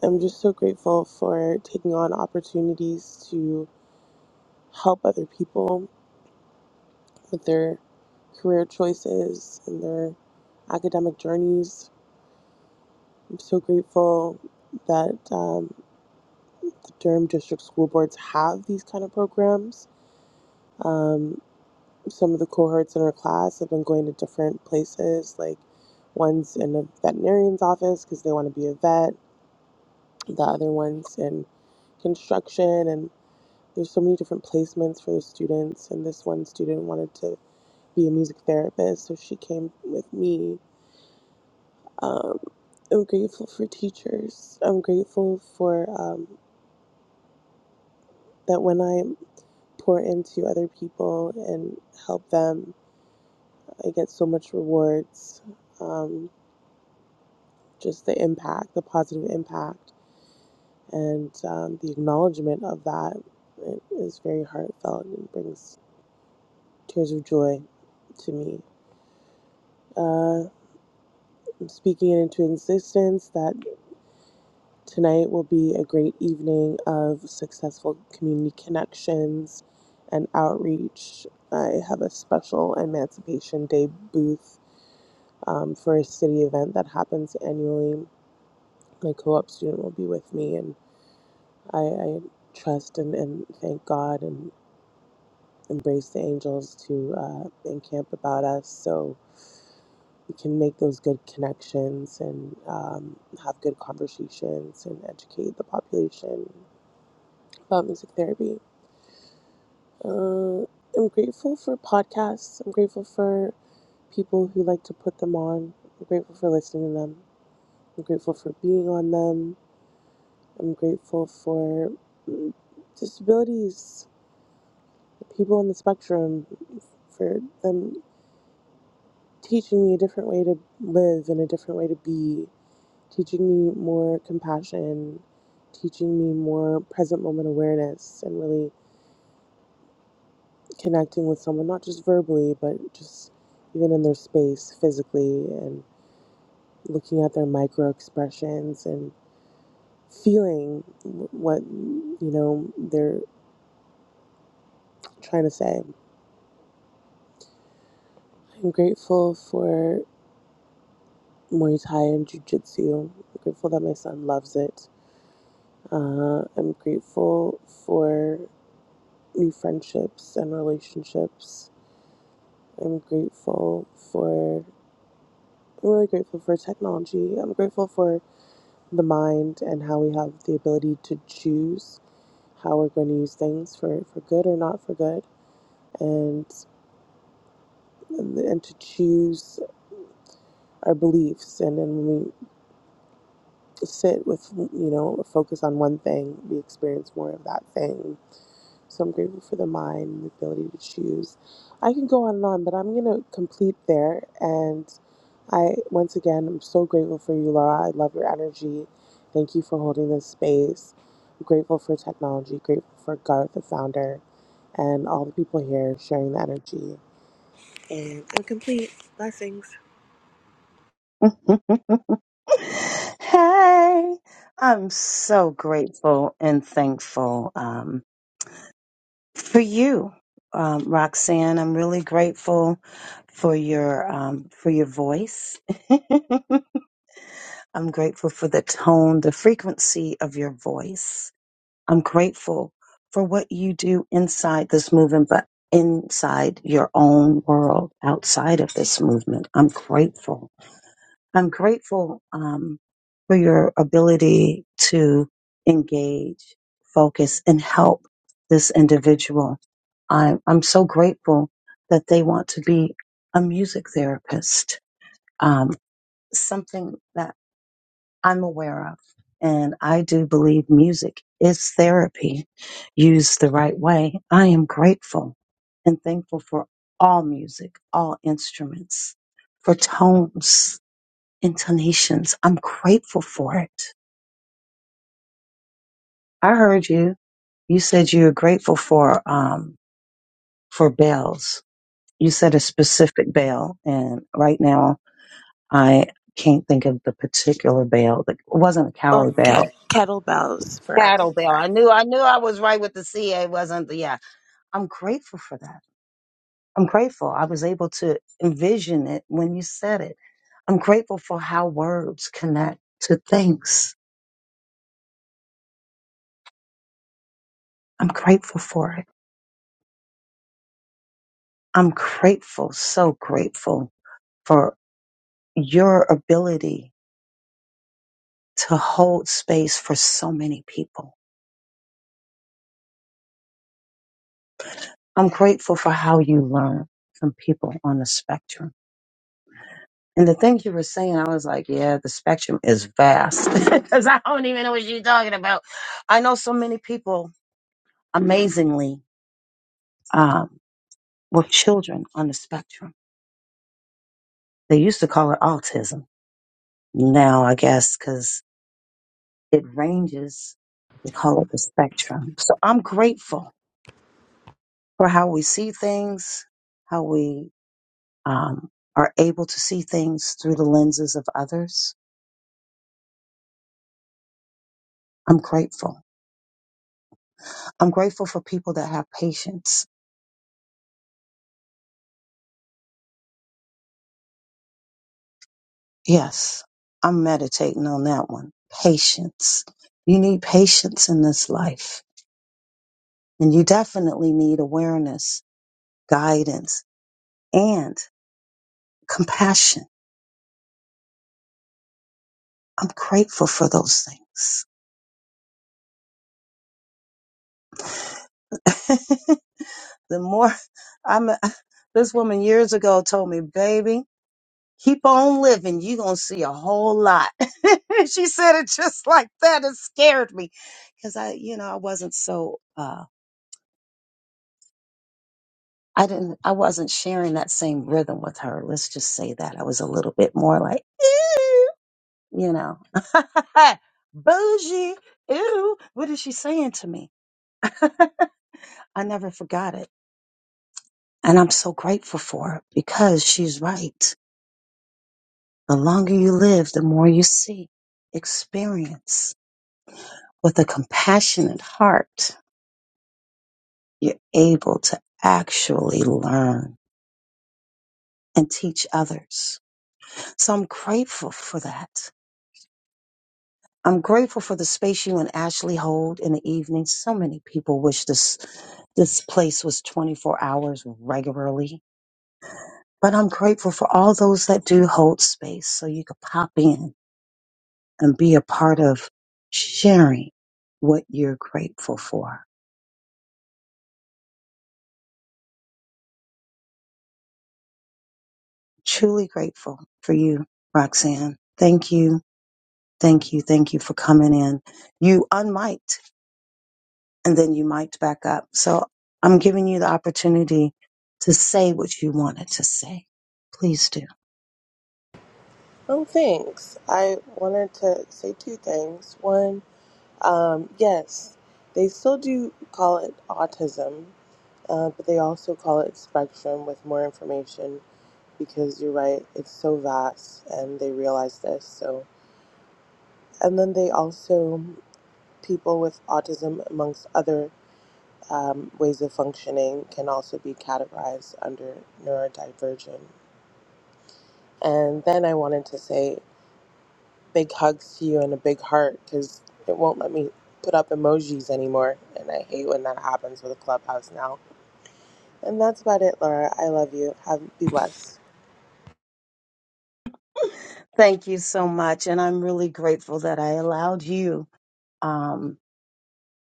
Speaker 15: I'm just so grateful for taking on opportunities to help other people with their career choices and their academic journeys. I'm so grateful that um, the Durham District School Boards have these kind of programs. Um, some of the cohorts in our class have been going to different places, like one's in a veterinarian's office because they want to be a vet, the other one's in construction, and there's so many different placements for the students. And this one student wanted to be a music therapist, so she came with me Um, I'm grateful for teachers. I'm grateful for um, that when I pour into other people and help them, I get so much rewards. Um, just the impact, the positive impact, and um, the acknowledgement of that it is very heartfelt and brings tears of joy to me. Uh, I'm speaking it into existence. That Tonight will be a great evening of successful community connections and outreach. I have a special Emancipation Day booth um, for a city event that happens annually. My co op student will be with me, and I, I trust and, and thank God and embrace the angels to uh, encamp about us so we can make those good connections and um, have good conversations and educate the population about music therapy. Uh, I'm grateful for podcasts. I'm grateful for people who like to put them on. I'm grateful for listening to them. I'm grateful for being on them. I'm grateful for mm, disabilities, people on the spectrum, for them teaching me a different way to live and a different way to be, teaching me more compassion, teaching me more present moment awareness, and really connecting with someone, not just verbally, but just even in their space physically and looking at their micro expressions and feeling what, you know, they're trying to say. I'm grateful for Muay Thai and Jiu Jitsu. I'm grateful that my son loves it. Uh, I'm grateful for new friendships and relationships. I'm grateful for, I'm really grateful for technology. I'm grateful for the mind and how we have the ability to choose how we're going to use things for, for good or not for good and and to choose our beliefs and then when we sit with you know a focus on one thing we experience more of that thing So I'm grateful for the mind and the ability to choose. I can go on and on, but I'm gonna complete there. And I once again I'm so grateful for you, Laura. I love your energy. Thank you for holding this space. I'm grateful for technology, grateful for Garth, the founder, and all the people here sharing the energy. And I'm complete. Blessings.
Speaker 10: hey, I'm so grateful and thankful um, for you. Um, Roxanne, I'm really grateful for your um, for your voice. I'm grateful for the tone, the frequency of your voice. I'm grateful for what you do inside this movement, but inside your own world, outside of this movement. I'm grateful. I'm grateful um, for your ability to engage, focus, and help this individual. I'm, I'm so grateful that they want to be a music therapist, um, something that I'm aware of. And I do believe music is therapy used the right way. I am grateful and thankful for all music, all instruments, for tones, intonations. I'm grateful for it. I heard you. You said you were grateful for, um, for bells. You said a specific bell. And right now I can't think of the particular bell. It wasn't a
Speaker 15: Oh,
Speaker 10: coward bell
Speaker 15: ke- kettlebells for
Speaker 10: Cattlebell. I
Speaker 15: exercise.
Speaker 10: knew I knew I was right with the CA wasn't the yeah. I'm grateful for that. I'm grateful. I was able to envision it when you said it. I'm grateful for how words connect to things. I'm grateful for it. I'm grateful, so grateful for your ability to hold space for so many people. I'm grateful for how you learn from people on the spectrum. And the things you were saying, I was like, yeah, the spectrum is vast because I don't even know what you're talking about. I know so many people, amazingly, um, with children on the spectrum. They used to call it autism. Now, I guess, because it ranges, they call it the spectrum. So I'm grateful for how we see things, how we um, are able to see things through the lenses of others. I'm grateful. I'm grateful for people that have patience Yes, I'm meditating on that one. Patience. You need patience in this life. And you definitely need awareness, guidance, and compassion. I'm grateful for those things. the more I'm, this woman years ago told me, baby, keep on living. You're going to see a whole lot. she said it just like that. It scared me because I, you know, I wasn't so, uh, I didn't, I wasn't sharing that same rhythm with her. Let's just say that I was a little bit more like, ew, you know, bougie. Ew, what is she saying to me? I never forgot it. And I'm so grateful for it because she's right. The longer you live, the more you see, experience with a compassionate heart. You're able to actually learn and teach others. So I'm grateful for that. I'm grateful for the space you and Ashley hold in the evening. So many people wish this this place was 24 hours regularly. But I'm grateful for all those that do hold space so you could pop in and be a part of sharing what you're grateful for. Truly grateful for you, Roxanne. Thank you. Thank you. Thank you for coming in. You unmiked. and then you mic'd back up. So I'm giving you the opportunity to say what you wanted to say. Please do.
Speaker 15: Oh, thanks. I wanted to say two things. One, Um, yes, they still do call it autism, uh, but they also call it spectrum with more information because you're right, it's so vast and they realize this. So, and then they also, people with autism, amongst other um, ways of functioning, can also be categorized under neurodivergent. And then I wanted to say big hugs to you and a big heart because it won't let me put up emojis anymore. And I hate when that happens with a clubhouse now And that's about it, Laura. I love you. Have be blessed.
Speaker 10: Thank you so much. And I'm really grateful that I allowed you. Um,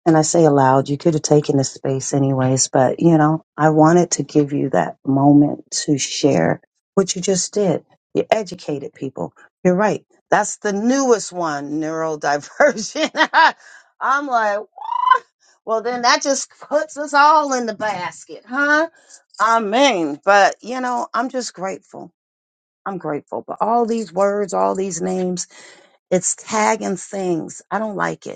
Speaker 10: And I say aloud, you could have taken the space anyways, but you know, I wanted to give you that moment to share what you just did. You educated people. You're right. That's the newest one, neurodivergent. I'm like, "What?" well, then that just puts us all in the basket, huh? I mean, but you know, I'm just grateful. I'm grateful. But all these words, all these names, it's tagging things. I don't like it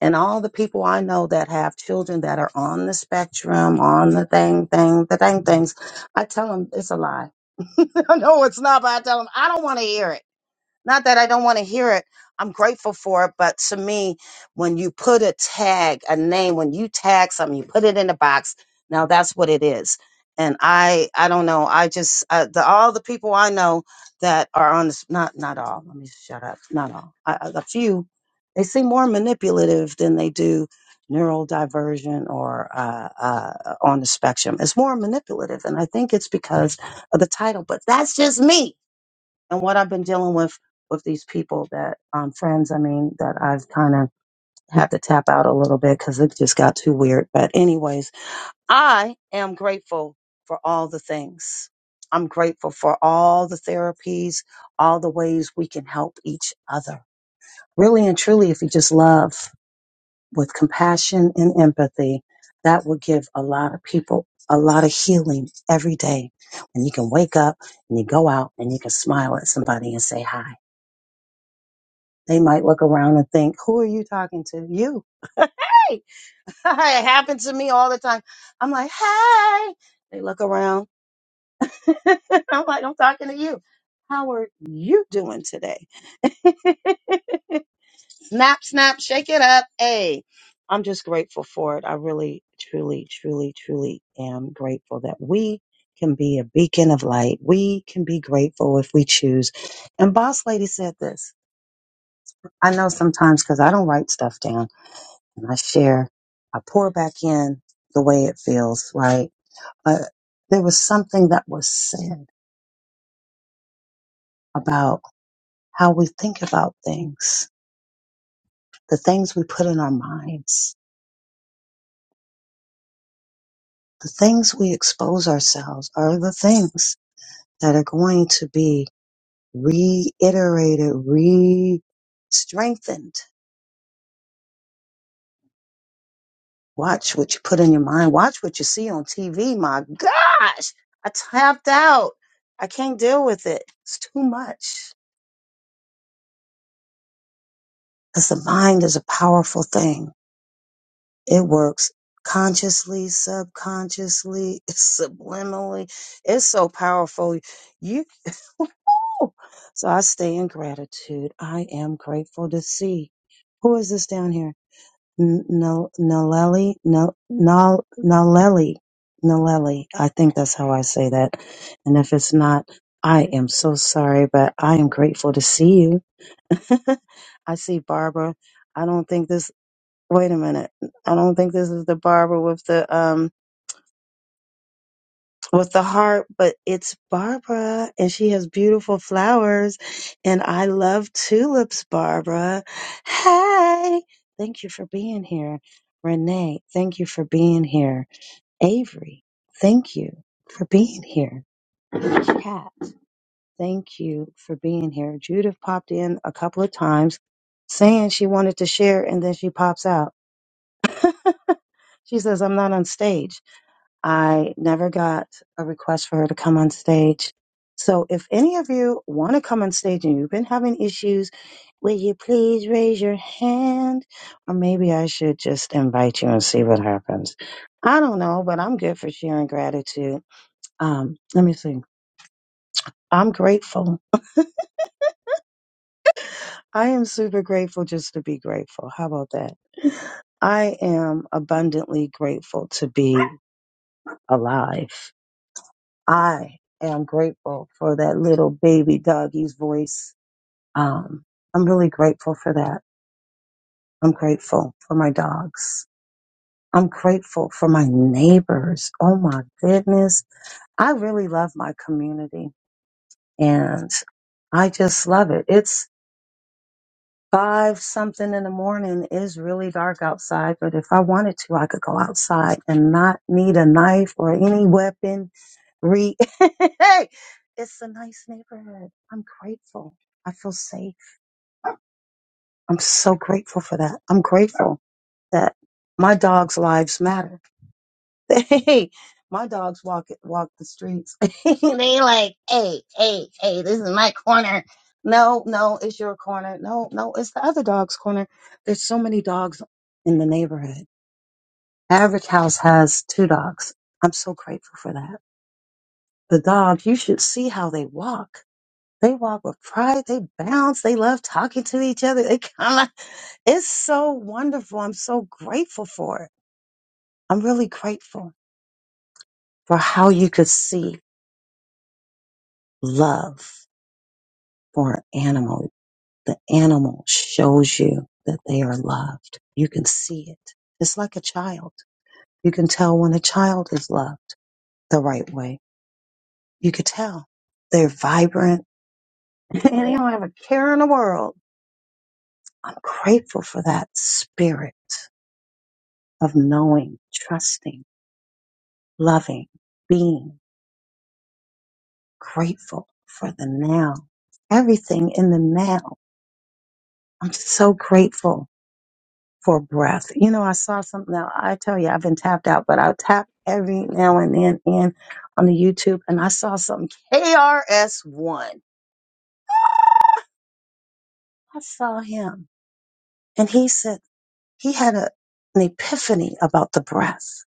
Speaker 10: and all the people I know that have children that are on the spectrum, on the thing, thing, the thing, things, I tell them it's a lie. no, it's not, but I tell them I don't want to hear it. Not that I don't want to hear it. I'm grateful for it. But to me, when you put a tag, a name, when you tag something, you put it in a box. Now that's what it is. And I, I don't know. I just, uh, the, all the people I know that are on this, not, not all, let me shut up. Not all. I, I- a few, they seem more manipulative than they do neural diversion or uh, uh, on the spectrum. It's more manipulative. And I think it's because of the title, but that's just me and what I've been dealing with with these people that um, friends, I mean, that I've kind of had to tap out a little bit because it just got too weird. But anyways, I am grateful for all the things. I'm grateful for all the therapies, all the ways we can help each other. Really and truly, if you just love with compassion and empathy, that will give a lot of people a lot of healing every day. And you can wake up and you go out and you can smile at somebody and say hi They might look around and think, who are you talking to? You. Hey, it happens to me all the time. I'm like, hey, they look around. I'm like, I'm talking to you. How are you doing today? snap, snap, shake it up. Hey, I'm just grateful for it. I really, truly, truly, truly am grateful that we can be a beacon of light. We can be grateful if we choose. And Boss Lady said this. I know sometimes because I don't write stuff down. and I share, I pour back in the way it feels, right? But there was something that was said about how we think about things, the things we put in our minds, the things we expose ourselves are the things that are going to be reiterated, re strengthened. Watch what you put in your mind. Watch what you see on TV. My gosh, I tapped out. I can't deal with it. It's too much Because the mind is a powerful thing. It works consciously, subconsciously, subliminally. It's so powerful. You so I stay in gratitude. I am grateful to see. Who is this down here? N- Nal- Naleli? Nal- Nal- Naleli. Naleli. I think that's how I say that. And if it's not, I am so sorry, but I am grateful to see you. I see Barbara. I don't think this wait a minute. I don't think this is the Barbara with the um with the heart, but it's Barbara and she has beautiful flowers and I love tulips, Barbara. Hey, thank you for being here. Renee, thank you for being here. Avery, thank you for being here. Kat, thank you for being here. Judith popped in a couple of times saying she wanted to share and then she pops out. She says, I'm not on stage. I never got a request for her to come on stage. So if any of you want to come on stage and you've been having issues, will you please raise your hand? Or maybe I should just invite you and see what happens. I don't know, but I'm good for sharing gratitude. Um, let me see. I'm grateful. I am super grateful just to be grateful. How about that? I am abundantly grateful to be alive. I am grateful for that little baby doggy's voice. Um, I'm really grateful for that. I'm grateful for my dogs. I'm grateful for my neighbors. Oh my goodness. I really love my community and I just love it. It's five something in the morning is really dark outside, but if I wanted to, I could go outside and not need a knife or any weapon. Re- hey, it's a nice neighborhood. I'm grateful. I feel safe. I'm so grateful for that. I'm grateful that my dog's lives matter. Hey, my dogs walk walk the streets. They like, hey, hey, hey, this is my corner. No, no, it's your corner. No, no, it's the other dog's corner. There's so many dogs in the neighborhood. Average house has two dogs. I'm so grateful for that. The dogs, you should see how they walk. They walk with pride. They bounce. They love talking to each other. They kind of, it's so wonderful. I'm so grateful for it. I'm really grateful for how you could see. love for an animal. The animal shows you that they are loved. You can see it. It's like a child. You can tell when a child is loved the right way. You could tell they're vibrant and they don't have a care in the world. I'm grateful for that spirit of knowing, trusting, loving, being grateful for the now. Everything in the now. I'm so grateful for breath. You know, I saw something now. I tell you, I've been tapped out, but I'll tap every now and then in on the YouTube and I saw something KRS1. I saw him and he said he had a, an epiphany about the breath.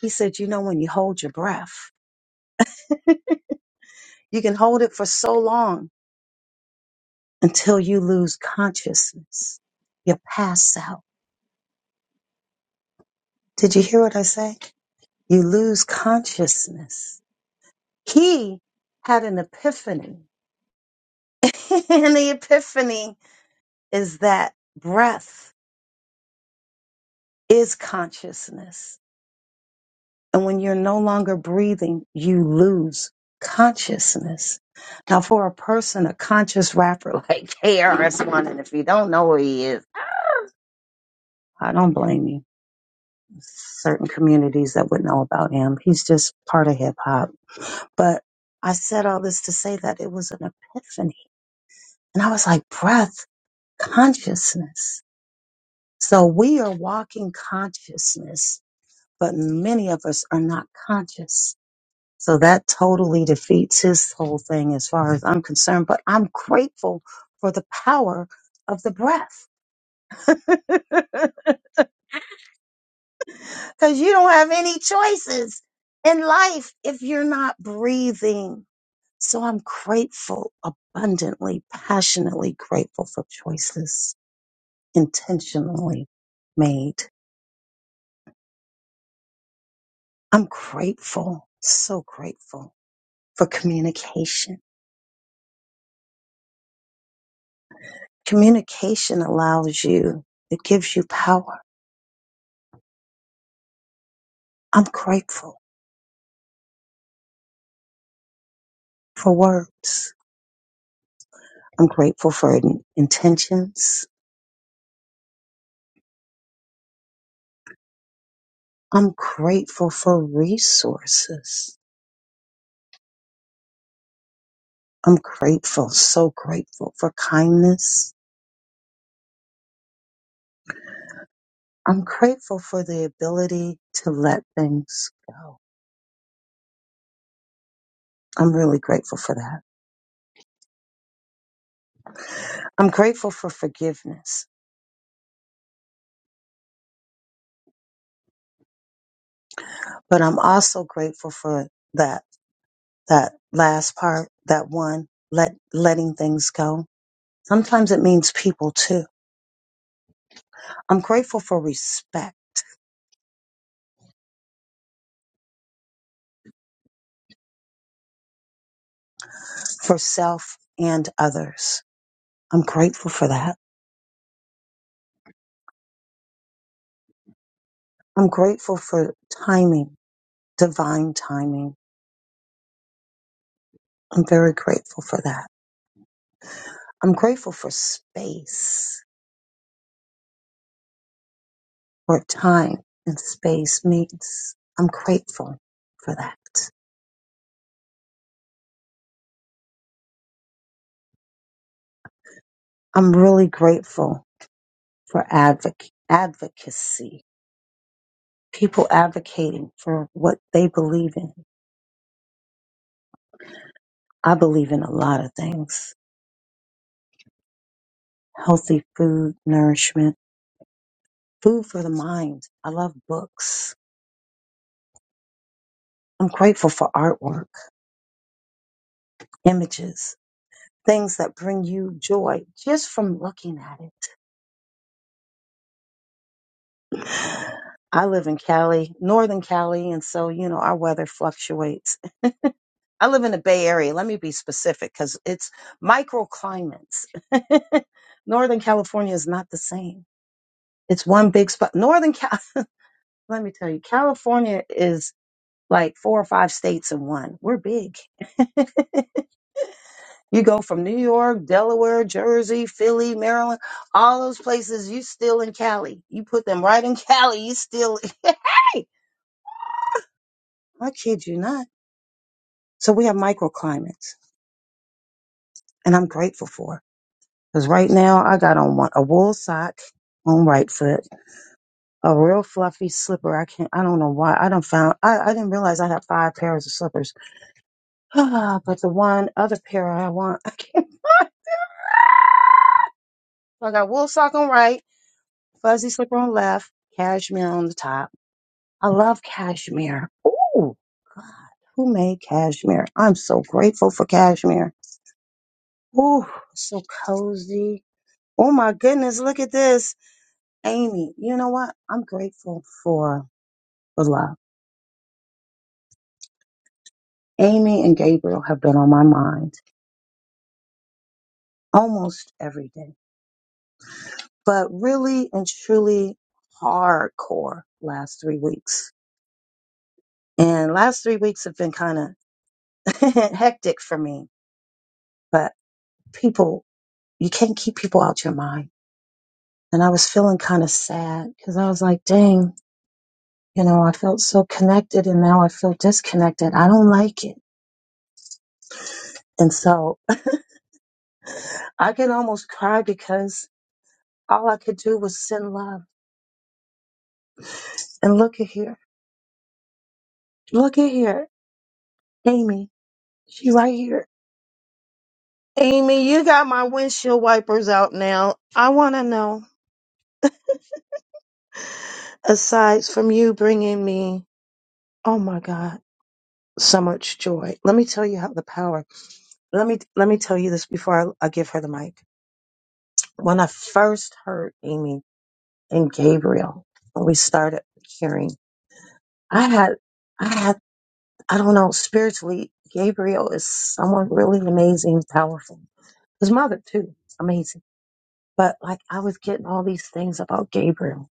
Speaker 10: He said, you know, when you hold your breath, you can hold it for so long until you lose consciousness. You pass out. Did you hear what I say? You lose consciousness. He had an epiphany and the epiphany is that breath is consciousness. And when you're no longer breathing, you lose consciousness. Now, for a person, a conscious rapper like KRS1, and if you don't know who he is, I don't blame you. Certain communities that would know about him, he's just part of hip hop. But I said all this to say that it was an epiphany. And I was like, breath, consciousness. So we are walking consciousness but many of us are not conscious. So that totally defeats his whole thing as far as I'm concerned. But I'm grateful for the power of the breath because you don't have any choices in life if you're not breathing. So I'm grateful, abundantly, passionately grateful for choices intentionally made. I'm grateful, so grateful for communication Communication allows you, it gives you power. I'm grateful for words. I'm grateful for in- intentions. I'm grateful for resources. I'm grateful, so grateful for kindness. I'm grateful for the ability to let things go. I'm really grateful for that. I'm grateful for forgiveness, but I'm also grateful for that, that last part, that one, let, letting things go. Sometimes it means people too. I'm grateful for respect for self and others. I'm grateful for that. I'm grateful for timing, divine timing. I'm very grateful for that. I'm grateful for space, where time and space meets. I'm grateful for that. I'm really grateful for advoc- advocacy, people advocating for what they believe in. I believe in a lot of things. healthy food, nourishment, food for the mind. I love books. I'm grateful for artwork, images, things that bring you joy just from looking at it. I live in Cali, Northern Cali, and so, you know, our weather fluctuates. I live in the Bay Area. Let me be specific because it's microclimates. Northern California is not the same. It's one big spot. Northern Cal, let me tell you, California is like four or five states in one. We're big. you go from New York, Delaware, Jersey, Philly, Maryland, all those places, you still in Cali. You put them right in Cali, you still hey, I kid you not. So we have microclimates and I'm grateful for. Because right now I got on one a wool sock on right foot, a real fluffy slipper. I can't I don't know why. I don't found I, I didn't realize I have five pairs of slippers. but the one other pair I want, I can't So I got wool sock on right, fuzzy slipper on left, cashmere on the top. I love cashmere. Ooh, God, who made cashmere? I'm so grateful for cashmere. Ooh, so cozy. Oh my goodness, look at this. Amy, you know what? I'm grateful for the love. Amy and Gabriel have been on my mind almost every day, but really and truly hardcore last three weeks. And last three weeks have been kind of hectic for me. But people, you can't keep people out your mind. And I was feeling kind of sad because I was like, dang, you know, I felt so connected and now I feel disconnected. I don't like it. And so I could almost cry because all I could do was send love. And look at here. Look at here. Amy, she right here. Amy, you got my windshield wipers out now. I want to know, aside from you bringing me, oh my God. so much joy. Let me tell you how the power. Let me let me tell you this before I, I give her the mic. When I first heard Amy and Gabriel, when we started hearing, I had I had I don't know spiritually. Gabriel is someone really amazing, powerful. His mother too, amazing. But like I was getting all these things about Gabriel,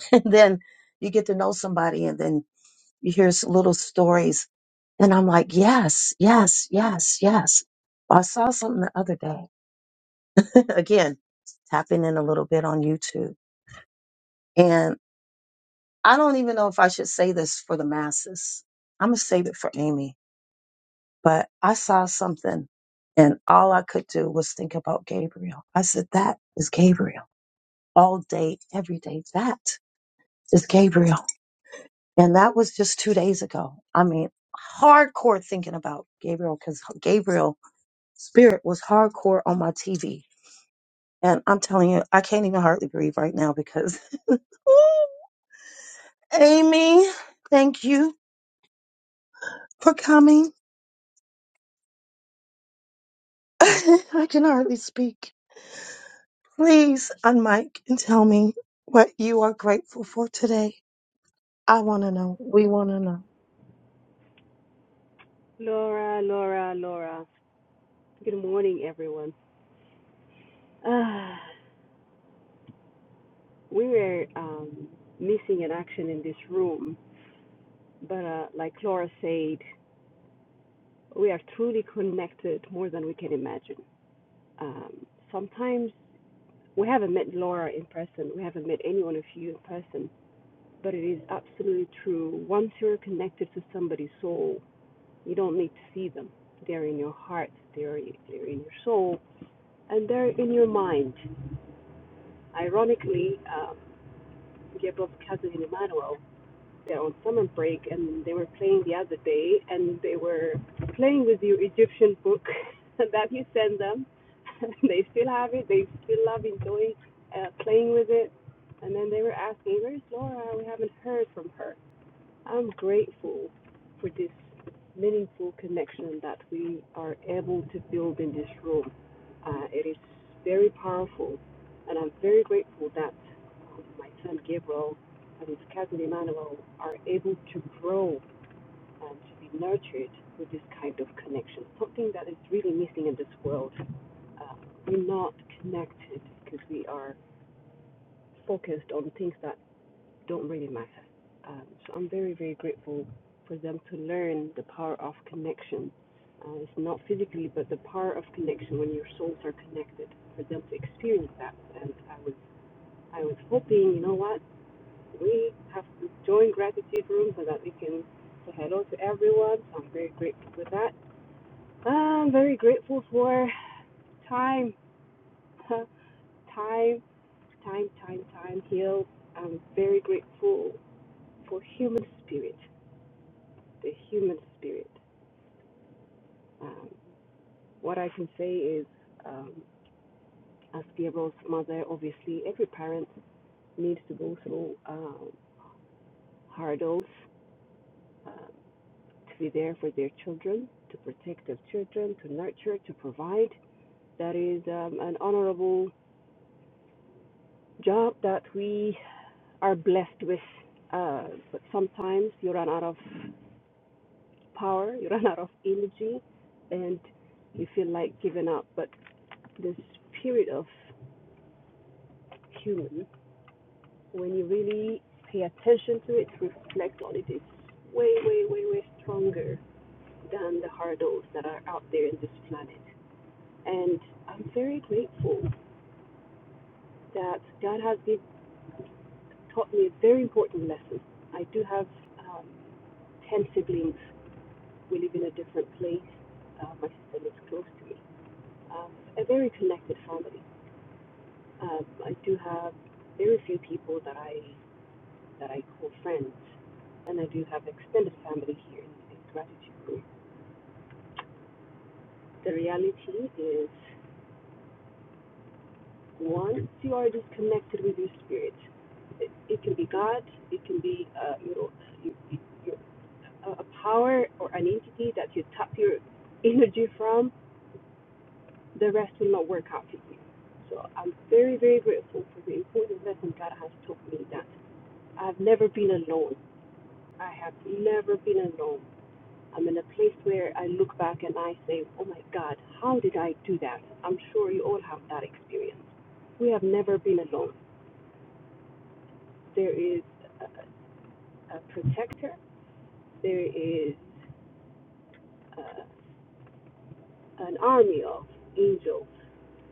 Speaker 10: and then you get to know somebody, and then you hear s- little stories. And I'm like, yes, yes, yes, yes. I saw something the other day. Again, tapping in a little bit on YouTube. And I don't even know if I should say this for the masses. I'm going to save it for Amy. But I saw something and all I could do was think about Gabriel. I said, that is Gabriel all day, every day. That is Gabriel. And that was just two days ago. I mean, hardcore thinking about Gabriel because Gabriel Spirit was hardcore on my TV. And I'm telling you, I can't even hardly breathe right now because, Amy, thank you for coming. I can hardly speak. Please unmic and tell me what you are grateful for today. I want to know. We want to know.
Speaker 16: Laura, Laura, Laura. Good morning, everyone. Uh, we were um, missing an action in this room, but uh, like Laura said, we are truly connected more than we can imagine. Um, sometimes we haven't met Laura in person, we haven't met any one of you in person, but it is absolutely true. Once you're connected to somebody's soul, you don't need to see them. They're in your heart, they're, they're in your soul, and they're in your mind. Ironically, um, Gabriel's cousin Emmanuel. They're on summer break and they were playing the other day and they were playing with your Egyptian book that you sent them. they still have it. They still love enjoying uh, playing with it. And then they were asking, "Where's Laura? We haven't heard from her." I'm grateful for this meaningful connection that we are able to build in this room. Uh, it is very powerful, and I'm very grateful that um, my son Gabriel and his cousin Emmanuel are able to grow and to be nurtured with this kind of connection, something that is really missing in this world. Uh, we're not connected because we are focused on things that don't really matter. Um, so I'm very, very grateful for them to learn the power of connection. Uh, it's not physically, but the power of connection when your souls are connected. For them to experience that, and I was, I was hoping, you know what, we have to join gratitude room so that we can say hello to everyone. So I'm very grateful for that. I'm very grateful for time, time, time, time, time heals. I'm very grateful for human spirit. the human spirit. Um, what I can say is, um, as Gabriel's mother, obviously every parent needs to go through um, hurdles uh, to be there for their children, to protect their children, to nurture, to provide. That is um, an honorable job that we are blessed with. Uh, but sometimes you run out of power, you run out of energy, and you feel like giving up. But this spirit of human when you really pay attention to it, reflect on it, it's way, way, way, way stronger than the hurdles that are out there in this planet. And I'm very grateful that God has been taught me a very important lesson. I do have um, 10 siblings. We live in a different place. Uh, my sister lives close to me. Um, a very connected family. Um, I do have very few people that I that I call friends, and I do have extended family here in the gratitude group. The reality is, once you are disconnected with your spirit, it, it can be God, it can be uh, you know, you, you, you- a a power or an entity that you tap your energy from. The rest will not work out for you. So I'm very, very grateful for the important lesson God has taught me that I've never been alone. I have never been alone. I'm in a place where I look back and I say, oh my God, how did I do that? I'm sure you all have that experience. We have never been alone. There is a, a protector, there is uh an army of angels.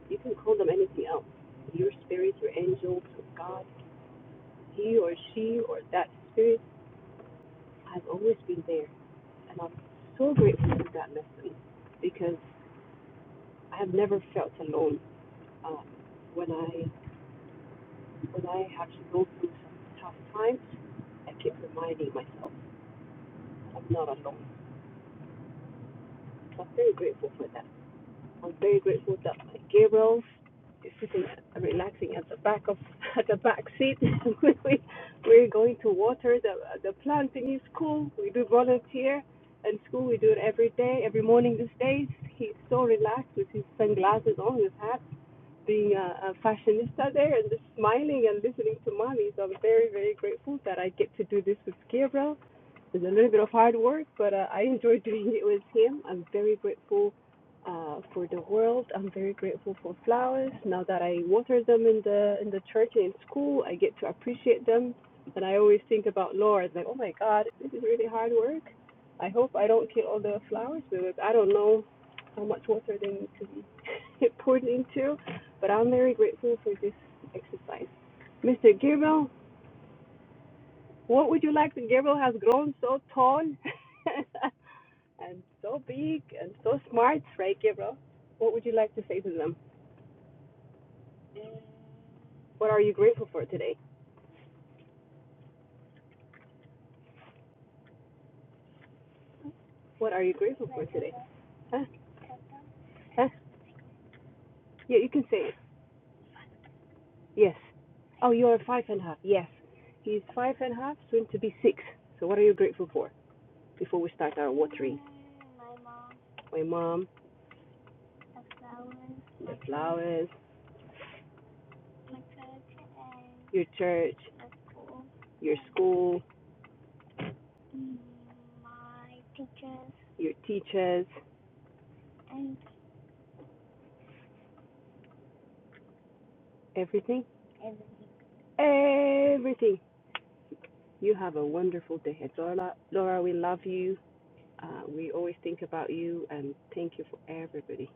Speaker 16: You can call them anything else your spirit, your angel, God. He or she or that spirit has always been there. And I'm so grateful for that lesson because I have never felt alone uh, when I when I have to go through some tough times, I keep reminding myself I'm not alone. So I'm very grateful for that. I'm very grateful that my Gabriel is sitting and relaxing at the back of at the back seat. we we're going to water the the plant in his school. We do volunteer in school. We do it every day, every morning. These days, he's so relaxed with his sunglasses on, his hat being a, a fashionista there and just smiling and listening to mommy. So I'm very, very grateful that I get to do this with Gabriel it's a little bit of hard work, but uh, I enjoy doing it with him. I'm very grateful uh, for the world. I'm very grateful for flowers. Now that I water them in the in the church and in school, I get to appreciate them. And I always think about Lord, like, oh my God, this is really hard work. I hope I don't kill all the flowers because I don't know how much water they need to be poured into. But I'm very grateful for this exercise. Mr. Gabriel, what would you like? to Gabriel has grown so tall and so big and so smart, right, Gabriel? What would you like to say to them? What are you grateful for today? What are you grateful for today? Huh? Huh? Yeah, you can say it. Yes. Oh, you are five and a half. Yes. He's five and a half, soon to be six. So, what are you grateful for before we start our watering? My mom, the flowers, your church, your school, your teachers, everything. everything. You have a wonderful day. And Laura, Laura, we love you. Uh, we always think about you and thank you for everybody.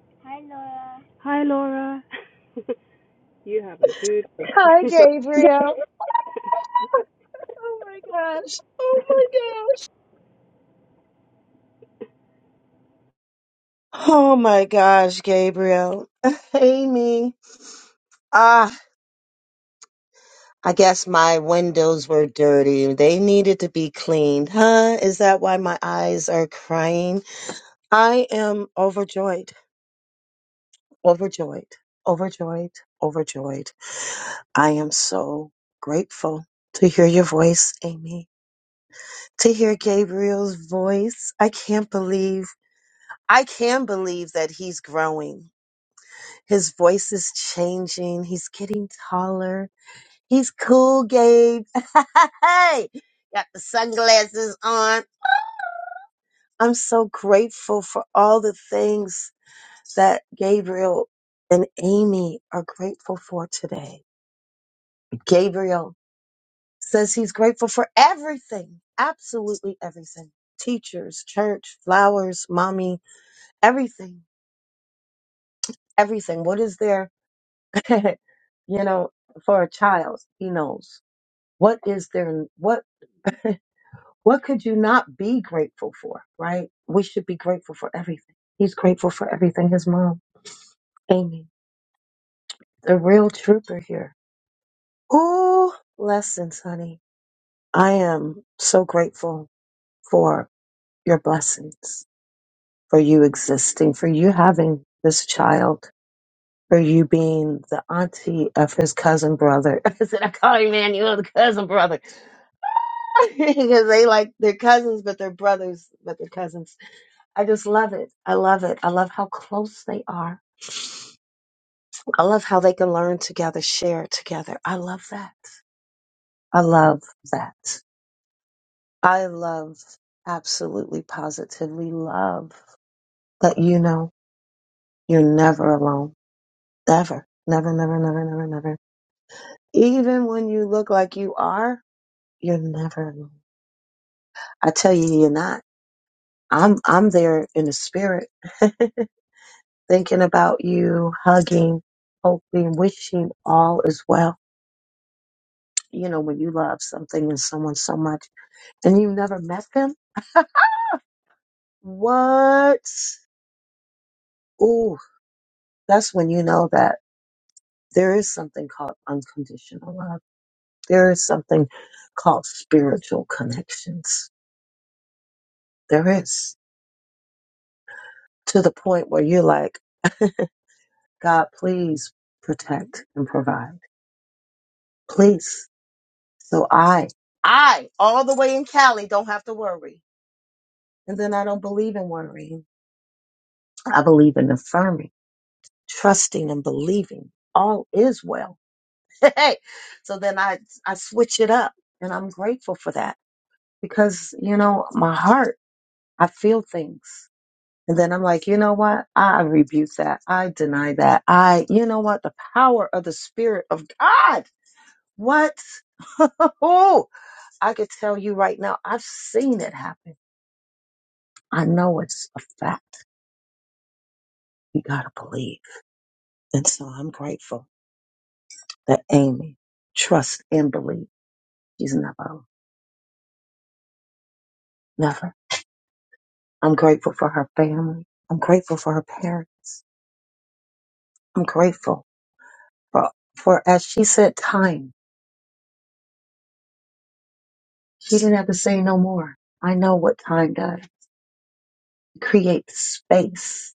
Speaker 16: Hi, Laura. you have a good
Speaker 10: Hi,
Speaker 16: day.
Speaker 10: Gabriel. Oh my gosh. Oh my gosh. Oh my gosh, Gabriel. Amy. ah. I guess my windows were dirty. They needed to be cleaned. Huh? Is that why my eyes are crying? I am overjoyed, overjoyed, overjoyed, overjoyed. I am so grateful to hear your voice, Amy, to hear Gabriel's voice. I can't believe, I can believe that he's growing. His voice is changing. He's getting taller. He's cool, Gabe. hey, got the sunglasses on. I'm so grateful for all the things that Gabriel and Amy are grateful for today. Gabriel says he's grateful for everything, absolutely everything. Teachers, church, flowers, mommy, everything, everything. What is there, you know, for a child? He knows. What is there? What What could you not be grateful for, right? We should be grateful for everything. He's grateful for everything his mom, Amy, the real trooper here. Ooh, blessings, honey. I am so grateful for your blessings, for you existing, for you having this child, for you being the auntie of his cousin brother. I said, I call him Manuel, the cousin brother. because they like, they're cousins, but they're brothers, but they're cousins I just love it. I love it. I love how close they are. I love how they can learn together, share together. I love that. I love that. I love, absolutely positively love that you know you're never alone. Ever. Never, never, never, never, never. Even when you look like you are, you're never alone. I tell you, you're not. I'm, I'm there in the spirit, thinking about you, hugging, hoping, wishing all is well You know, when you love something and someone so much and you never met them, what? Ooh, that's when you know that there is something called unconditional love. There is something called spiritual connections. There is to the point where you're like, God, please protect and provide. Please. So I, I, all the way in Cali, don't have to worry. And then I don't believe in worrying. I believe in affirming. trusting and believing all is well. Hey, so then I I switch it up, and I'm grateful for that because you know my heart I feel things, and then I'm like, you know what? I rebuke that. I deny that. I you know what? The power of the Spirit of God. What? oh, I could tell you right now. I've seen it happen. I know it's a fact. You gotta believe, and so I'm grateful that Amy trusts and believes. She's not alone. Never. I'm grateful for her family. I'm grateful for her parents. I'm grateful for, for as she said, time. She didn't have to say no more. I know what time does. It creates space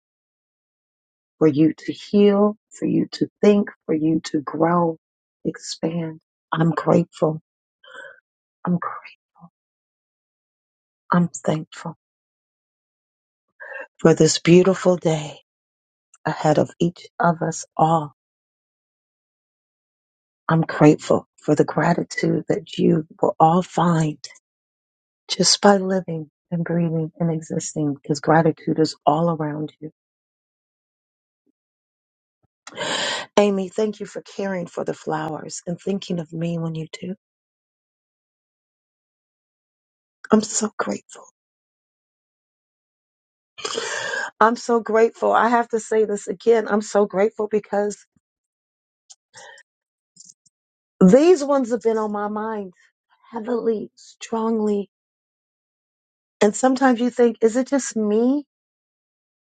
Speaker 10: for you to heal, for you to think, for you to grow, expand. I'm grateful. I'm grateful. I'm thankful for this beautiful day ahead of each of us all. I'm grateful for the gratitude that you will all find just by living and breathing and existing because gratitude is all around you. Amy, thank you for caring for the flowers and thinking of me when you do. I'm so grateful. I'm so grateful. I have to say this again. I'm so grateful because these ones have been on my mind heavily, strongly. And sometimes you think, is it just me?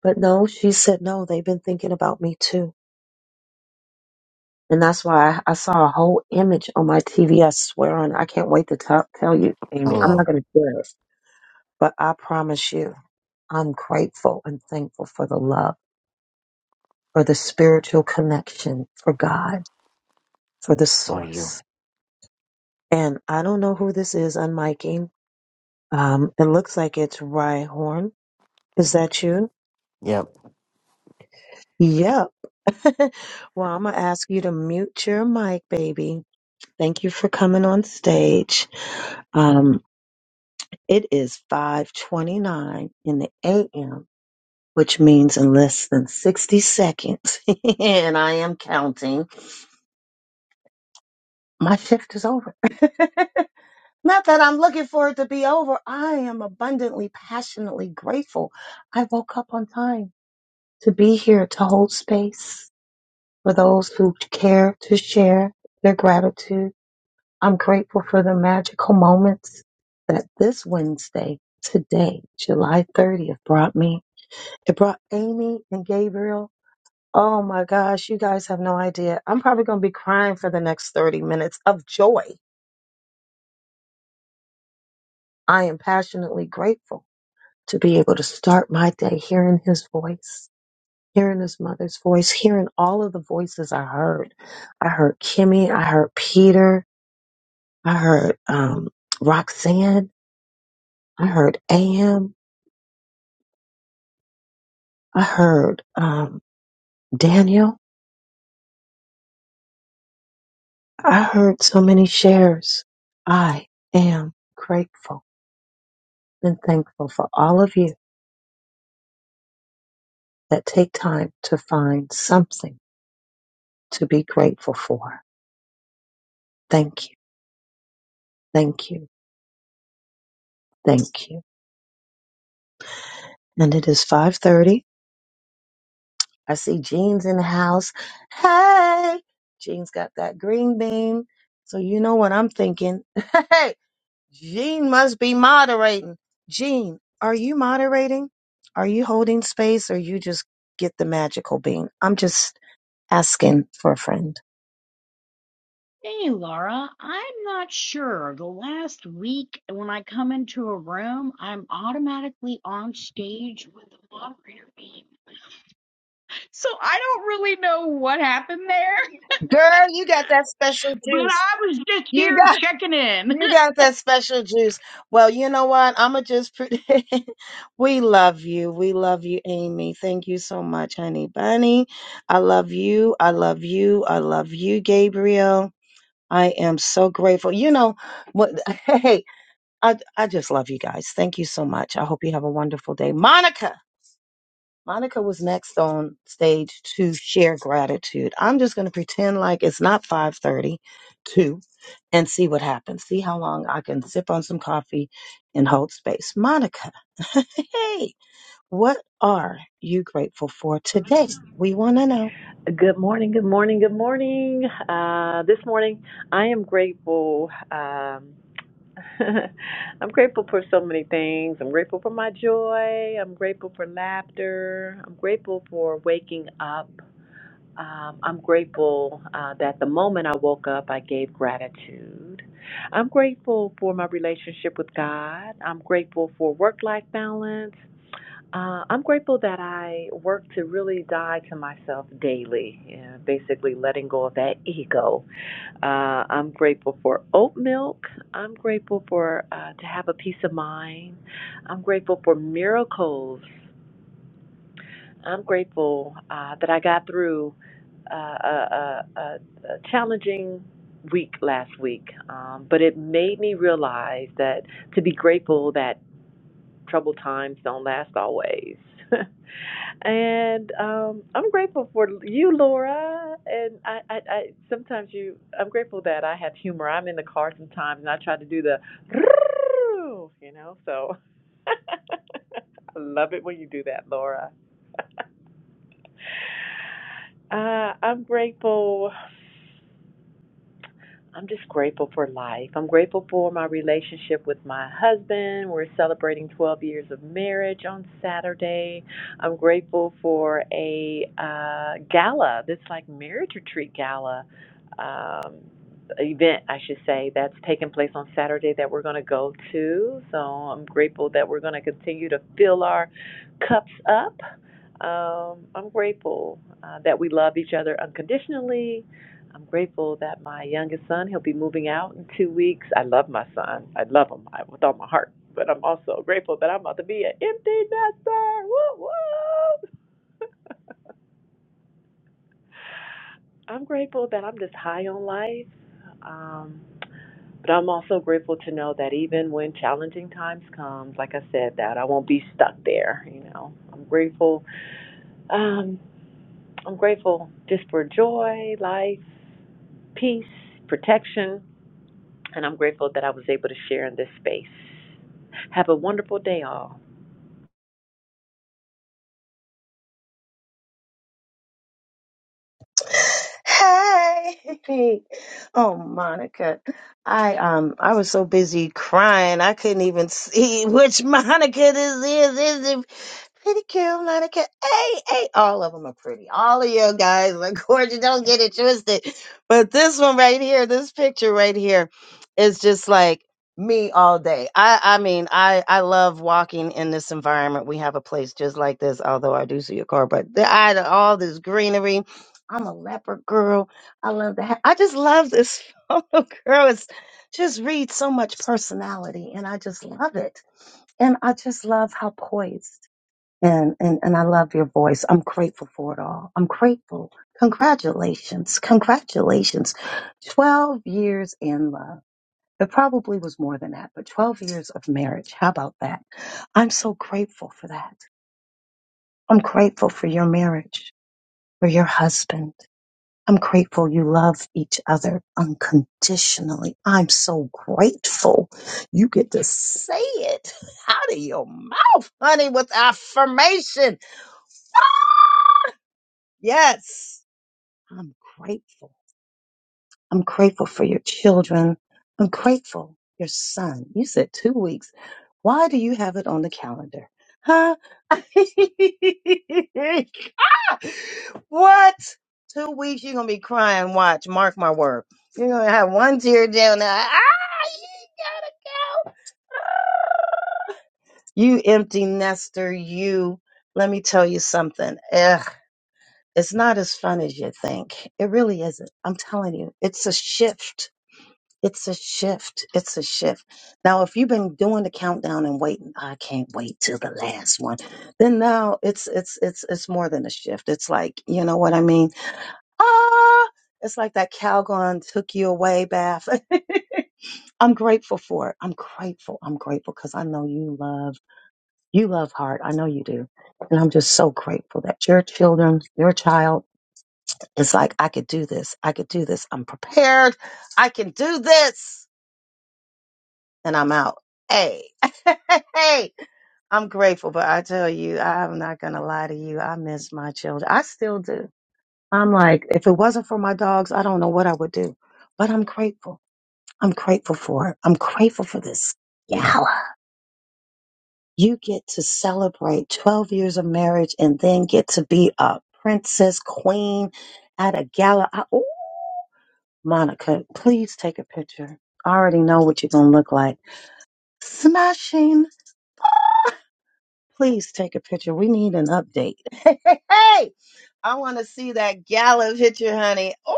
Speaker 10: But no, she said, no, they've been thinking about me too. And that's why I, I saw a whole image on my TV. I swear on, I can't wait to tell tell you, Amy. I'm
Speaker 17: Hello,
Speaker 10: not going to share it, but I promise you, I'm grateful and thankful for the love, for the spiritual connection, for God, for the
Speaker 17: how are you?
Speaker 10: source. And I don't know who this is. I'm miking. Um, it looks like it's Rye Horn. Is that you?
Speaker 17: Yep,
Speaker 10: Yep. well, I'm gonna ask you to mute your mic, baby. Thank you for coming on stage. Um, It is 5:29 in the AM, which means in less than 60 seconds, and I am counting. My shift is over. Not that I'm looking for it to be over. I am abundantly, passionately grateful. I woke up on time to be here to hold space for those who care to share their gratitude. I'm grateful for the magical moments that this Wednesday, today, July 30th, brought me. It brought Amy and Gabriel. Oh my gosh, you guys have no idea. I'm probably going to be crying for the next 30 minutes of joy. I am passionately grateful to be able to start my day hearing his voice, hearing his mother's voice, hearing all of the voices I heard. I heard Kimmy, I heard Peter, I heard um, Roxanne, I heard Am, I heard um, Daniel. I heard so many shares. I am grateful. and thankful for all of you that take time to find something to be grateful for. Thank you. Thank you. Thank you. And it is 5:30. I see Jean's in the house. Hey, Jean's got that green bean. So you know what I'm thinking. Hey, Jean must be moderating. Jean, are you moderating? Are you holding space or you just get the magical bean? I'm just asking for a friend
Speaker 18: Hey, Laura, I'm not sure. The last week when I come into a room, I'm automatically on stage with the moderator beam. So I don't really know what happened there,
Speaker 10: Girl, you got that special
Speaker 18: but
Speaker 10: juice.
Speaker 18: I was just
Speaker 10: You
Speaker 18: here
Speaker 10: got
Speaker 18: checking in.
Speaker 10: you got that special juice. Well, you know what? I'ma just pre- we love you. We love you, Amy. Thank you so much, honey bunny. I love you. I love you. I love you, Gabriel. I am so grateful. You know what hey, I I just love you guys. Thank you so much. I hope you have a wonderful day. Monica. Monica was next on stage to share gratitude. I'm just going to pretend like it's not 5:32 and see what happens. See how long I can sip on some coffee and hold space. Monica, hey, what are you grateful for today? We want to know.
Speaker 19: Good morning, good morning, good morning. Uh, this morning, I am grateful. Um, I'm grateful for so many things. I'm grateful for my joy. I'm grateful for laughter. I'm grateful for waking up. Um, I'm grateful uh, that the moment I woke up, I gave gratitude. I'm grateful for my relationship with God. I'm grateful for work life balance. Uh, I'm grateful that I work to really die to myself daily, yeah, basically letting go of that ego. Uh, I'm grateful for oat milk. I'm grateful for uh, to have a peace of mind. I'm grateful for miracles. I'm grateful uh, that I got through uh, a, a, a, a challenging week last week, um, but it made me realize that to be grateful that troubled times don't last always. and um, I'm grateful for you, Laura. And I, I, I sometimes you, I'm grateful that I have humor. I'm in the car sometimes, and I try to do the, you know. So I love it when you do that, Laura. uh, I'm grateful. I'm just grateful for life. I'm grateful for my relationship with my husband. We're celebrating 12 years of marriage on Saturday. I'm grateful for a uh, gala, this like marriage retreat gala um, event, I should say, that's taking place on Saturday that we're going to go to. So I'm grateful that we're going to continue to fill our cups up. Um, I'm grateful uh, that we love each other unconditionally I'm grateful that my youngest son, he'll be moving out in two weeks. I love my son. I love him I, with all my heart. But I'm also grateful that I'm about to be an empty nester. Woo woo! I'm grateful that I'm just high on life. Um, but I'm also grateful to know that even when challenging times comes, like I said, that I won't be stuck there. You know, I'm grateful. Um, I'm grateful just for joy, life, peace, protection And I'm grateful that I was able to share in this space. Have a wonderful day, all.
Speaker 10: Hey. Oh, Monica. I um I was so busy crying I couldn't even see which Monica this is. This Is it pretty cute, Monica? Hey, hey, all of them are pretty. All of you guys are gorgeous. Don't get it twisted. But this one right here, this picture right here is just like me all day. I I mean, I I love walking in this environment. We have a place just like this, although I do see a car, but the, I all this greenery I'm a leopard girl. I love the. ha- I just love this photo, girl. It's just reads so much personality, and I just love it. And I just love how poised and and and I love your voice. I'm grateful for it all. I'm grateful. Congratulations, congratulations. Twelve years in love. It probably was more than that, but 12 years of marriage. How about that? I'm so grateful for that. I'm grateful for your marriage, for your husband. I'm grateful you love each other unconditionally. I'm so grateful you get to say it out of your mouth, honey, with affirmation. Ah, Yes, I'm grateful. I'm grateful for your children. I'm grateful your son. You said two weeks. Why do you have it on the calendar? Huh? what? Two weeks you're gonna be crying. Watch, mark my word. You're gonna have one tear down there. Ah, you gotta go. You empty nester, you. Let me tell you something. Ugh, it's not as fun as you think. It really isn't. I'm telling you, it's a shift it's a shift. It's a shift. Now, if you've been doing the countdown and waiting, I can't wait till the last one. Then now it's it's it's it's more than a shift. It's like you know what I mean. Ah, it's like that Calgon took you away, Bath. I'm grateful for it. I'm grateful. I'm grateful because I know you love you love heart. I know you do, and I'm just so grateful that your children, your child, is like I could do this. I could do this. I'm prepared. I can do this and I'm out. Hey, hey, I'm grateful, but I tell you, I'm not gonna lie to you. I miss my children. I still do. I'm like, if it wasn't for my dogs, I don't know what I would do. But I'm grateful. I'm grateful for it. I'm grateful for this gala. You get to celebrate 12 years of marriage and then get to be a princess queen at a gala. I, ooh, Monica, please take a picture. I already know what you're gonna look like. Smashing. Please take a picture. We need an update. Hey, hey, hey! I want to see that gala picture, honey. Oh,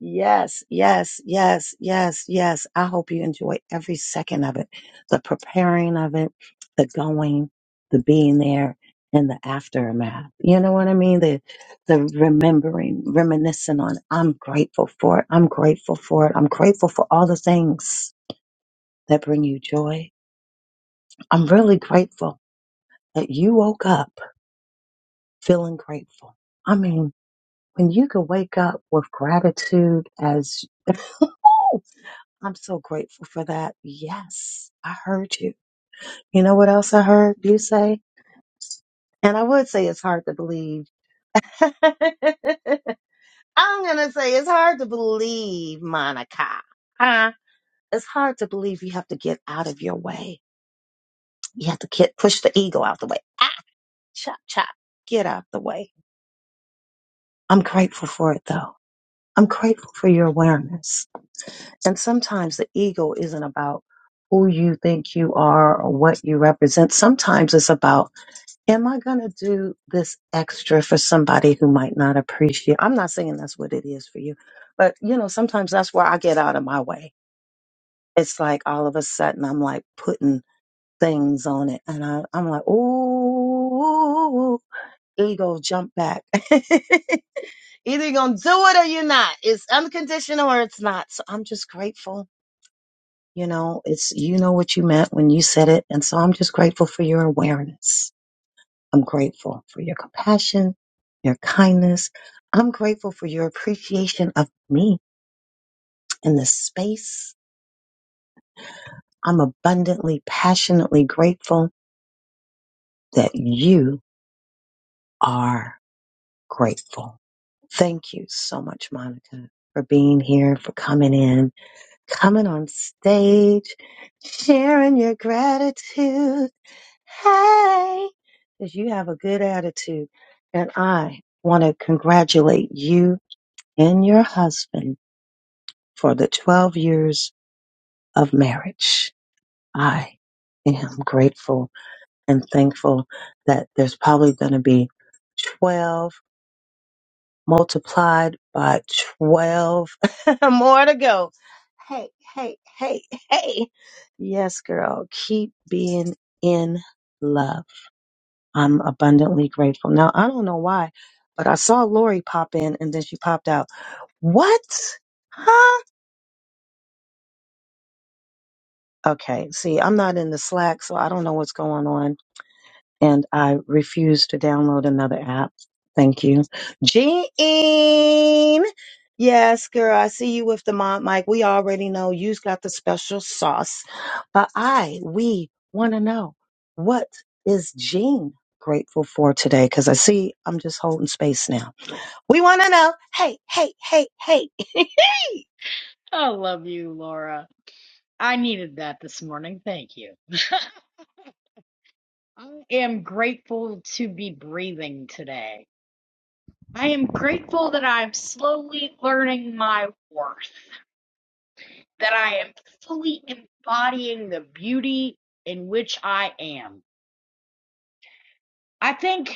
Speaker 10: yes, yes, yes, yes, yes. I hope you enjoy every second of it the preparing of it, the going, the being there, and the aftermath. You know what I mean? The, the remembering, reminiscing on. I'm grateful for it. I'm grateful for it. I'm grateful for all the things that bring you joy. I'm really grateful that you woke up feeling grateful. I mean, when you can wake up with gratitude as I'm so grateful for that. Yes, I heard you. You know what else I heard you say? And I would say it's hard to believe. I'm going to say it's hard to believe, Monica. Huh? It's hard to believe you have to get out of your way. You have to get, push the ego out the way. Ah, chop, chop. Get out the way. I'm grateful for it though. I'm grateful for your awareness. And sometimes the ego isn't about who you think you are or what you represent. Sometimes it's about, am I going to do this extra for somebody who might not appreciate? I'm not saying that's what it is for you, but you know, sometimes that's where I get out of my way. It's like all of a sudden I'm like putting things on it and I, I'm like, ooh, ego, jump back. Either you're going to do it or you're not. It's unconditional or it's not. So I'm just grateful you know, it's you know what you meant when you said it. And so I'm just grateful for your awareness. I'm grateful for your compassion, your kindness. I'm grateful for your appreciation of me in this space. I'm abundantly, passionately grateful that you are grateful. Thank you so much, Monica, for being here, for coming in, coming on stage, sharing your gratitude. Hey, because you have a good attitude. And I want to congratulate you and your husband for the 12 years of marriage. I am grateful and thankful that there's probably going to be 12 multiplied by 12 more to go. Hey, hey, hey, hey. Yes, girl, keep being in love. I'm abundantly grateful. Now, I don't know why, but I saw Lori pop in and then she popped out. What? Huh? Okay. See, I'm not in the Slack, so I don't know what's going on. And I refuse to download another app. Thank you. Jean! Yes, girl, I see you with the mom mic. We already know you've got the special sauce. But I, we want to know what is Jean grateful for today? Because I see I'm just holding space now. We want to know. Hey, hey, hey, hey.
Speaker 18: I love you, Laura. I needed that this morning. Thank you. I am grateful to be breathing today. I am grateful that I'm slowly learning my worth. that I am fully embodying the beauty in which I am. I think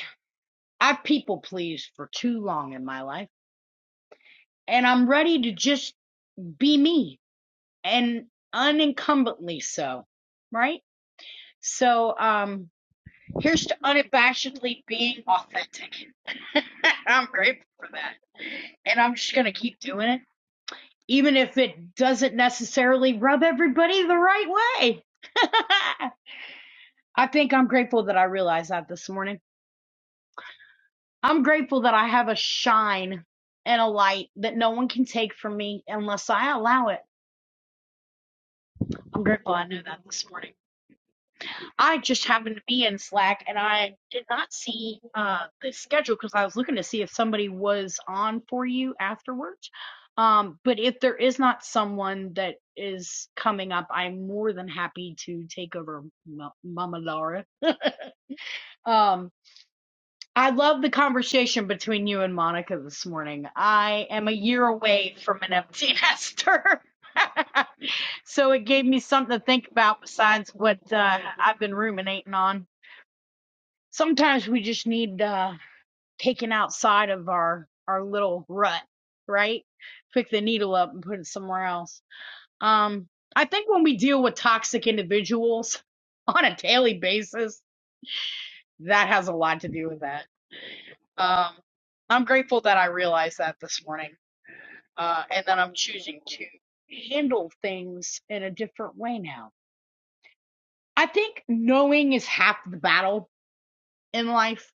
Speaker 18: I've people pleased for too long in my life, and I'm ready to just be me and unincumbently so, right? So, um, here's to unabashedly being authentic. I'm grateful for that. And I'm just going to keep doing it, even if it doesn't necessarily rub everybody the right way. I think I'm grateful that I realized that this morning. I'm grateful that I have a shine and a light that no one can take from me unless I allow it. I'm grateful I knew that this morning. I just happened to be in Slack and I did not see uh, the schedule because I was looking to see if somebody was on for you afterwards. Um, but if there is not someone that is coming up, I'm more than happy to take over M- Mama Laura. Um, I love the conversation between you and Monica this morning. I am a year away from an empty nester. so it gave me something to think about besides what uh, I've been ruminating on. Sometimes we just need uh, taken outside of our, our little rut, right? Pick the needle up and put it somewhere else. Um, I think when we deal with toxic individuals on a daily basis, that has a lot to do with that Um, I'm grateful that I realized that this morning, uh, and that I'm choosing to handle things in a different way now. I think knowing is half the battle in life.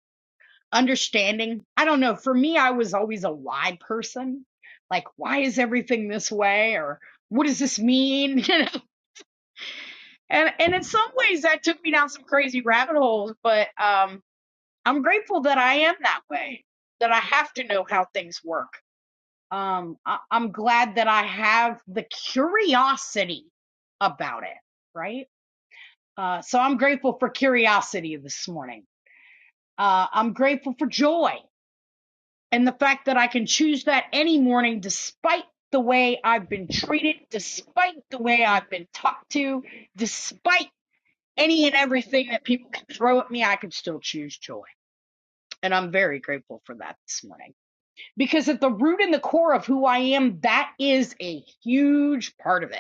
Speaker 18: Understanding, I don't know. For me, I was always a why person. Like, why is everything this way? Or what does this mean? You know? And and in some ways, that took me down some crazy rabbit holes. But um, I'm grateful that I am that way. That I have to know how things work um I, i'm glad that i have the curiosity about it right uh so i'm grateful for curiosity this morning uh i'm grateful for joy and the fact that i can choose that any morning despite the way i've been treated despite the way i've been talked to despite any and everything that people can throw at me i can still choose joy and i'm very grateful for that this morning because at the root and the core of who I am, that is a huge part of it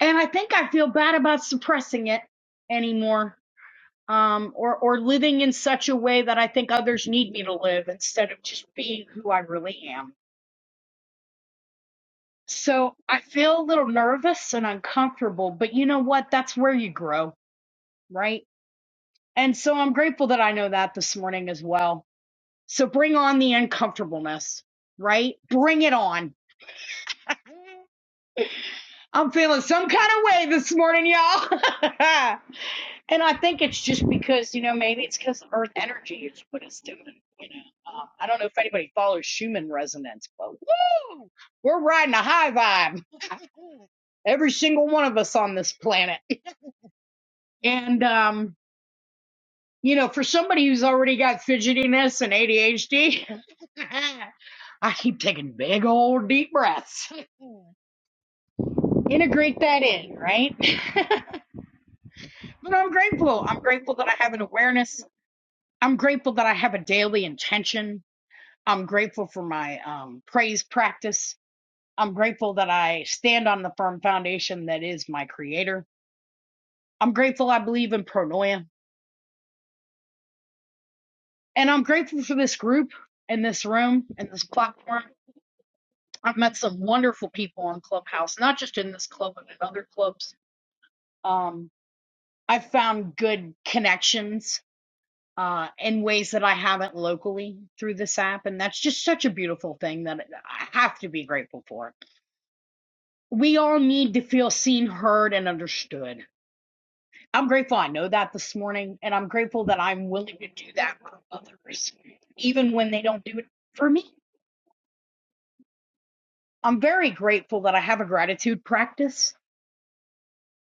Speaker 18: and I think I feel bad about suppressing it anymore, um, or or living in such a way that I think others need me to live instead of just being who I really am. So I feel a little nervous and uncomfortable, but you know what? That's where you grow, right? And so I'm grateful that I know that this morning as well. So bring on the uncomfortableness, right? Bring it on. I'm feeling some kind of way this morning, y'all. And I think it's just because, you know, maybe it's because Earth energy is what it's doing. You know, um, I don't know if anybody follows Schumann resonance, but woo, we're riding a high vibe. Every single one of us on this planet. And, um, you know, for somebody who's already got fidgetiness and ADHD, I keep taking big old deep breaths. Integrate that in, right? but I'm grateful. I'm grateful that I have an awareness. I'm grateful that I have a daily intention. I'm grateful for my um, praise practice. I'm grateful that I stand on the firm foundation that is my creator. I'm grateful I believe in pronoia. And I'm grateful for this group and this room and this platform. I've met some wonderful people on Clubhouse, not just in this club, but in other clubs. Um, I've found good connections uh, in ways that I haven't locally through this app. And that's just such a beautiful thing that I have to be grateful for We all need to feel seen, heard, and understood. I'm grateful I know that this morning, and I'm grateful that I'm willing to do that for others, even when they don't do it for me. I'm very grateful that I have a gratitude practice,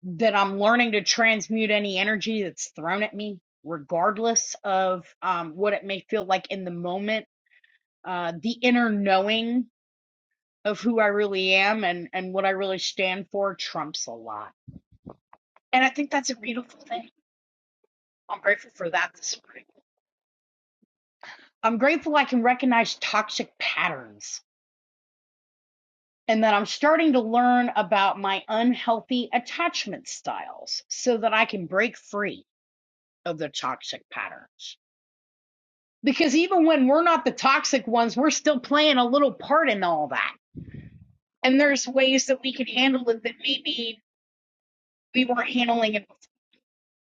Speaker 18: that I'm learning to transmute any energy that's thrown at me, regardless of um, what it may feel like in the moment. Uh, the inner knowing of who I really am and, and what I really stand for trumps a lot. And I think that's a beautiful thing. I'm grateful for that this morning. I'm grateful I can recognize toxic patterns and that I'm starting to learn about my unhealthy attachment styles so that I can break free of the toxic patterns. Because even when we're not the toxic ones, we're still playing a little part in all that. And there's ways that we can handle it that maybe we weren't handling it.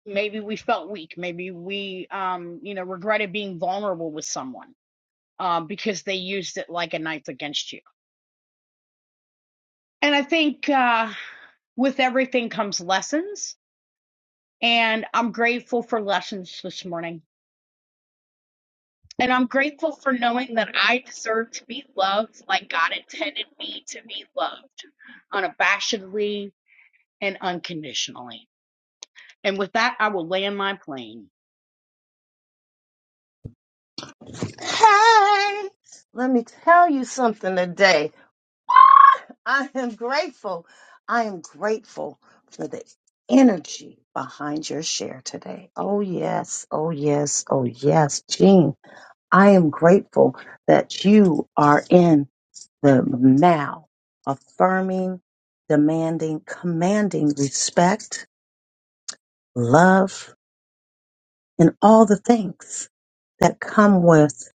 Speaker 18: Maybe we felt weak. Maybe we, um, you know, regretted being vulnerable with someone um, because they used it like a knife against you And I think uh, with everything comes lessons. And I'm grateful for lessons this morning. And I'm grateful for knowing that I deserve to be loved like God intended me to be loved unabashedly and unconditionally. And with that, I will land my plane.
Speaker 10: hey. Let me tell you something today. Ah, I am grateful. I am grateful for the energy behind your share today. Oh, yes. Oh, yes. Oh, yes. Jean, I am grateful that you are in the now, affirming, demanding, commanding respect, love, and all the things that come with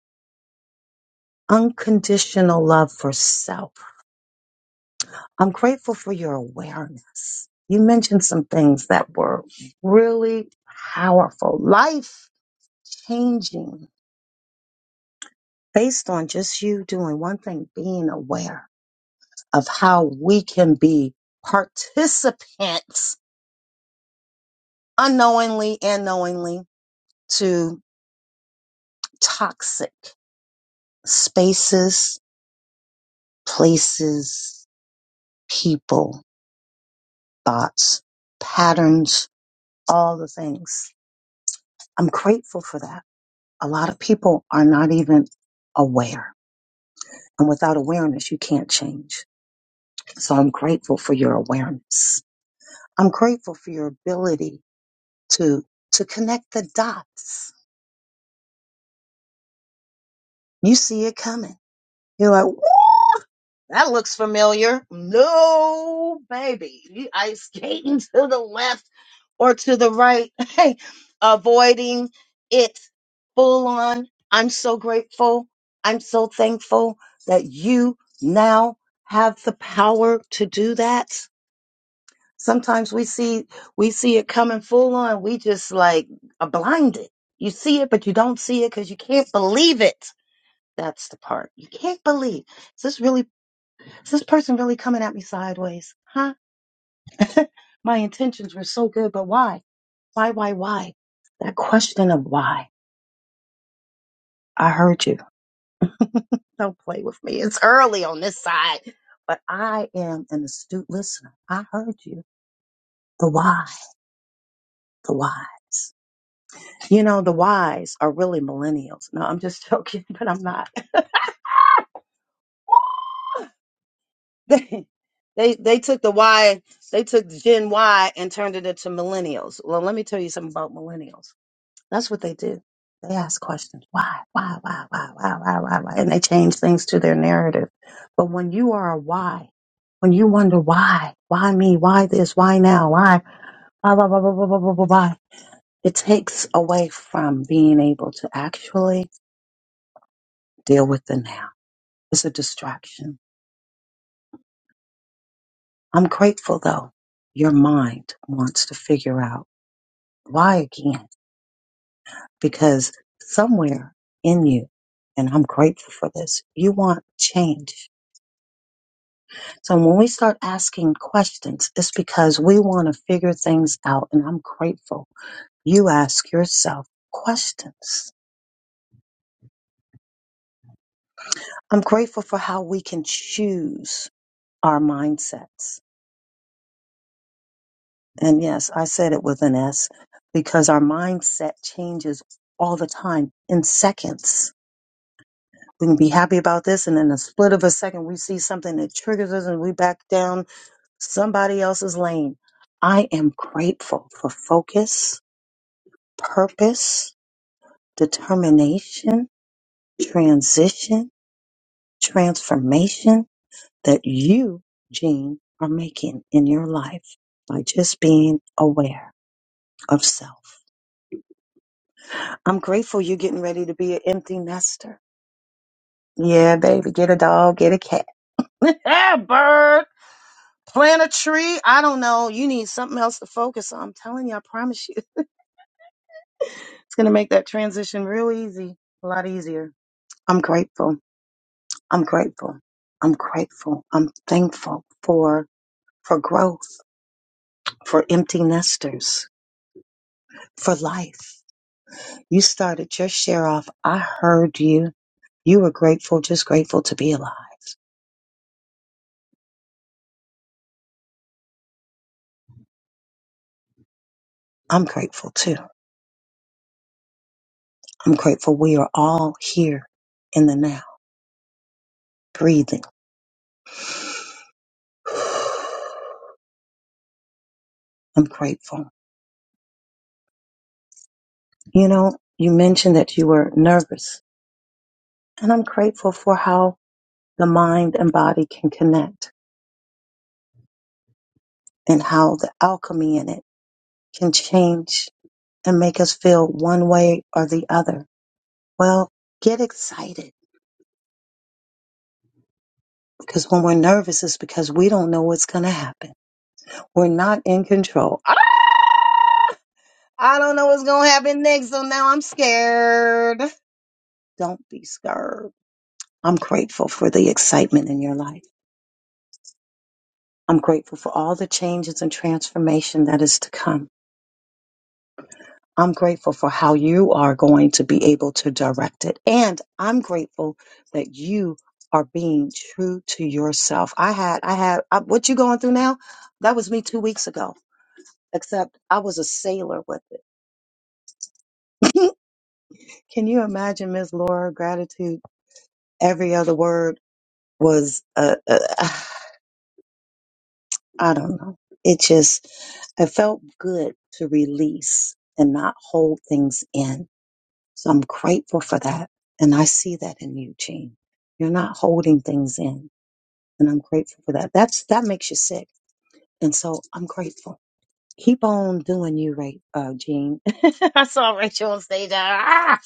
Speaker 10: unconditional love for self. I'm grateful for your awareness. You mentioned some things that were really powerful, life changing, based on just you doing one thing, being aware of how we can be participants unknowingly and knowingly to toxic spaces, places, people thoughts, patterns, all the things. I'm grateful for that. A lot of people are not even aware. And without awareness, you can't change. So I'm grateful for your awareness. I'm grateful for your ability to, to connect the dots. You see it coming. You're like. That looks familiar. No, baby. You ice skating to the left or to the right, avoiding it full on. I'm so grateful. I'm so thankful that you now have the power to do that. Sometimes we see we see it coming full on. We just like are blinded. You see it, but you don't see it because you can't believe it. That's the part you can't believe. Is this really? Is this person really coming at me sideways? Huh? My intentions were so good, but why? Why, why, why? That question of why. I heard you. Don't play with me. It's early on this side, but I am an astute listener. I heard you. The why, the why. You know, the whys are really millennials. No, I'm just joking, but I'm not. they they they took the why, they took Gen Y and turned it into millennials. Well, let me tell you something about millennials. That's what they do. They ask questions. Why? Why? Why? Why? Why? Why? Why? Why? And they change things to their narrative. But when you are a why, when you wonder why, why me? Why this? Why now? Why? Why? Why? Why? Why? Why? Why? Why? why, why? It takes away from being able to actually deal with the now. It's a distraction. I'm grateful though. Your mind wants to figure out why again, because somewhere in you, and I'm grateful for this, you want change So when we start asking questions, it's because we want to figure things out. And I'm grateful you ask yourself questions. I'm grateful for how we can choose our mindsets. And yes, I said it with an S because our mindset changes all the time in seconds. We can be happy about this, and in a split of a second, we see something that triggers us and we back down somebody else's lane. I am grateful for focus, purpose, determination, transition, transformation that you, Gene, are making in your life by just being aware of self. I'm grateful you're getting ready to be an empty nester. Yeah, baby, get a dog, get a cat, a bird, plant a tree. I don't know. You need something else to focus on. I'm telling you, I promise you, it's going to make that transition real easy, a lot easier. I'm grateful. I'm grateful. I'm grateful. I'm thankful for for growth, for empty nesters, for life. You started your share off. I heard you. You were grateful, just grateful to be alive. I'm grateful too. I'm grateful we are all here in the now, breathing. I'm grateful. You know, you mentioned that you were nervous, and I'm grateful for how the mind and body can connect and how the alchemy in it can change and make us feel one way or the other Well, get excited because when we're nervous, it's because we don't know what's going to happen. We're not in control. Ah, I don't know what's going to happen next, so now I'm scared. Don't be scared. I'm grateful for the excitement in your life. I'm grateful for all the changes and transformation that is to come. I'm grateful for how you are going to be able to direct it. And I'm grateful that you are being true to yourself. I had, I had, I, what you going through now? That was me two weeks ago, except I was a sailor with it. Can you imagine, Miss Laura, gratitude? Every other word was, uh, uh, I don't know. It just, it felt good to release and not hold things in So I'm grateful for that. And I see that in you, Gene. You're not holding things in. And I'm grateful for that. That's that makes you sick. And so I'm grateful. Keep on doing you, Ray, uh, Gene. I saw Rachel on stage. Ah!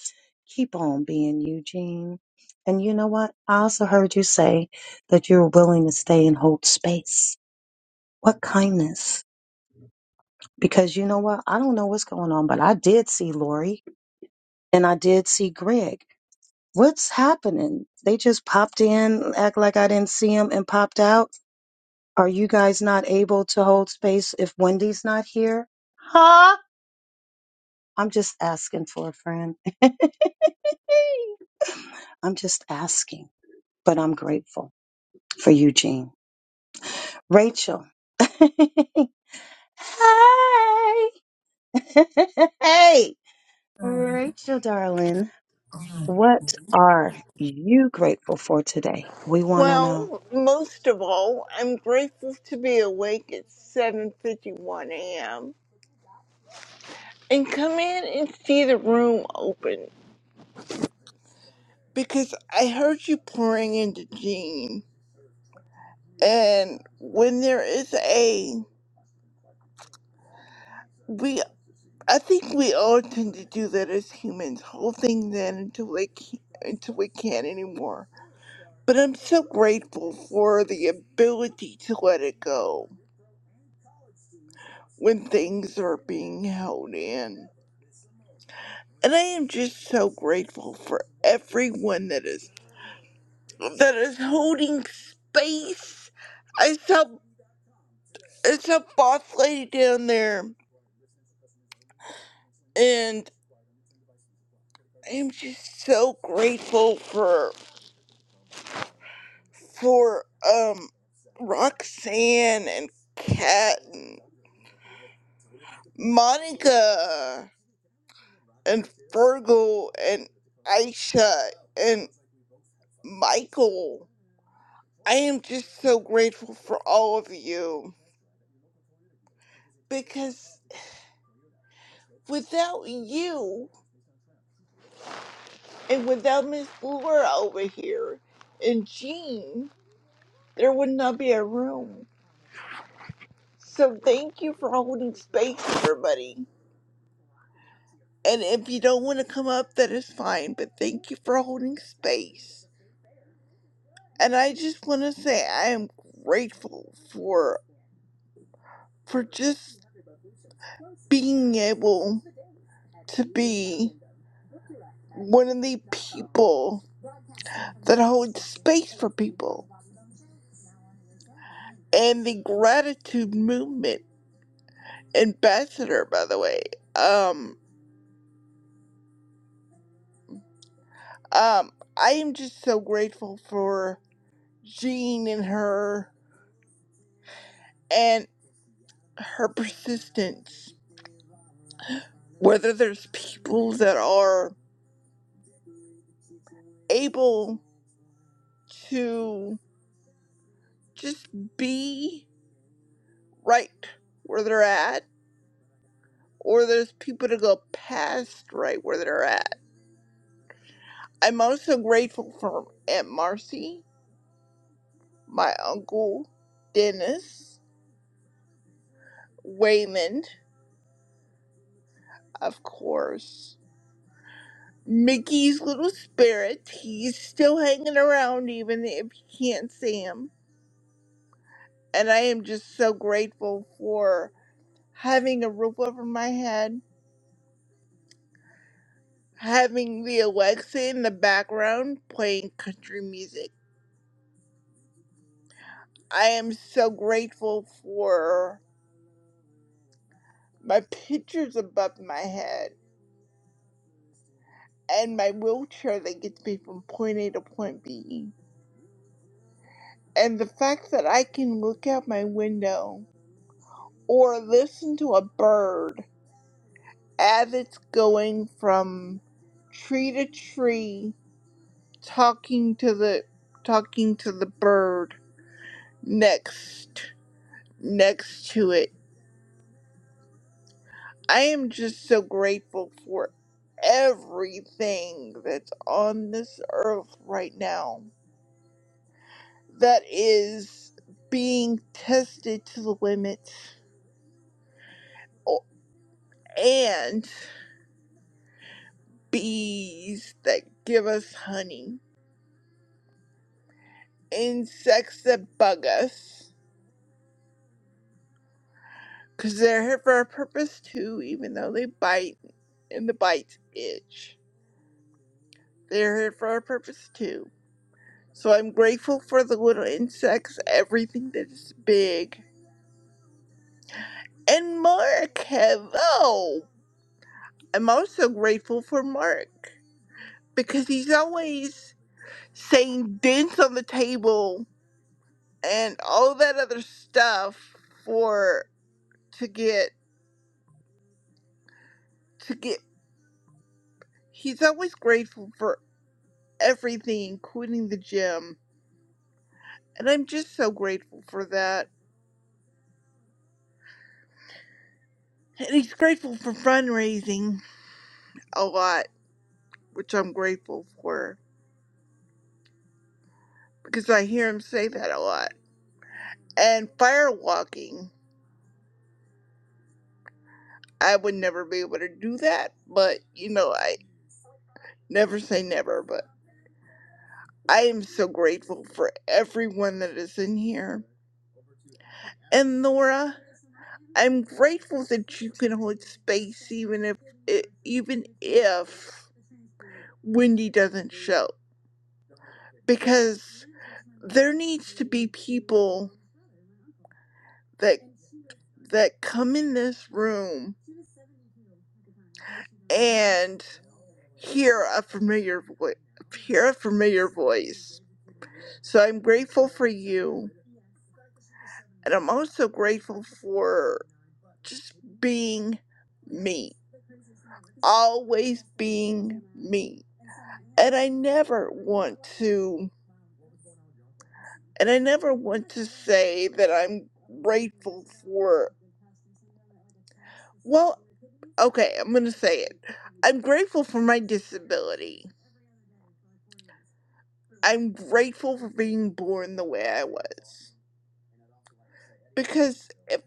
Speaker 10: Keep on being you, Gene. And you know what? I also heard you say that you're willing to stay and hold space. What kindness. Because you know what? I don't know what's going on, but I did see Lori and I did see Greg What's happening? They just popped in, act like I didn't see them, and popped out. Are you guys not able to hold space if Wendy's not here? Huh? I'm just asking for a friend. I'm just asking, but I'm grateful for Eugene. Rachel. hey. hey. Rachel, darling, what are you grateful for today? We want to know.
Speaker 20: Well, most of all, I'm grateful to be awake at 7:51 a.m. and come in and see the room open because I heard you pouring into Jean. And when there is a we, I think we all tend to do that as humans, hold things in until we, can, until we can't anymore. But I'm so grateful for the ability to let it go when things are being held in. And I am just so grateful for everyone that is that is holding space. I saw I saw boss lady down there and I am just so grateful for for um Roxanne and Kat and Monica and Fergal and Aisha and Michael. I am just so grateful for all of you because without you and without Miss Laura over here and Jean, there would not be a room. So thank you for holding space, everybody. And if you don't want to come up, that is fine, but thank you for holding space. And I just want to say I am grateful for for just being able to be one of the people that holds space for people and the gratitude movement ambassador, by the way. Um, um, I am just so grateful for Jean and her and her persistence. Whether there's people that are able to just be right where they're at, or there's people to go past right where they're at. I'm also grateful for Aunt Marcy, my uncle Dennis, Waymond, of course Mickey's little spirit. He's still hanging around even if you can't see him. And I am just so grateful for having a roof over my head, having the Alexa in the background playing country music. I am so grateful for my pictures above my head and my wheelchair that gets me from point A to point B. And the fact that I can look out my window or listen to a bird Abbott's going from tree to tree, talking to the talking to the bird next next to it. I am just so grateful for everything that's on this earth right now that is being tested to the limit o- and bees that give us honey insects that bug us Because they're here for a purpose too, even though they bite and the bites itch. They're here for a purpose too. So I'm grateful for the little insects, everything that is big. And Mark, have oh, I'm also grateful for Mark because he's always saying dents on the table and all that other stuff for to get to get he's always grateful for everything including the gym And I'm just so grateful for that. And he's grateful for fundraising a lot, which I'm grateful for because I hear him say that a lot. And firewalking, I would never be able to do that, but you know, I never say never, but I am so grateful for everyone that is in here. And Laura, I'm grateful that you can hold space even if e, even if Wendy doesn't show because there needs to be people that that come in this room and hear a familiar voice hear a familiar voice so i'm grateful for you and i'm also grateful for just being me always being me and i never want to and i never want to say that i'm grateful for well. Okay, I'm gonna say it. I'm grateful for my disability. I'm grateful for being born the way I was. Because if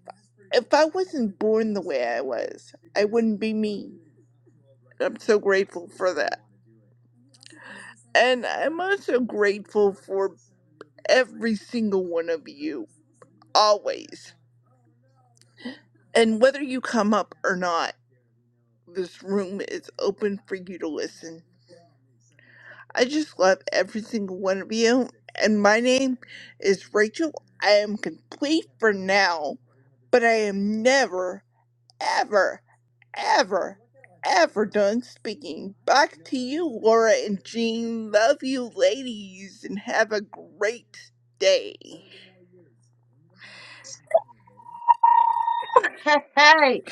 Speaker 20: if I wasn't born the way I was, I wouldn't be me. I'm so grateful for that. And I'm also grateful for every single one of you, always. And whether you come up or not, this room is open for you to listen. I just love every single one of you. And my name is Rachel. I am complete for now, but I am never, ever, ever, ever done speaking. Back to you, Laura and Jean. Love you, ladies, and have a great day.
Speaker 10: Hey,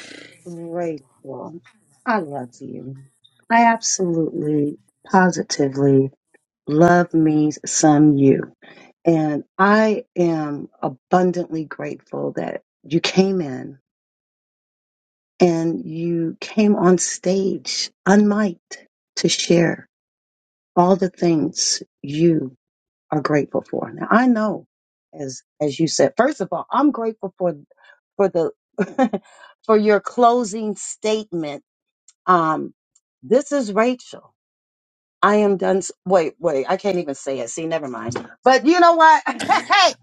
Speaker 10: Rachel, I love you. I absolutely, positively love me some you. And I am abundantly grateful that you came in and you came on stage unmiked to share all the things you are grateful for. Now I know, as as you said, first of all, I'm grateful for for the for your closing statement. Um, this is Rachel. I am done. s- Wait, wait, I can't even say it. See, never mind. But you know what?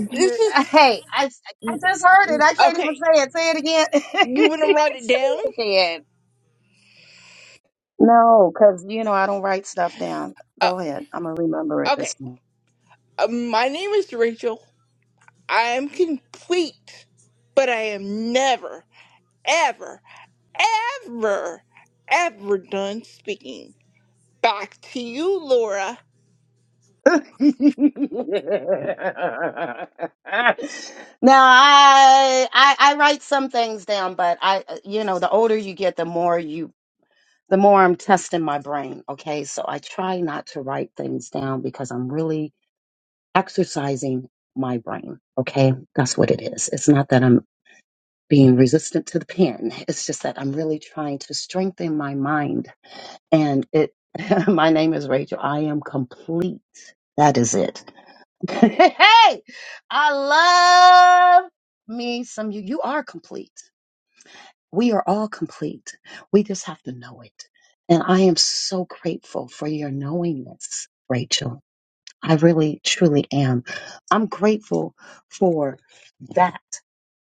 Speaker 10: Hey, you,
Speaker 20: is
Speaker 10: hey, I I just heard it. I can't even
Speaker 20: okay.
Speaker 10: say it. Say it again.
Speaker 20: You want to write it
Speaker 10: say
Speaker 20: down?
Speaker 10: it again. No, because you know I don't write stuff down.
Speaker 20: Uh,
Speaker 10: Go ahead. I'm gonna remember it this
Speaker 20: okay.
Speaker 10: time.
Speaker 20: Uh, my name is Rachel. I am complete, but I am never, ever. ever, ever done speaking. Back to you, Laura.
Speaker 10: now I, I I write some things down, but I uh, you know the older you get, the more you the more I'm testing my brain. Okay, so I try not to write things down because I'm really exercising my brain. Okay, that's what it is. It's not that I'm being resistant to the pen. It's just that I'm really trying to strengthen my mind. And it, my name is Rachel. I am complete. That is it. hey, I love me some you. You are complete. We are all complete. We just have to know it. And I am so grateful for your knowingness, Rachel. I really, truly am. I'm grateful for that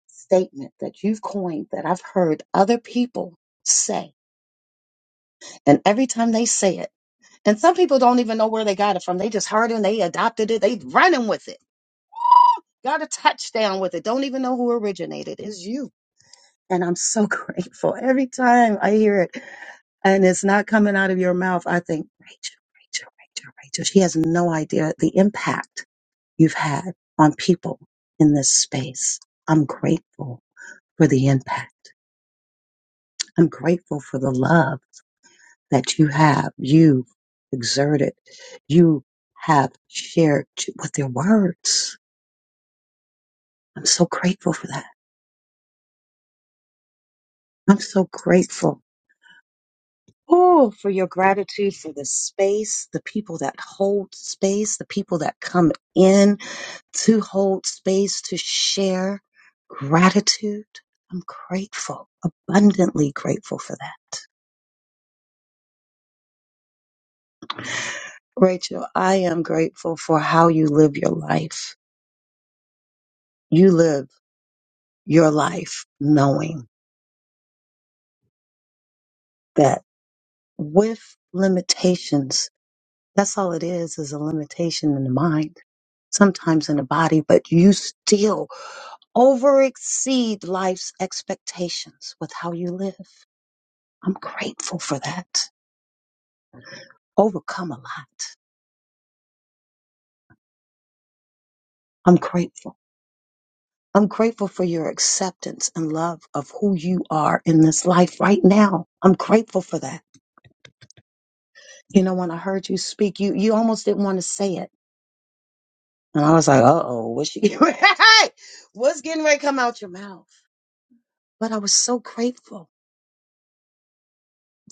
Speaker 10: statement that you've coined that I've heard other people say. And every time they say it, and some people don't even know where they got it from. They just heard it and they adopted it. They running with it Got a touchdown with it. Don't even know who originated. It's you. And I'm so grateful every time I hear it and it's not coming out of your mouth. I think, Rachel, Rachel, Rachel, Rachel. She has no idea the impact you've had on people in this space. I'm grateful for the impact. I'm grateful for the love that you have, you exerted, you have shared with your words. I'm so grateful for that. I'm so grateful Oh, for your gratitude for the space, the people that hold space, the people that come in to hold space, to share gratitude. I'm grateful, abundantly grateful for that. Rachel, I am grateful for how you live your life. You live your life knowing that with limitations, that's all it is, is a limitation in the mind, sometimes in the body, but you still over exceed life's expectations with how you live. I'm grateful for that. Overcome a lot. I'm grateful. I'm grateful for your acceptance and love of who you are in this life right now. I'm grateful for that. You know, when I heard you speak, you you almost didn't want to say it. And I was like, uh oh, what's she hey, what's getting ready to come out your mouth? But I was so grateful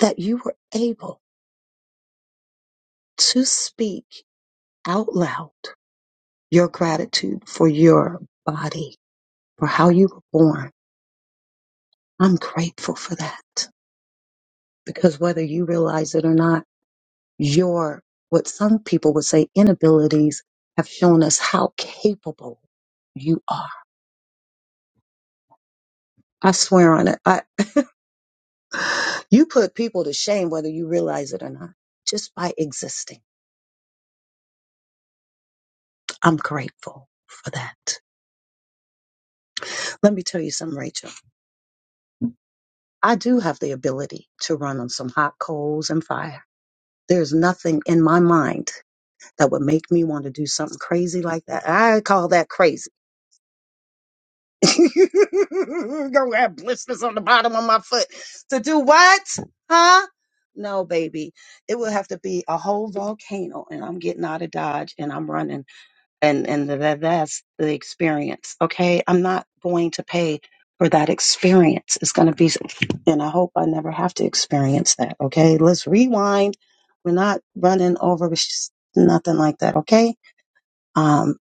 Speaker 10: that you were able to speak out loud your gratitude for your body, for how you were born. I'm grateful for that because whether you realize it or not, your, what some people would say, inabilities have shown us how capable you are. I swear on it. I, you put people to shame whether you realize it or not, just by existing. I'm grateful for that. Let me tell you something, Rachel. I do have the ability to run on some hot coals and fire. There's nothing in my mind that would make me want to do something crazy like that. I call that crazy. Go have blisters on the bottom of my foot to do what? Huh? No, baby. It would have to be a whole volcano, and I'm getting out of Dodge and I'm running, and and tha- that's the experience. Okay, I'm not going to pay for that experience. It's going to be, and I hope I never have to experience that. Okay, let's rewind. We're not running over sh- nothing like that. Okay um,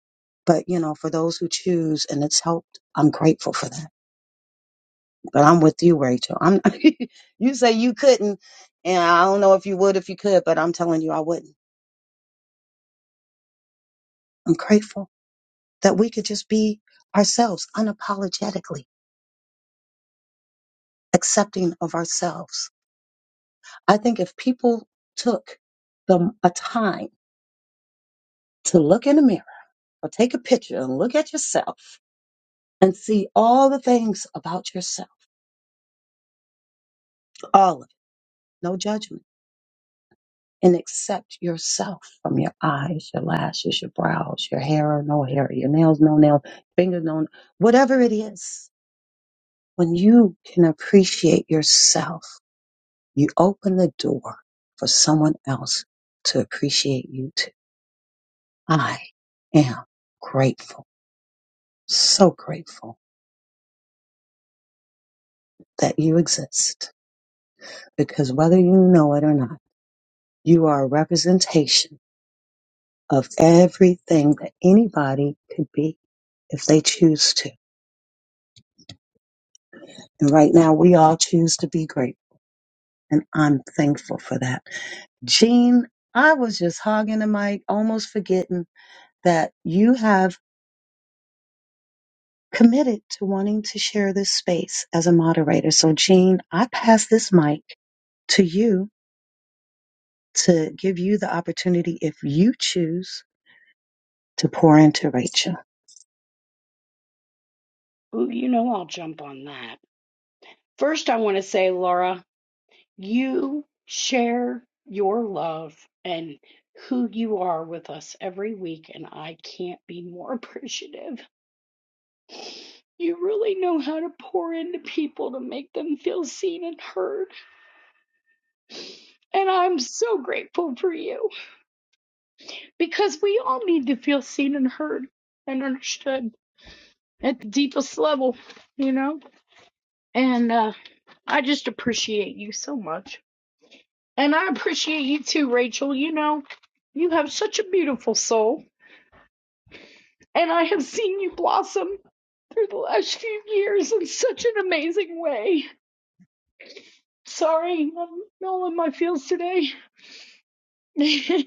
Speaker 10: but you know, for those who choose and it's helped, I'm grateful for that. But I'm with you, Rachel. I'm you say you couldn't, and I don't know if you would if you could, but I'm telling you I wouldn't. I'm grateful that we could just be ourselves unapologetically accepting of ourselves. I think if people took the a time to look in the mirror or take a picture and look at yourself and see all the things about yourself, all of it, no judgment and accept yourself from your eyes, your lashes, your brows, your hair or no hair, your nails, no nails, fingers, no, whatever it is. When you can appreciate yourself, you open the door for someone else to appreciate you too. I am grateful, so grateful that you exist because whether you know it or not, you are a representation of everything that anybody could be if they choose to And right now, we all choose to be great. And I'm thankful for that. Jean, I was just hogging the mic, almost forgetting that you have committed to wanting to share this space as a moderator. So, Jean, I pass this mic to you to give you the opportunity, if you choose, to pour into Rachel.
Speaker 18: Ooh, you know I'll jump on that. First, I want to say, Laura, you share your love and who you are with us every week, and I can't be more appreciative. You really know how to pour into people to make them feel seen and heard. And I'm so grateful for you because we all need to feel seen and heard and understood at the deepest level, you know? And uh, I just appreciate you so much. And I appreciate you too, Rachel. You know, you have such a beautiful soul. And I have seen you blossom through the last few years in such an amazing way. Sorry, I'm all in my feels today.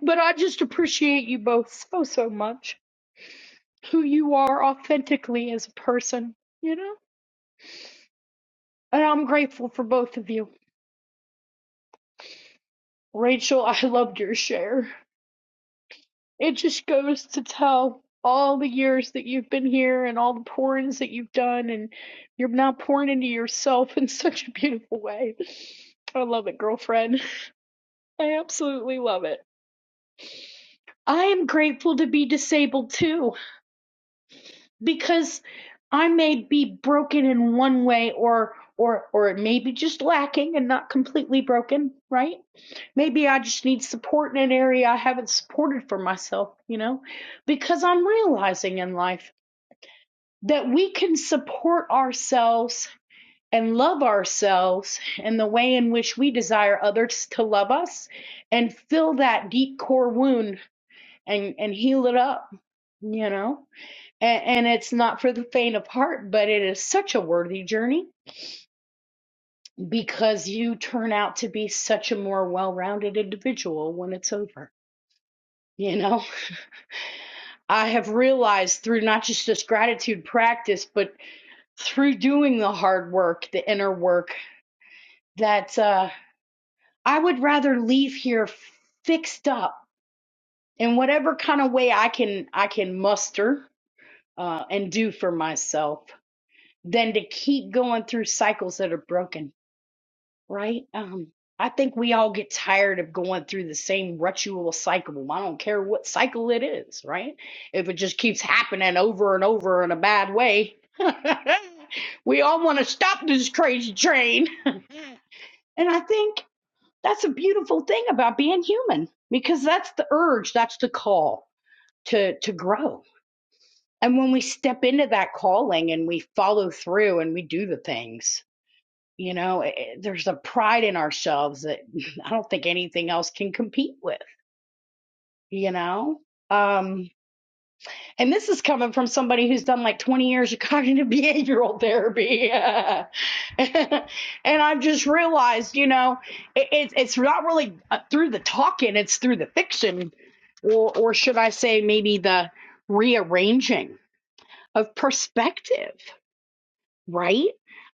Speaker 18: But I just appreciate you both so, so much. Who you are authentically as a person, you know? And I'm grateful for both of you. Rachel, I loved your share. It just goes to tell all the years that you've been here and all the pourings that you've done, and you're now pouring into yourself in such a beautiful way. I love it, girlfriend. I absolutely love it. I am grateful to be disabled too, because I may be broken in one way or or or it may be just lacking and not completely broken, right? Maybe I just need support in an area I haven't supported for myself, you know? Because I'm realizing in life that we can support ourselves and love ourselves in the way in which we desire others to love us and fill that deep core wound and and heal it up, you know? and, and it's not for the faint of heart, but it is such a worthy journey because you turn out to be such a more well-rounded individual when it's over. You know, I have realized through not just this gratitude practice, but through doing the hard work, the inner work, that uh, I would rather leave here fixed up in whatever kind of way I can I can muster uh, and do for myself than to keep going through cycles that are broken right? Um, I think we all get tired of going through the same ritual cycle. I don't care what cycle it is, right? If it just keeps happening over and over in a bad way, we all want to stop this crazy train. And I think that's a beautiful thing about being human because that's the urge, that's the call to to grow. And when we step into that calling and we follow through and we do the things, You know, it, there's a pride in ourselves that I don't think anything else can compete with, you know? Um, and this is coming from somebody who's done like 20 years of cognitive behavioral therapy. and I've just realized, you know, it, it's it's not really uh, through the talking, it's through the fiction, or, or should I say, maybe the rearranging of perspective right?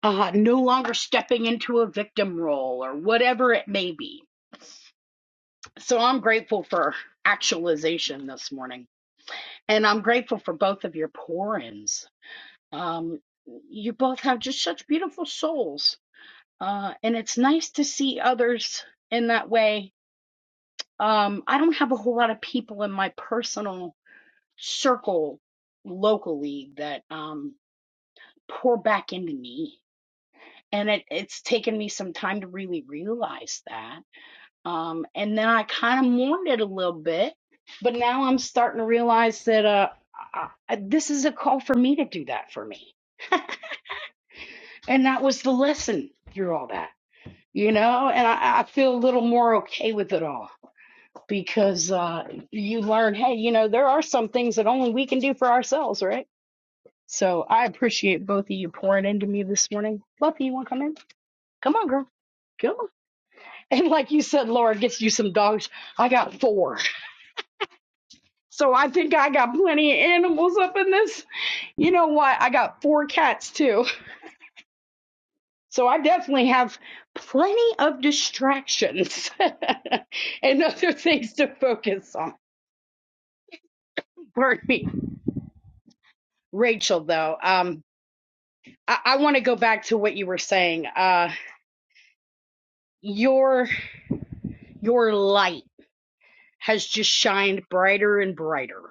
Speaker 18: Uh, no longer stepping into a victim role or whatever it may be. So I'm grateful for actualization this morning. And I'm grateful for both of your pour ins. Um, you both have just such beautiful souls. Uh, and it's nice to see others in that way. Um, I don't have a whole lot of people in my personal circle locally that um, pour back into me and it, it's taken me some time to really realize that. Um, and then I kind of mourned it a little bit, but now I'm starting to realize that uh, I, I- this is a call for me to do that for me. And that was the lesson through all that, you know. And I, I feel a little more okay with it all because uh, you learn, hey, you know, there are some things that only we can do for ourselves, right? So I appreciate both of you pouring into me this morning. Buffy, you want to come in? Come on, girl. Come on. And like you said, Laura gets you some dogs. I got four. So I think I got plenty of animals up in this. You know what? I got four cats too. So I definitely have plenty of distractions and other things to focus on. Pardon me. Rachel, though, um, I, I want to go back to what you were saying. Uh, your your light. has just shined brighter and brighter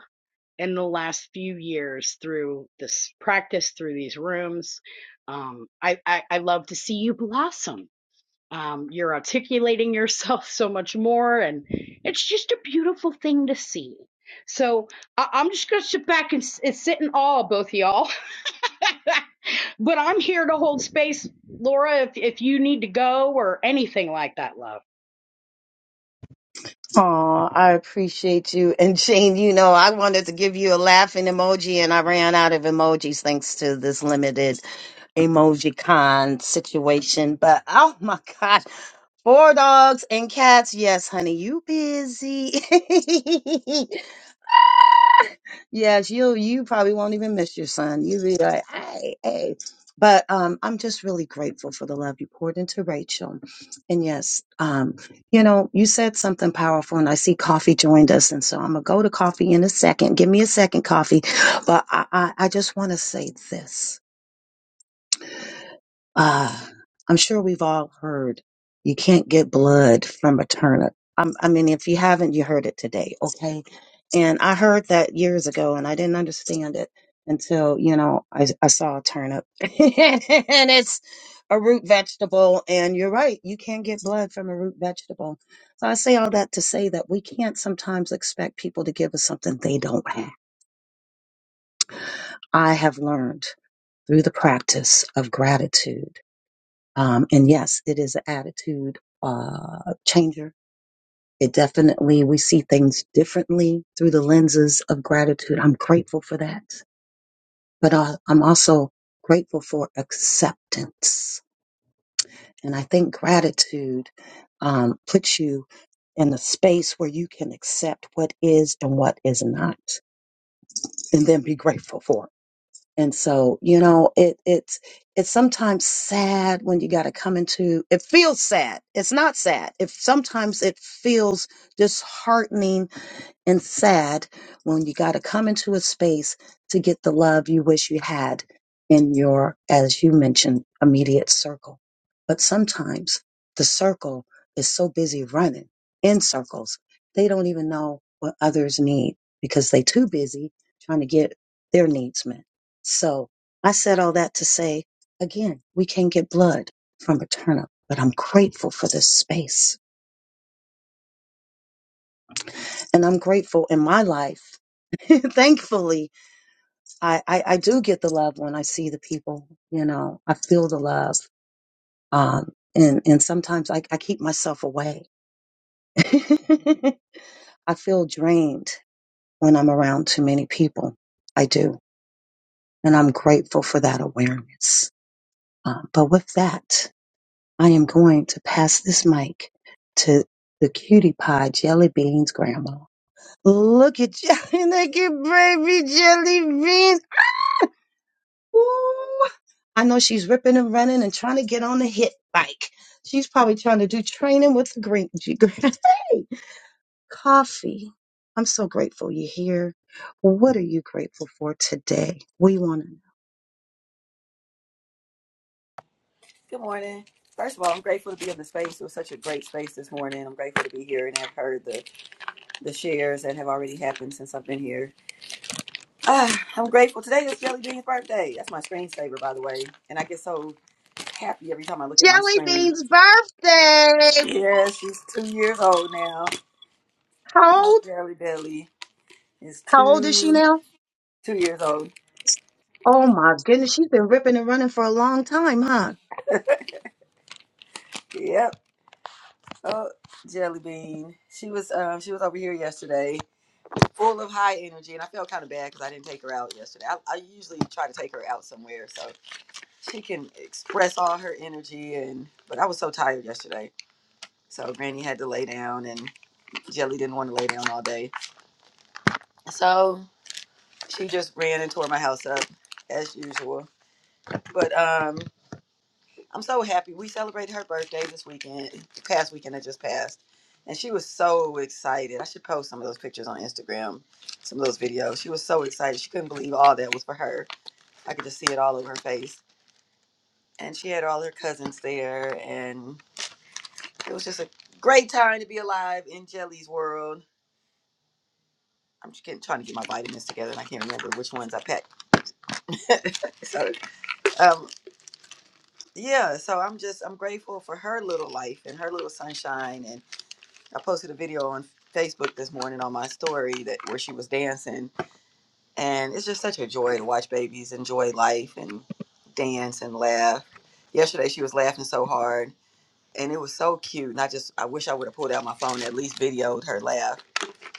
Speaker 18: in the last few years through this practice, through these rooms. Um, I, I, I love to see you blossom. Um, you're articulating yourself so much more, and it's just a beautiful thing to see. So I, I'm just going to sit back and, s- and sit in awe of both of y'all. but I'm here to hold space, Laura, if, if you need to go or anything like that, love.
Speaker 10: Oh, I appreciate you. And Jane, you know, I wanted to give you a laughing emoji and I ran out of emojis thanks to this limited emoji con situation. But oh my gosh, four dogs and cats. Yes, honey, you busy. yes, you you probably won't even miss your son. You be like, hey, hey. But um, I'm just really grateful for the love you poured into Rachel. And yes, um, you know, you said something powerful, and I see coffee joined us. And so I'm going to go to coffee in a second. Give me a second, coffee. But I, I, I just want to say this. Uh, I'm sure we've all heard you can't get blood from a turnip. I'm, I mean, if you haven't, you heard it today, okay? And I heard that years ago, and I didn't understand it until you know I, I saw a turnip, and it's a root vegetable. And you're right, you can't get blood from a root vegetable. So I say all that to say that we can't sometimes expect people to give us something they don't have. I have learned through the practice of gratitude um, and yes, it is an attitude uh, changer. It definitely, we see things differently through the lenses of gratitude. I'm grateful for that. But uh, I'm also grateful for acceptance. And I think gratitude um, puts you in a space where you can accept what is and what is not, and then be grateful for it. And so, you know, it it's it's sometimes sad when you got to come into it feels sad. It's not sad. It sometimes it feels disheartening and sad when you got to come into a space to get the love you wish you had in your, as you mentioned, immediate circle. But sometimes the circle is so busy running in circles, they don't even know what others need because they too busy trying to get their needs met. So I said all that to say, again, we can get blood from a turnip, but I'm grateful for this space and I'm grateful in my life thankfully I, I, I do get the love when I see the people, you know, I feel the love. Um, and, and sometimes I, I keep myself away. I feel drained when I'm around too many people. I do. And I'm grateful for that awareness. Um, but with that, I am going to pass this mic to the cutie pie jelly beans grandma. Look at jelly, look at baby jelly beans. Ooh, I know she's ripping and running and trying to get on the hit bike. She's probably trying to do training with the green. G- Hey, coffee. I'm so grateful you're here. What are you grateful for today? We want to know.
Speaker 21: Good morning. First of all, I'm grateful to be in the space. It was such a great space this morning. I'm grateful to be here and have heard the, the shares that have already happened since I've been here. Ah, I'm grateful. Today is Jelly Bean's birthday. That's my screensaver, by the way. And I get so happy every time I look at my
Speaker 10: Jelly
Speaker 21: screen.
Speaker 10: Bean's birthday.
Speaker 21: Yeah, she's two years old now.
Speaker 10: How
Speaker 21: My
Speaker 10: old?
Speaker 21: Jelly Belly is
Speaker 10: How old is she
Speaker 21: two
Speaker 10: now?
Speaker 21: two years old.
Speaker 10: Oh my goodness, she's been ripping and running for a long time, huh?
Speaker 21: Yep. Oh, Jelly Bean. She was um she was over here yesterday full of high energy, and I felt kind of bad because I didn't take her out yesterday. I, I usually try to take her out somewhere so she can express all her energy, and but I was so tired yesterday. So Granny had to lay down, and Jelly didn't want to lay down all day, so she just ran and tore my house up as usual. But um, I'm so happy we celebrated her birthday this weekend, the past weekend that just passed. And she was so excited. I should post some of those pictures on Instagram, some of those videos. She was so excited. She couldn't believe all that was for her I could just see it all over her face. And she had all her cousins there, and it was just a great time to be alive in Jelly's world. I'm just getting, trying to get my vitamins together, and I can't remember which ones I packed. so, um, yeah, so I'm just I'm grateful for her little life and her little sunshine. And I posted a video on Facebook this morning on my story that where she was dancing, and it's just such a joy to watch babies enjoy life and dance and laugh. Yesterday she was laughing so hard and it was so cute. And I just, I wish I would have pulled out my phone and at least videoed her laugh,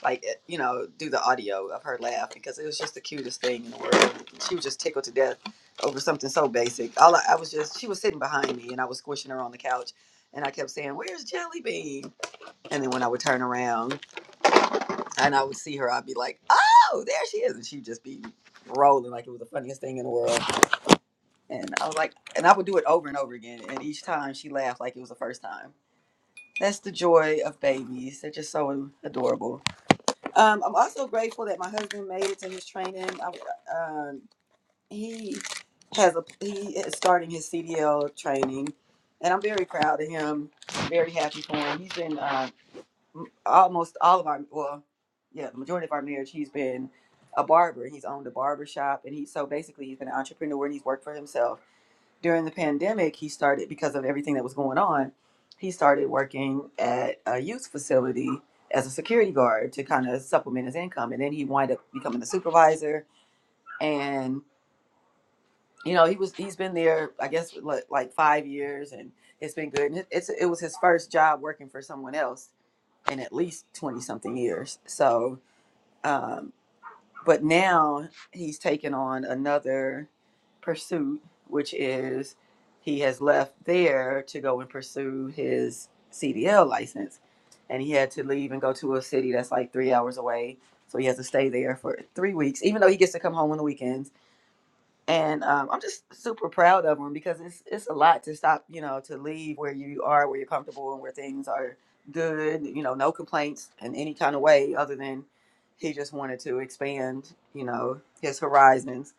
Speaker 21: like eh, you know, do the audio of her laugh because it was just the cutest thing in the world. She was just tickled to death over something so basic. All I, I was just, she was sitting behind me, and I was squishing her on the couch, and I kept saying, "Where's Jelly Bean?" And then when I would turn around and I would see her, I'd be like, "Oh, there she is," and she'd just be rolling like it was the funniest thing in the world. And I was like, and I would do it over and over again, and each time she laughed like it was the first time That's the joy of babies. They're just so adorable. Um, I'm also grateful that my husband made it to his training. I, um, he has a he is starting his CDL training, and I'm very proud of him. Very happy for him. He's been uh, m- almost all of our well, yeah, the majority of our marriage. He's been a barber. He's owned a barber shop, and he so basically he's been an entrepreneur and he's worked for himself during the pandemic, he started because of everything that was going on. He started working at a youth facility as a security guard to kind of supplement his income, and then he wind up becoming a supervisor. And you know, he was he's been there, I guess, like, like five years, and it's been good. And it, it's it was his first job working for someone else in at least twenty something years. So. Um, but now he's taken on another pursuit, which is he has left there to go and pursue his CDL license. And he had to leave and go to a city that's like three hours away. So he has to stay there for three weeks, even though he gets to come home on the weekends and um, I'm just super proud of them because it's it's a lot to stop, you know, to leave where you are, where you're comfortable, and where things are good. You know, no complaints in any kind of way, other than he just wanted to expand, you know, his horizons.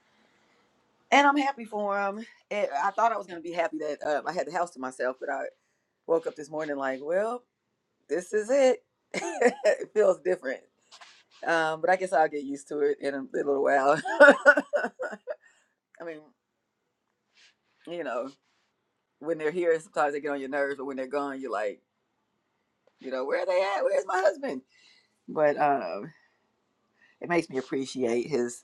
Speaker 21: And I'm happy for him. And I thought I was gonna be happy that uh, I had the house to myself, but I woke up this morning like, well, this is it. it feels different, um, but I guess I'll get used to it in a little while. I mean, you know. when they're here, sometimes they get on your nerves, but when they're gone, you're like, you know, where are they at? Where's my husband? But um, it makes me appreciate his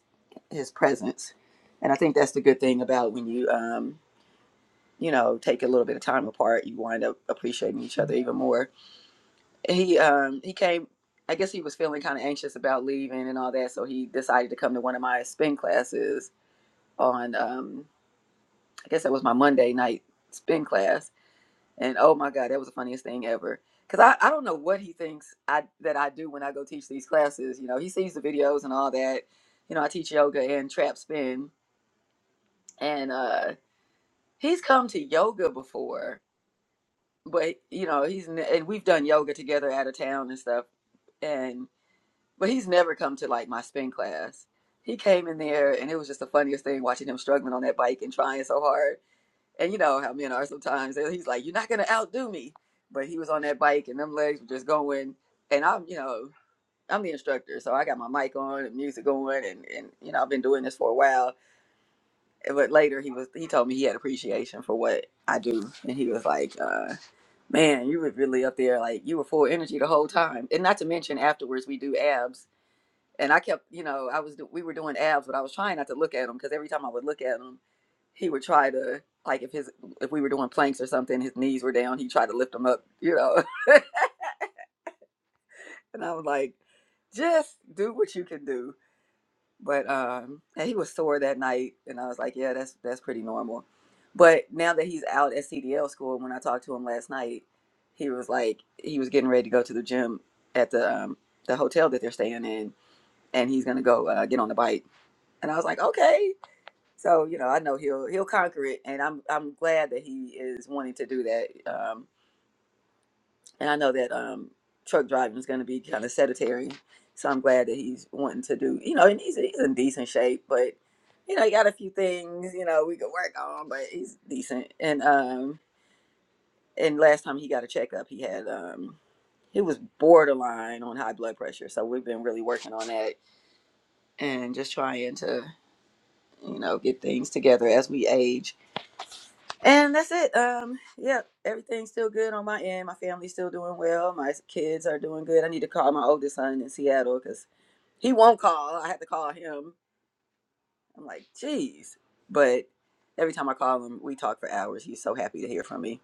Speaker 21: his presence, and I think that's the good thing about when you um, you know take a little bit of time apart, you wind up appreciating each other even more. He um, he came. I guess he was feeling kind of anxious about leaving and all that, so he decided to come to one of my spin classes on. Um, I guess that was my Monday night spin class And oh my God, that was the funniest thing ever. Cause I, I don't know what he thinks I that I do when I go teach these classes. You know, he sees the videos and all that. You know, I teach yoga and trap spin, and uh, he's come to yoga before, but you know, he's ne- and we've done yoga together out of town and stuff. And but he's never come to like my spin class. He came in there, and it was just the funniest thing watching him struggling on that bike and trying so hard And you know how men are sometimes. He's like, "You're not gonna outdo me," but he was on that bike, and them legs were just going. And I'm, you know, I'm the instructor, so I got my mic on and music going, and and you know, I've been doing this for a while. But later, he was he told me he had appreciation for what I do, and he was like, uh, "Man, you were really up there. Like you were full of energy the whole time." And not to mention, afterwards we do abs, and I kept, you know, I was do- we were doing abs, but I was trying not to look at them because every time I would look at them he would try to like if his if we were doing planks or something, his knees were down, he tried to lift them up, you know. And I was like, just do what you can do. But um and he was sore that night and I was like, Yeah, that's that's pretty normal. But now that he's out at CDL school, when I talked to him last night, he was like he was getting ready to go to the gym at the um the hotel that they're staying in and he's gonna go uh, get on the bike. And I was like, Okay. So you know, I know he'll he'll conquer it, and I'm I'm glad that he is wanting to do that. Um, and I know that um, truck driving is going to be kind of sedentary, so I'm glad that he's wanting to do. You know, and he's he's in decent shape, but you know, he got a few things you know we could work on, but he's decent. And um, and last time he got a checkup, he had um, he was borderline on high blood pressure, so we've been really working on that and just trying to you know get things together as we age And that's it. Um, yeah, everything's still good on my end. My family's still doing well. My kids are doing good. I need to call my oldest son in Seattle because he won't call. I have to call him. I'm like, geez. But every time I call him, we talk for hours. He's so happy to hear from me.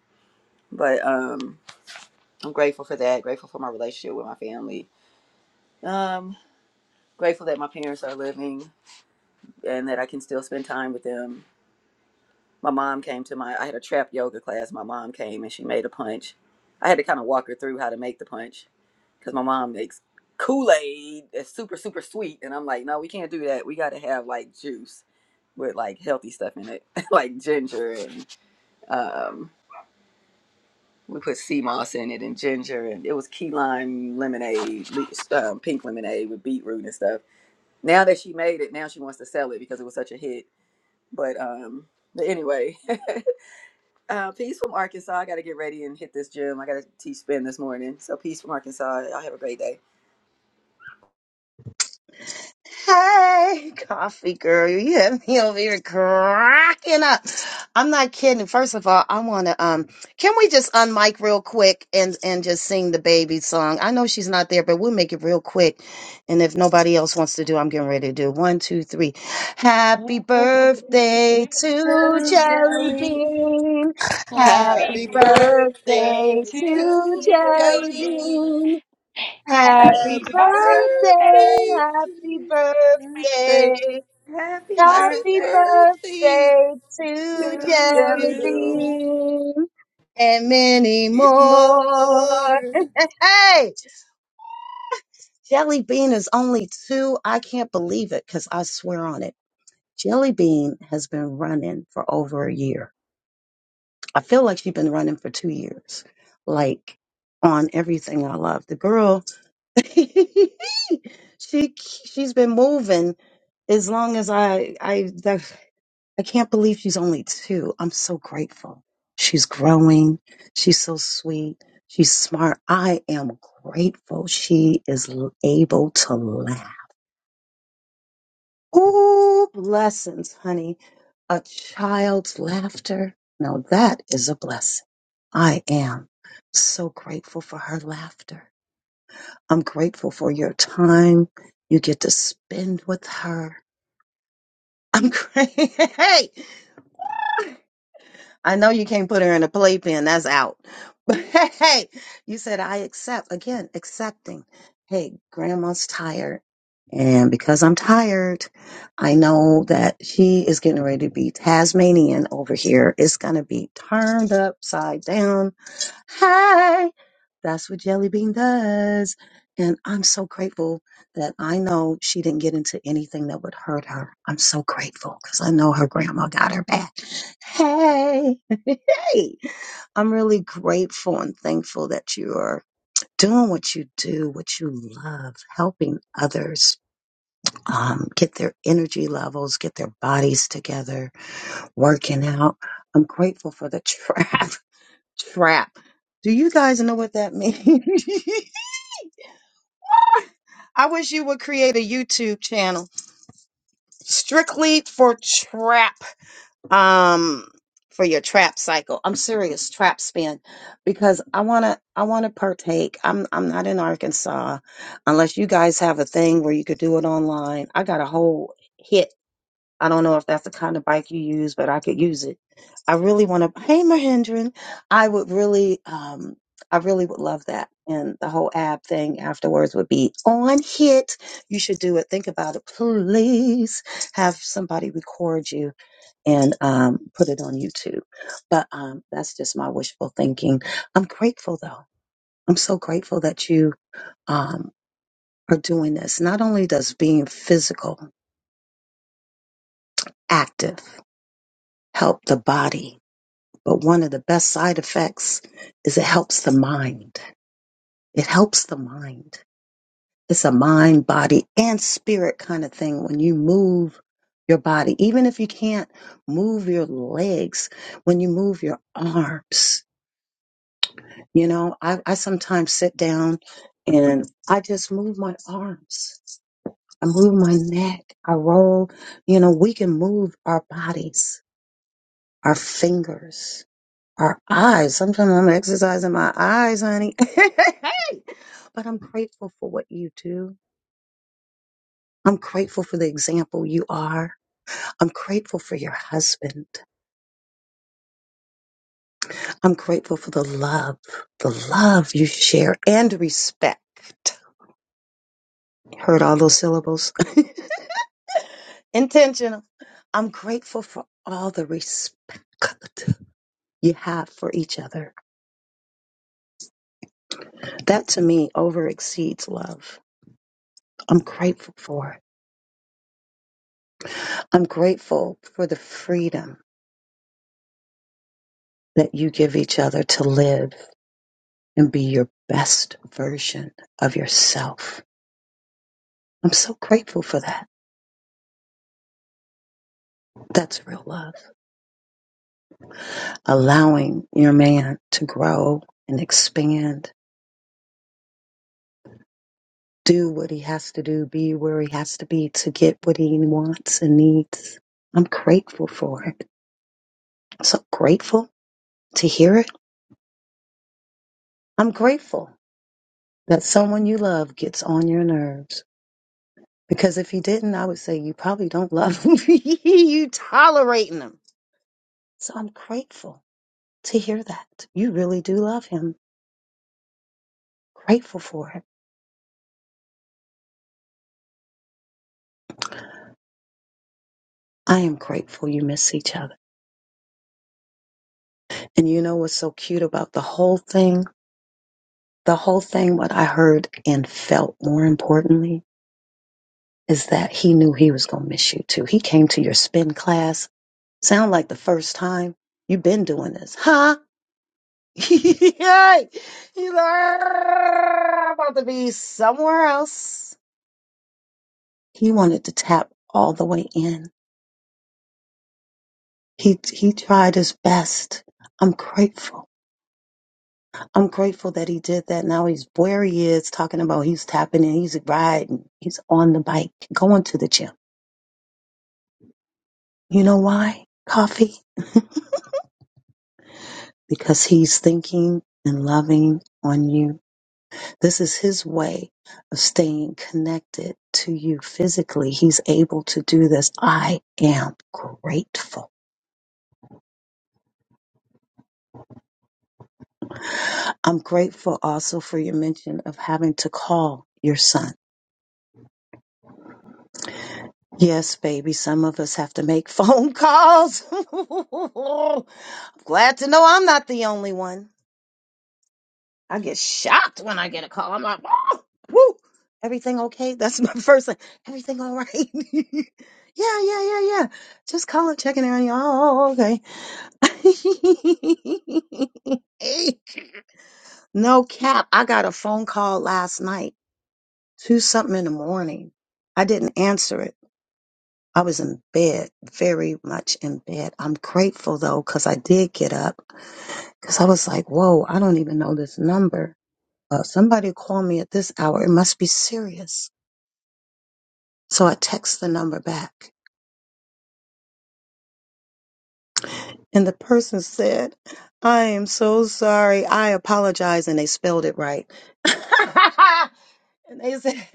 Speaker 21: But um, I'm grateful for that. Grateful for my relationship with my family. Um, grateful that my parents are living and that I can still spend time with them my mom came to my I had a trap yoga class. My mom came and she made a punch. I had to kind of walk her through how to make the punch because my mom makes Kool-Aid that's super super sweet and I'm like, "No, we can't do that. We got to have like juice with like healthy stuff in it, like ginger and um we put sea moss in it and ginger and it was key lime lemonade, le- um, pink lemonade with beetroot and stuff. Now that she made it, now she wants to sell it because it was such a hit. But um but anyway, Uh, peace from Arkansas. I got to get ready and hit this gym. I got to teach spin this morning. So peace from Arkansas. Y'all have a great day.
Speaker 10: Hey, coffee girl, you have me over here cracking up. I'm not kidding. First of all, I want to um, can we just unmic real quick and and just sing the baby song? I know she's not there, but we'll make it real quick. And if nobody else wants to do, I'm getting ready to do one, two, three. Happy birthday to
Speaker 21: To
Speaker 10: Jelly
Speaker 21: Joey,
Speaker 10: Bean. Happy
Speaker 18: Happy
Speaker 20: Happy
Speaker 21: happy
Speaker 18: birthday
Speaker 20: birthday
Speaker 10: birthday
Speaker 21: birthday.
Speaker 18: to
Speaker 10: to
Speaker 20: to
Speaker 10: Jelly
Speaker 21: To
Speaker 20: Jelly
Speaker 18: Johnny.
Speaker 21: Joey,
Speaker 20: Bean.
Speaker 10: Bean. Happy
Speaker 18: Happy
Speaker 20: Happy
Speaker 18: birthday.
Speaker 10: birthday,
Speaker 21: birthday.
Speaker 20: birthday
Speaker 10: happy
Speaker 20: to birthday.
Speaker 10: birthday,
Speaker 21: Happy
Speaker 20: Happy
Speaker 10: happy
Speaker 21: birthday
Speaker 20: birthday
Speaker 10: birthday to
Speaker 21: to
Speaker 20: to
Speaker 10: Jelly
Speaker 21: Joey.
Speaker 20: you.
Speaker 10: Bean and many more.
Speaker 20: More.
Speaker 10: hey, Jelly Bean is only two. I can't believe it because I swear on it. Jelly Bean has been running for over a year. I feel like she's been running for two years, like on everything I love. The girl she she's been moving as long as I I that, I can't believe she's only two. I'm so grateful. She's growing. She's so sweet. She's smart. I am grateful she is l- able to laugh. Ooh, blessings, honey. A child's laughter. Now that is a blessing. I am so grateful for her laughter. I'm grateful for your time you get to spend with her. I'm grateful. Hey, I know you can't put her in a playpen. That's out. But hey, you said I accept. Again, accepting. Hey, grandma's tired. And because I'm tired, I know that she is getting ready to be Tasmanian over here. It's going to be turned upside down. Hey, that's what Jelly Bean does. And I'm so grateful that I know she didn't get into anything that would hurt her. I'm so grateful because I know her grandma got her back. Hey, hey, I'm really grateful and thankful that you are doing what you do, what you love, helping others um, get their energy levels, get their bodies together, working out. I'm grateful for the trap. Trap. Do you guys know what that means? I wish you would create a YouTube channel strictly for trap um for your trap cycle i'm serious trap spin because i want to i want to partake i'm i'm not in arkansas unless you guys have a thing where you could do it online i got a whole hit. I don't know if that's the kind of bike you use, but I could use it. I really want to. Hey, Mahendran, I would really, um, I really would love that. And the whole ab thing afterwards would be on hit. You should do it. Think about it. Please have somebody record you and um, put it on YouTube. But um, that's just my wishful thinking. I'm grateful though. I'm so grateful that you um, are doing this. Not only does being physical active help the body, But one of the best side effects is it helps the mind. It helps the mind. It's a mind, body, and spirit kind of thing when you move your body. Even if you can't move your legs, when you move your arms, you know, I, I sometimes sit down and I just move my arms. I move my neck. I roll. You know, we can move our bodies, our fingers Our eyes. Sometimes I'm exercising my eyes, honey. But I'm grateful for what you do. I'm grateful for the example you are. I'm grateful for your husband. I'm grateful for the love, the love you share and respect. Heard all those syllables? Intentional. I'm grateful for all the respect you have for each other. That to me over exceeds love. I'm grateful for it. I'm grateful for the freedom that you give each other to live and be your best version of yourself. I'm so grateful for that. That's real love. Allowing your man to grow and expand, do what he has to do, be where he has to be to get what he wants and needs. I'm grateful for it. I'm so grateful to hear it. I'm grateful that someone you love gets on your nerves Because if you didn't, I would say you probably don't love him. you tolerating him. So I'm grateful to hear that. You really do love him. Grateful for it. I am grateful you miss each other. And you know what's so cute about the whole thing? The whole thing, what I heard and felt more importantly, is that he knew he was going to miss you too. He came to your spin class. Sound like the first time you've been doing this. huh? Yay! He's like, "I'm about to be somewhere else. He wanted to tap all the way in. He he tried his best. I'm grateful. I'm grateful that he did that. Now he's where he is, talking about he's tapping in, he's riding, he's on the bike, going to the gym. You know why? Coffee? Because he's thinking and loving on you This is his way of staying connected to you physically. He's able to do this. I am grateful. I'm grateful also for your mention of having to call your son. Yes, baby, some of us have to make phone calls. I'm glad to know I'm not the only one. I get shocked when I get a call. I'm like, oh, woo, everything okay? That's my first thing. Everything all right? yeah, yeah, yeah, yeah. Just calling, checking in on you. Oh, okay. no cap. I got a phone call last night, two something in the morning. I didn't answer it. I was in bed, very much in bed. I'm grateful though, because I did get up, because I was like, whoa, I don't even know this number. Uh, somebody called me at this hour. It must be serious. So I text the number back. And the person said, I am so sorry. I apologize. And they spelled it right. and they said,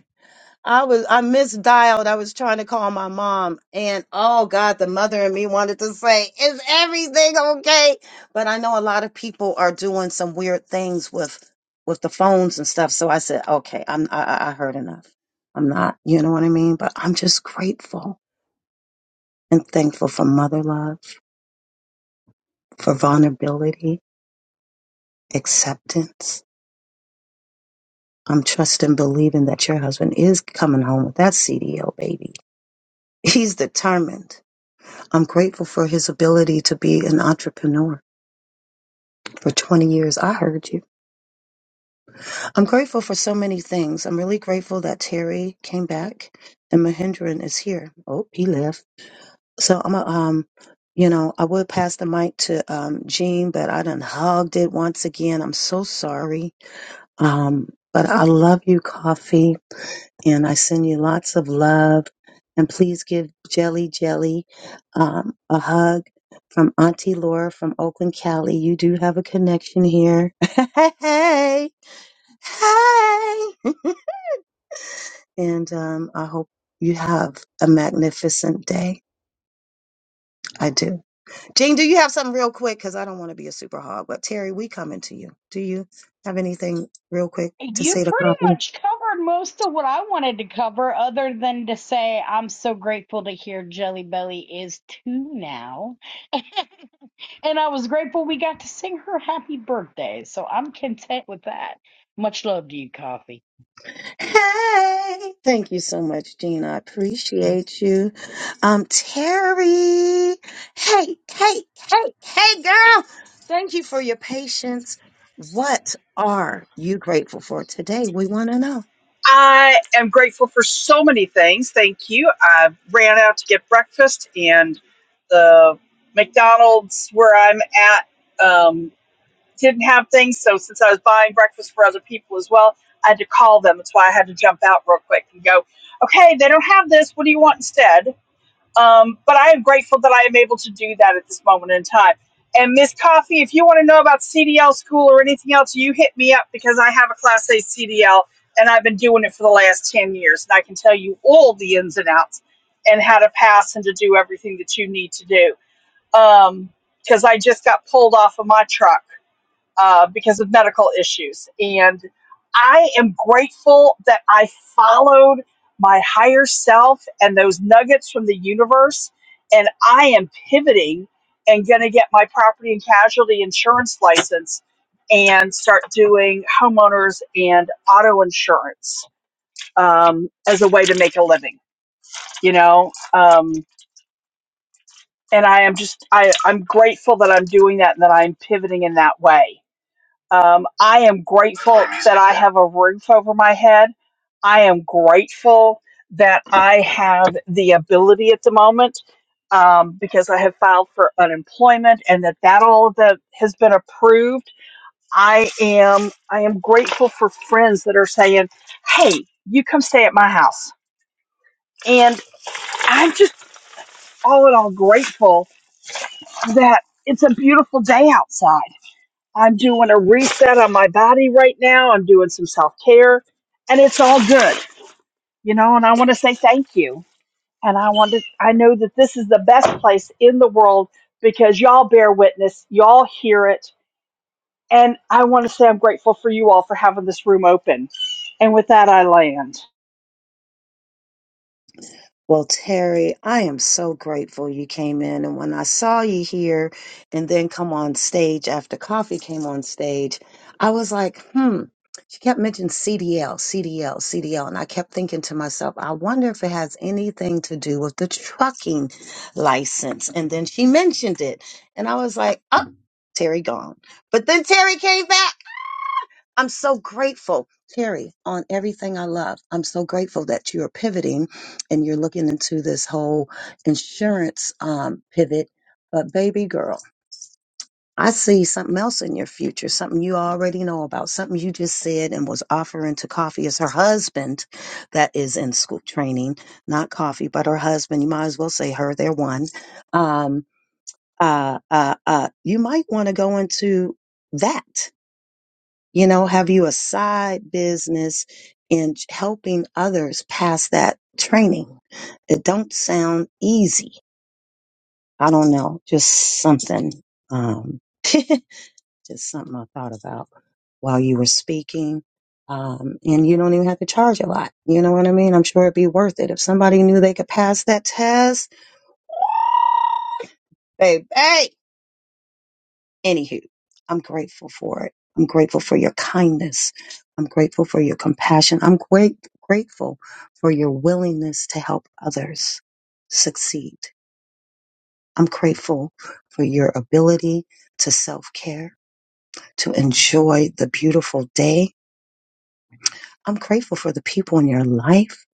Speaker 10: I was I misdialed. I was trying to call my mom, and oh God, the mother in me wanted to say, "Is everything okay?" But I know a lot of people are doing some weird things with with the phones and stuff. So I said, "Okay, I'm I, I I heard enough. I'm not, you know what I mean." But I'm just grateful and thankful for mother love, for vulnerability, acceptance. I'm trusting, believing that your husband is coming home with that CDO baby. He's determined I'm grateful for his ability to be an entrepreneur for 20 years. I heard you. I'm grateful for so many things. I'm really grateful that Terry came back and Mahindran is here. Oh, he left. So I'm a, um, you know, I would pass the mic to um, Jean, but I done hogged it once again. I'm so sorry. Um, but I love you, Coffee. and I send you lots of love. And please give Jelly Jelly um, a hug from Auntie Laura from Oakland, Cali. You do have a connection here. hey, hey. and um, I hope you have a magnificent day. I do. Jean, do you have something real quick? Because I don't want to be a super hog. But Terry, we coming to you. Do you have anything real quick to
Speaker 18: You
Speaker 10: say to
Speaker 18: pretty
Speaker 10: copy?
Speaker 18: much covered most of what I wanted to cover, other than to say I'm so grateful to hear Jelly Belly is two now. And I was grateful we got to sing her happy birthday, so I'm content with that. Much love to you, Coffee.
Speaker 10: Hey, thank you so much, Gina. I appreciate you. Um, Terry, hey, hey, hey, hey, girl. Thank you for your patience. What are you grateful for today? We want to know.
Speaker 22: I am grateful for so many things. Thank you. I ran out to get breakfast, and the McDonald's where I'm at um, didn't have things. So, since I was buying breakfast for other people as well, I had to call them. That's why I had to jump out real quick and go, okay, they don't have this. What do you want instead? Um, but I am grateful that I am able to do that at this moment in time. And Miss Coffee, if you want to know about CDL school or anything else, you hit me up because I have a Class A CDL and I've been doing it for the last 10 years. And I can tell you all the ins and outs and how to pass and to do everything that you need to do. Um, Because I just got pulled off of my truck uh, because of medical issues. And I am grateful that I followed my higher self and those nuggets from the universe. And I am pivoting and going to get my property and casualty insurance license and start doing homeowners and auto insurance um, as a way to make a living, you know? Um, and I am just, I, I'm grateful that I'm doing that and that I'm pivoting in that way um, I am grateful that I have a roof over my head. I am grateful that I have the ability at the moment um, because I have filed for unemployment and that that all of that has been approved. I am I am grateful for friends that are saying, "Hey, you come stay at my house," and I'm just all in all grateful that it's a beautiful day outside I'm doing a reset on my body right now. I'm doing some self care, and it's all good, you know. And I want to say thank you. And I want to, I know that this is the best place in the world because y'all bear witness, y'all hear it. And I want to say I'm grateful for you all for having this room open. And with that, I land.
Speaker 10: Well, Terry, I am so grateful you came in. And when I saw you here and then come on stage after coffee came on stage, I was like, hmm. She kept mentioning CDL, CDL, CDL. And I kept thinking to myself, I wonder if it has anything to do with the trucking license. And then she mentioned it. And I was like, oh, Terry gone. But then Terry came back. I'm so grateful, Terry, on everything I love. I'm so grateful that you're pivoting and you're looking into this whole insurance um, pivot. But, baby girl, I see something else in your future, something you already know about, something you just said and was offering to coffee is her husband that is in school training, not coffee, but her husband. You might as well say her, they're one. Um, uh, uh, uh, you might want to go into that you know, have you a side business in helping others pass that training? It don't sound easy. I don't know, just something, um, just something I thought about while you were speaking. Um, and you don't even have to charge a lot. You know what I mean? I'm sure it'd be worth it if somebody knew they could pass that test. Baby, Anywho, I'm grateful for it. I'm grateful for your kindness. I'm grateful for your compassion. I'm great, grateful for your willingness to help others succeed. I'm grateful for your ability to self care, to enjoy the beautiful day. I'm grateful for the people in your life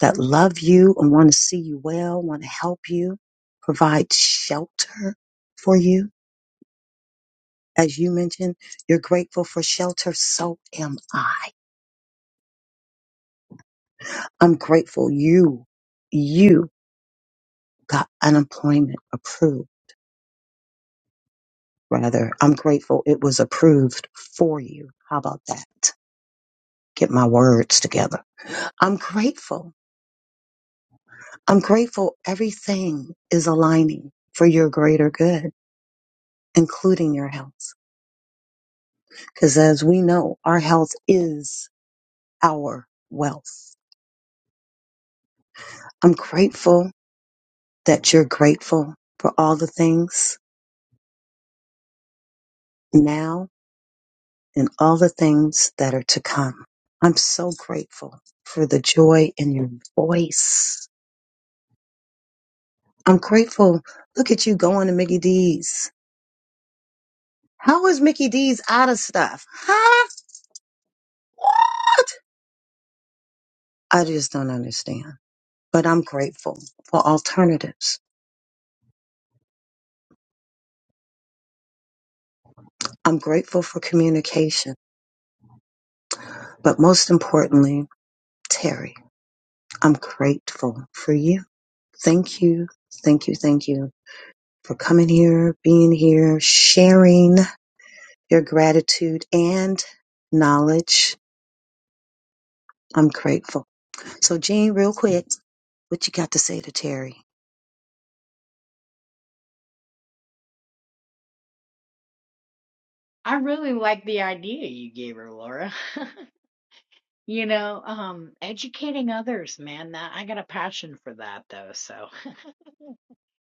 Speaker 10: that love you and want to see you well, want to help you, provide shelter for you. As you mentioned, you're grateful for shelter. So am I. I'm grateful you, you got unemployment approved, rather. I'm grateful it was approved for you. How about that? Get my words together. I'm grateful. I'm grateful everything is aligning for your greater good, including your health. Because as we know, our health is our wealth. I'm grateful that you're grateful for all the things now and all the things that are to come. I'm so grateful for the joy in your voice. I'm grateful. Look at you going to Mickey D's. How is Mickey D's out of stuff? Huh? I just don't understand. But I'm grateful for alternatives. I'm grateful for communication. But most importantly, Terry, I'm grateful for you. Thank you. Thank you. Thank you for coming here, being here, sharing. your gratitude and knowledge. I'm grateful. So, Jean, real quick, what you got to say to Terry?
Speaker 18: I really like the idea you gave her, Laura. you know, um, educating others, man, that I got a passion for that though, so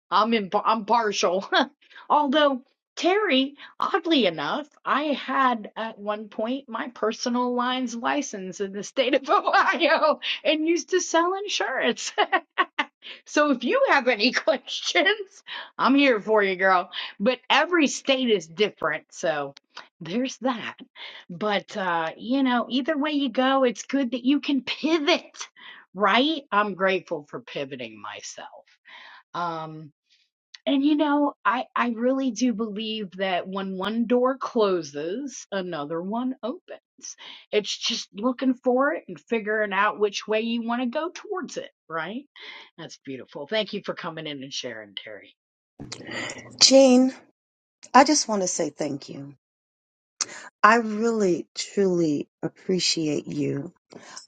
Speaker 18: I'm in, I'm partial. Although Terry, oddly enough, I had at one point my personal lines license in the state of Ohio and used to sell insurance. So if you have any questions, I'm here for you, girl. But every state is different, so there's that. But uh, you know, either way you go, it's good that you can pivot, right? I'm grateful for pivoting myself. Um. And you know, I I really do believe that when one door closes, another one opens. It's just looking for it and figuring out which way you want to go towards it, right? That's beautiful. Thank you for coming in and sharing, Terry.
Speaker 10: Jean, I just want to say thank you. I really, truly appreciate you.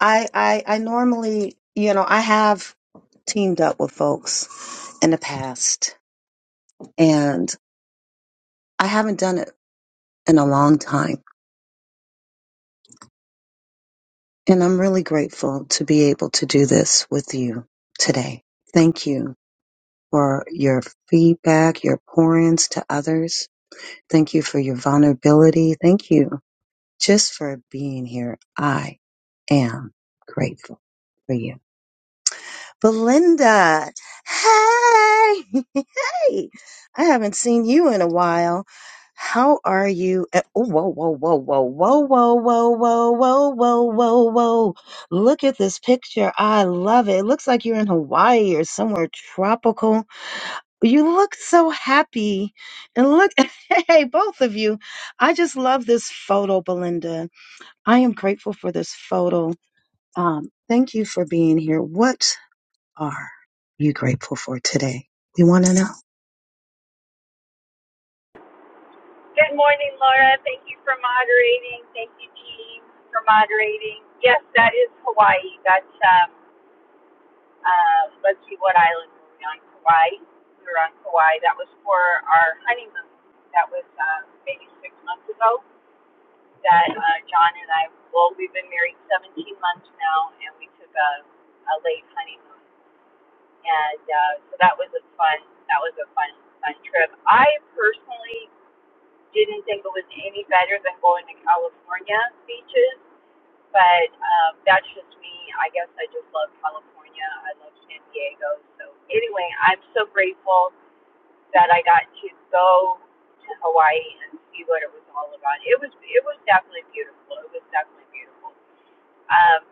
Speaker 10: I, I, I normally, you know, I have teamed up with folks in the past, and I haven't done it in a long time. And I'm really grateful to be able to do this with you today. Thank you for your feedback, your pourings to others. Thank you for your vulnerability. Thank you just for being here. I am grateful for you. Belinda, hey, hey, I haven't seen you in a while. How are you? Uh, Oh, whoa, whoa, whoa, whoa, whoa, whoa, whoa, whoa, whoa, whoa, whoa, whoa. Look at this picture. I love it. It looks like you're in Hawaii or somewhere tropical you look so happy. And look, hey, both of you. I just love this photo, Belinda. I am grateful for this photo. Um, thank you for being here. What are you grateful for today? We want to know.
Speaker 23: Good morning, Laura. Thank you for moderating. Thank you, team, for moderating. Yes, that is Hawaii. That's um, uh, let's see what island were we on? Hawaii. We were on Hawaii. That was for our honeymoon. That was uh, maybe six months ago. That uh, John and I. Well, we've been married 17 months now, and we took a, a late honeymoon, and uh, so that was a fun. That was a fun, fun trip. I personally didn't think it was any better than going to California beaches, but um, that's just me. I guess I just love California. I love San Diego. So anyway, I'm so grateful that I got to go to Hawaii and see what it was all about. It was it was definitely beautiful. It was definitely beautiful. Um,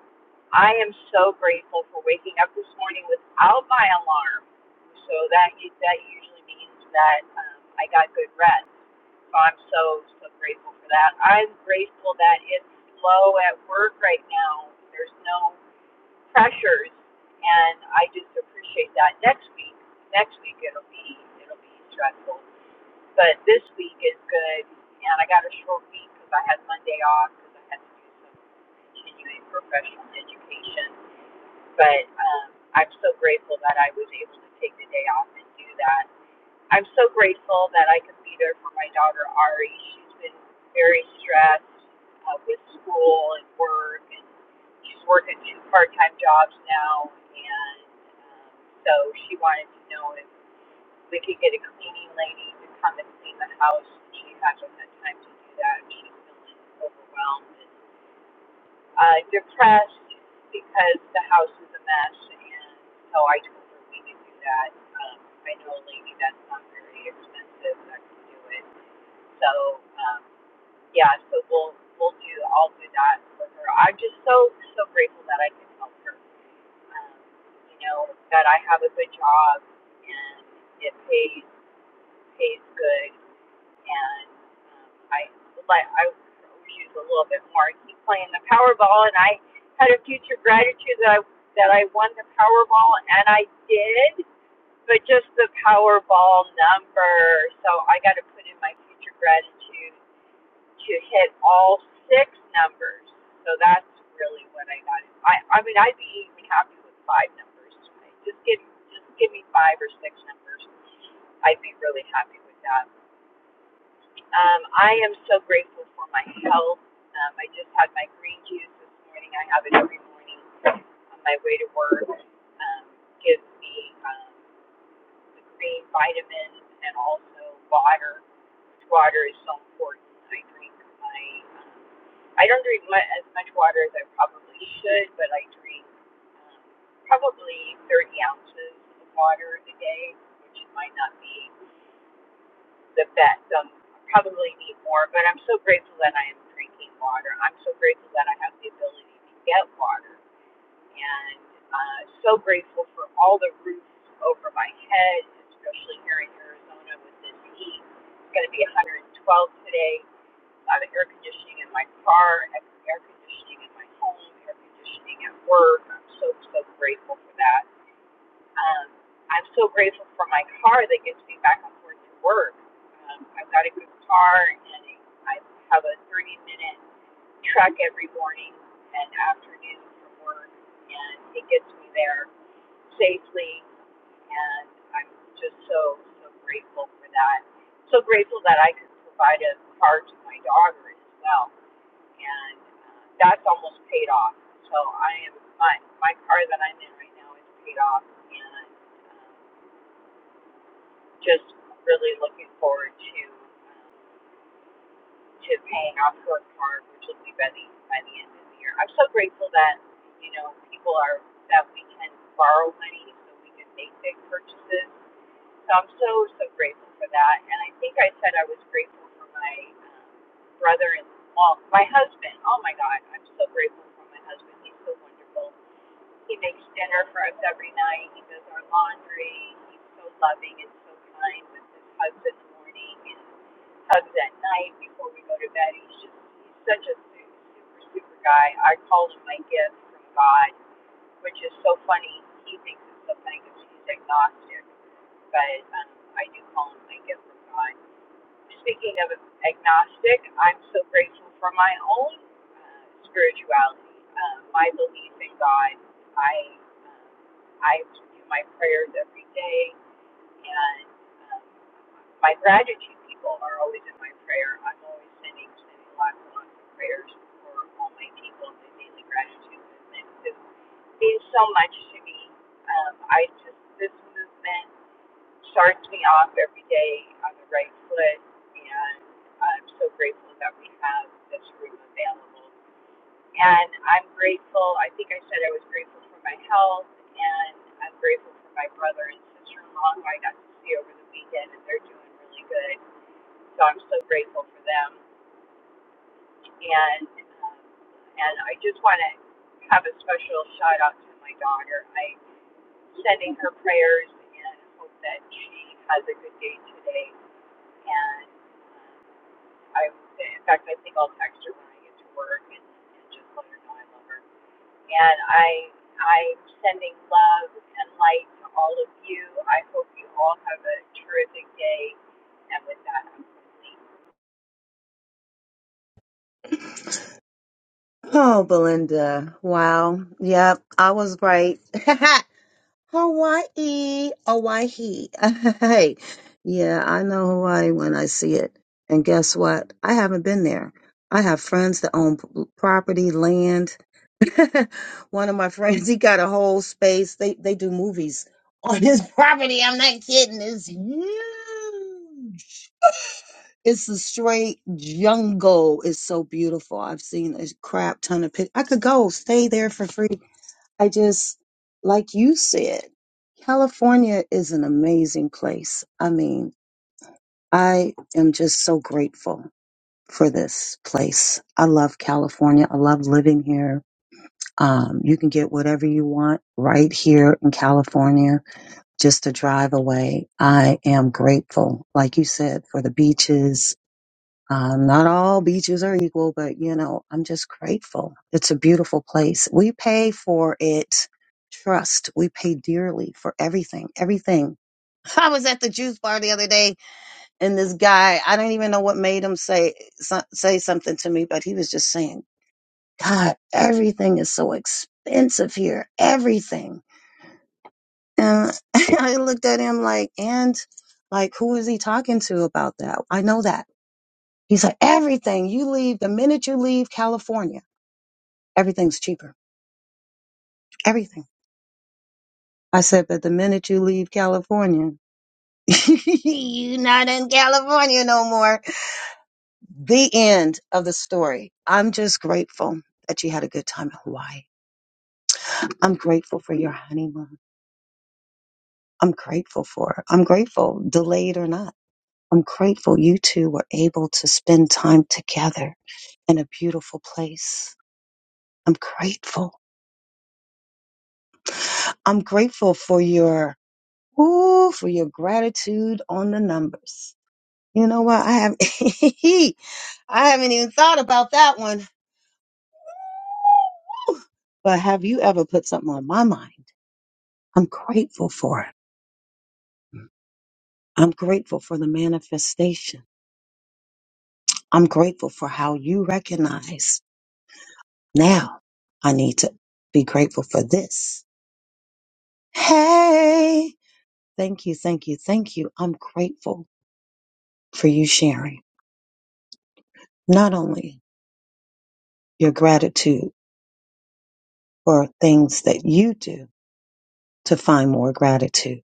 Speaker 23: I am so grateful for waking up this morning without my alarm. So that that usually means that um, I got good rest so I'm so, so grateful for that. I'm grateful that it's slow at work right now. There's no pressures. And I just appreciate that. Next week, next week it'll be, it'll be stressful. But this week is good. And I got a short week because I had Monday off because I had to do some continuing professional education. But um, I'm so grateful that I was able to take the day off and do that I'm so grateful that I could be there for my daughter Ari. She's been very stressed uh, with school and work, and she's working two part-time jobs now. And um, so she wanted to know if we could get a cleaning lady to come and clean the house. She hasn't had time to do that. She's feeling overwhelmed. and uh, depressed because the house is a mess, and so I told her we could do that. Um, I know a lady that's not very expensive that can do it. So um, yeah, so we'll we'll do I'll do that with her. I'm just so so grateful that I can help her. Um, you know that I have a good job and it pays pays good, and um, I like I would use a little bit more. I keep playing the Powerball, and I had a future gratitude that I that I won the Powerball, and I did, but just the Powerball number. So I got to put in my future gratitude to hit all six numbers. So that's really what I got. I I mean I'd be even happy with five numbers. tonight. Just give just give me five or six numbers. I'd be really happy with that. Um, I am so grateful for my health. Um, I just had my green juice this morning. I have it every morning on my way to work. Um, gives me um, the green vitamins and also water. Water is so important. I drink my. I don't drink my, as much water as I probably should, but I drink um, probably 30 ounces of water a day, which might not be the best. Um, probably need more, but I'm so grateful that I am drinking water. I'm so grateful that I have the ability to get water, and uh, so grateful for all the roofs over my head, especially here in Arizona with this heat. It's going to be 112 today. A lot of air conditioning in my car, air conditioning in my home, air conditioning at work. I'm so so grateful for that um, I'm so grateful for my car that gets me back and forth to work. Um, I've got a good car, and I have a 30 minute trek every morning and afternoon from work, and it gets me there safely. And I'm just so, so grateful for that. So grateful that I could provide a car to my daughter as well. And uh, that's almost paid off. So I am, my, my car that I'm in right now is paid off. And um, just really looking forward to um, to paying off her card, which will be by the by the end of the year. I'm so grateful that you know people are that we can borrow money so we can make big purchases. So I'm so so grateful for that. And I think I said I was grateful for my um, brother and well, my husband. Oh my God, I'm so grateful for my husband. He's so wonderful. He makes dinner for us every night. He does our laundry. He's so loving and so kind with his hugs in the morning and hugs at night before we go to bed. He's just he's such a super super guy. I call him my gift from God, which is so funny. He thinks it's so funny because he's agnostic, but um, I do call him my gift from God. Speaking of agnostic, I'm so grateful for my own uh, spirituality, uh, my belief in God. I um I do my prayers every day, and um, my gratitude people are always in my prayer. I'm always sending sending lots and lots of prayers for all my people in the daily gratitude movement who means so much to me. Um, I just this movement starts me off every day on the right foot, and I'm so grateful that we have this room available. And I'm grateful, I think I said I was grateful for my health, and I'm grateful for my brother and sister in law who I got to see over the weekend, and they're doing really good. So I'm so grateful for them. And, um, and I just want to have a special shout out to my daughter. I am sending her prayers and hope that she has a good day today. and I, in fact, I think I'll text her when I get to work and, and just let her know I love her. And I, I'm sending love and light to all of you. I hope you all have a terrific day. And with that, I'm complete.
Speaker 10: Oh, Belinda. Wow. Yep, I was right. Hawaii, Hawaii. Hey, yeah, I know Hawaii when I see it. And guess what? I haven't been there. I have friends that own p- property, land. One of my friends, he got a whole space. They they do movies on his property. I'm not kidding. It's huge. It's a straight jungle. It's so beautiful. I've seen a crap ton of pictures. I could go stay there for free I just, like you said, California is an amazing place. I mean, I am just so grateful for this place. I love California. I love living here. Um, you can get whatever you want right here in California, just a drive away. I am grateful, like you said, for the beaches, uh, not all beaches are equal, but you know, I'm just grateful. It's a beautiful place. We pay for it. Trust. We pay dearly for everything. Everything. I was at the juice bar the other day, and this guy, I don't even know what made him say so- say something to me, but he was just saying, "God, everything is so expensive here. Everything." And I looked at him like, and like, who is he talking to about that? I know that. He's like, everything you leave, the minute you leave California, everything's cheaper. Everything. I said, but the minute you leave California, you're not in California no more. The end of the story. I'm just grateful that you had a good time in Hawaii. I'm grateful for your honeymoon. I'm grateful for, I'm grateful, delayed or not. I'm grateful you two were able to spend time together in a beautiful place. I'm grateful. I'm grateful for your Ooh, for your gratitude on the numbers. You know what? I have I haven't even thought about that one. But have you ever put something on my mind? I'm grateful for it. I'm grateful for the manifestation. I'm grateful for how you recognize now I need to be grateful for this. Hey, thank you, thank you, thank you. I'm grateful for you sharing not only your gratitude. for things that you do to find more gratitude,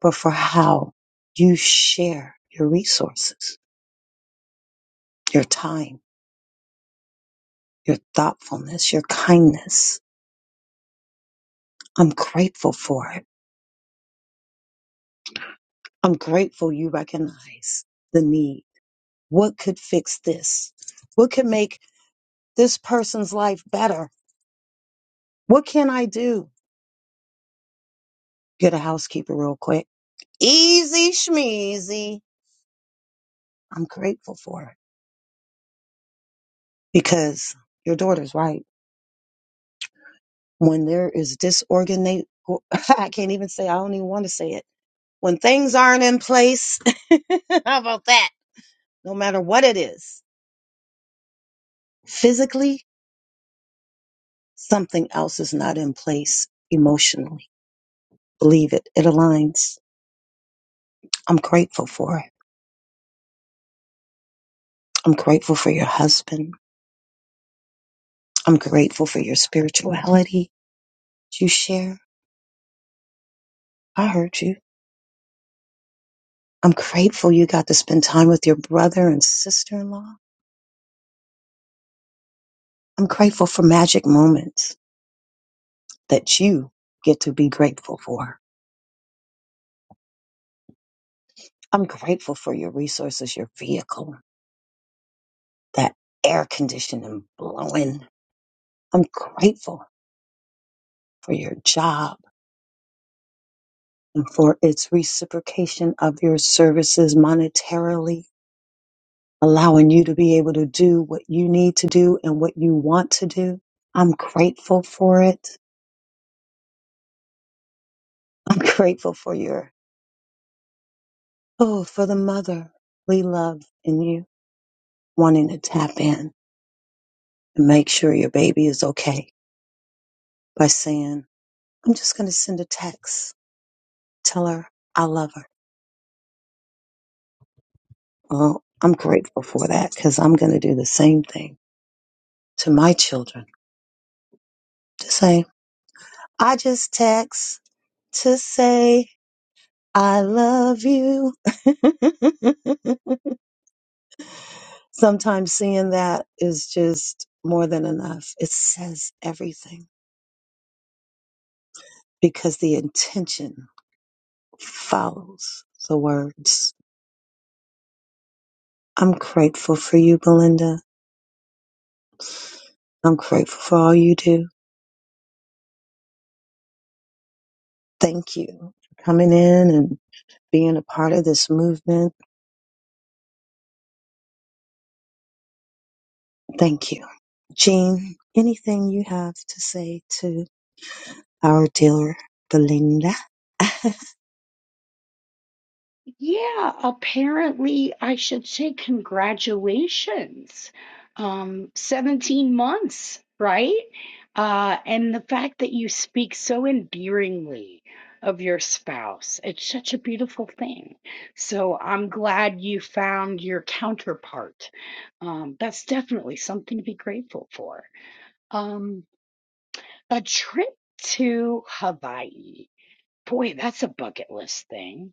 Speaker 10: but for how you share your resources, your time, your thoughtfulness, your kindness. I'm grateful for it. I'm grateful you recognize the need. What could fix this? What could make this person's life better? What can I do? Get a housekeeper real quick. Easy schmeezy. I'm grateful for it because your daughter's right when there is disorganized, I can't even say, I don't even want to say it. When things aren't in place, how about that? No matter what it is, physically, something else is not in place emotionally. Believe it, it aligns. I'm grateful for it. I'm grateful for your husband. I'm grateful for your spirituality that you share. I heard you. I'm grateful you got to spend time with your brother and sister in law. I'm grateful for magic moments that you get to be grateful for. I'm grateful for your resources, your vehicle, that air conditioning blowing. I'm grateful for your job and for its reciprocation of your services monetarily, allowing you to be able to do what you need to do and what you want to do. I'm grateful for it. I'm grateful for your, oh, for the motherly love in you wanting to tap in and make sure your baby is okay by saying, I'm just going to send a text Tell her I love her. Well, I'm grateful for that because I'm going to do the same thing to my children. To say I just text to say I love you. Sometimes seeing that is just more than enough. It says everything because the intention follows the words. I'm grateful for you, Belinda. I'm grateful for all you do. Thank you for coming in and. being a part of this movement. Thank you. Jean, anything you have to say to our dear Belinda?
Speaker 18: Yeah, apparently I should say congratulations. Um, 17 months, right? Uh, and the fact that you speak so endearingly of your spouse, it's such a beautiful thing. So I'm glad you found your counterpart. Um, that's definitely something to be grateful for. Um, a trip to Hawaii. Boy, that's a bucket list thing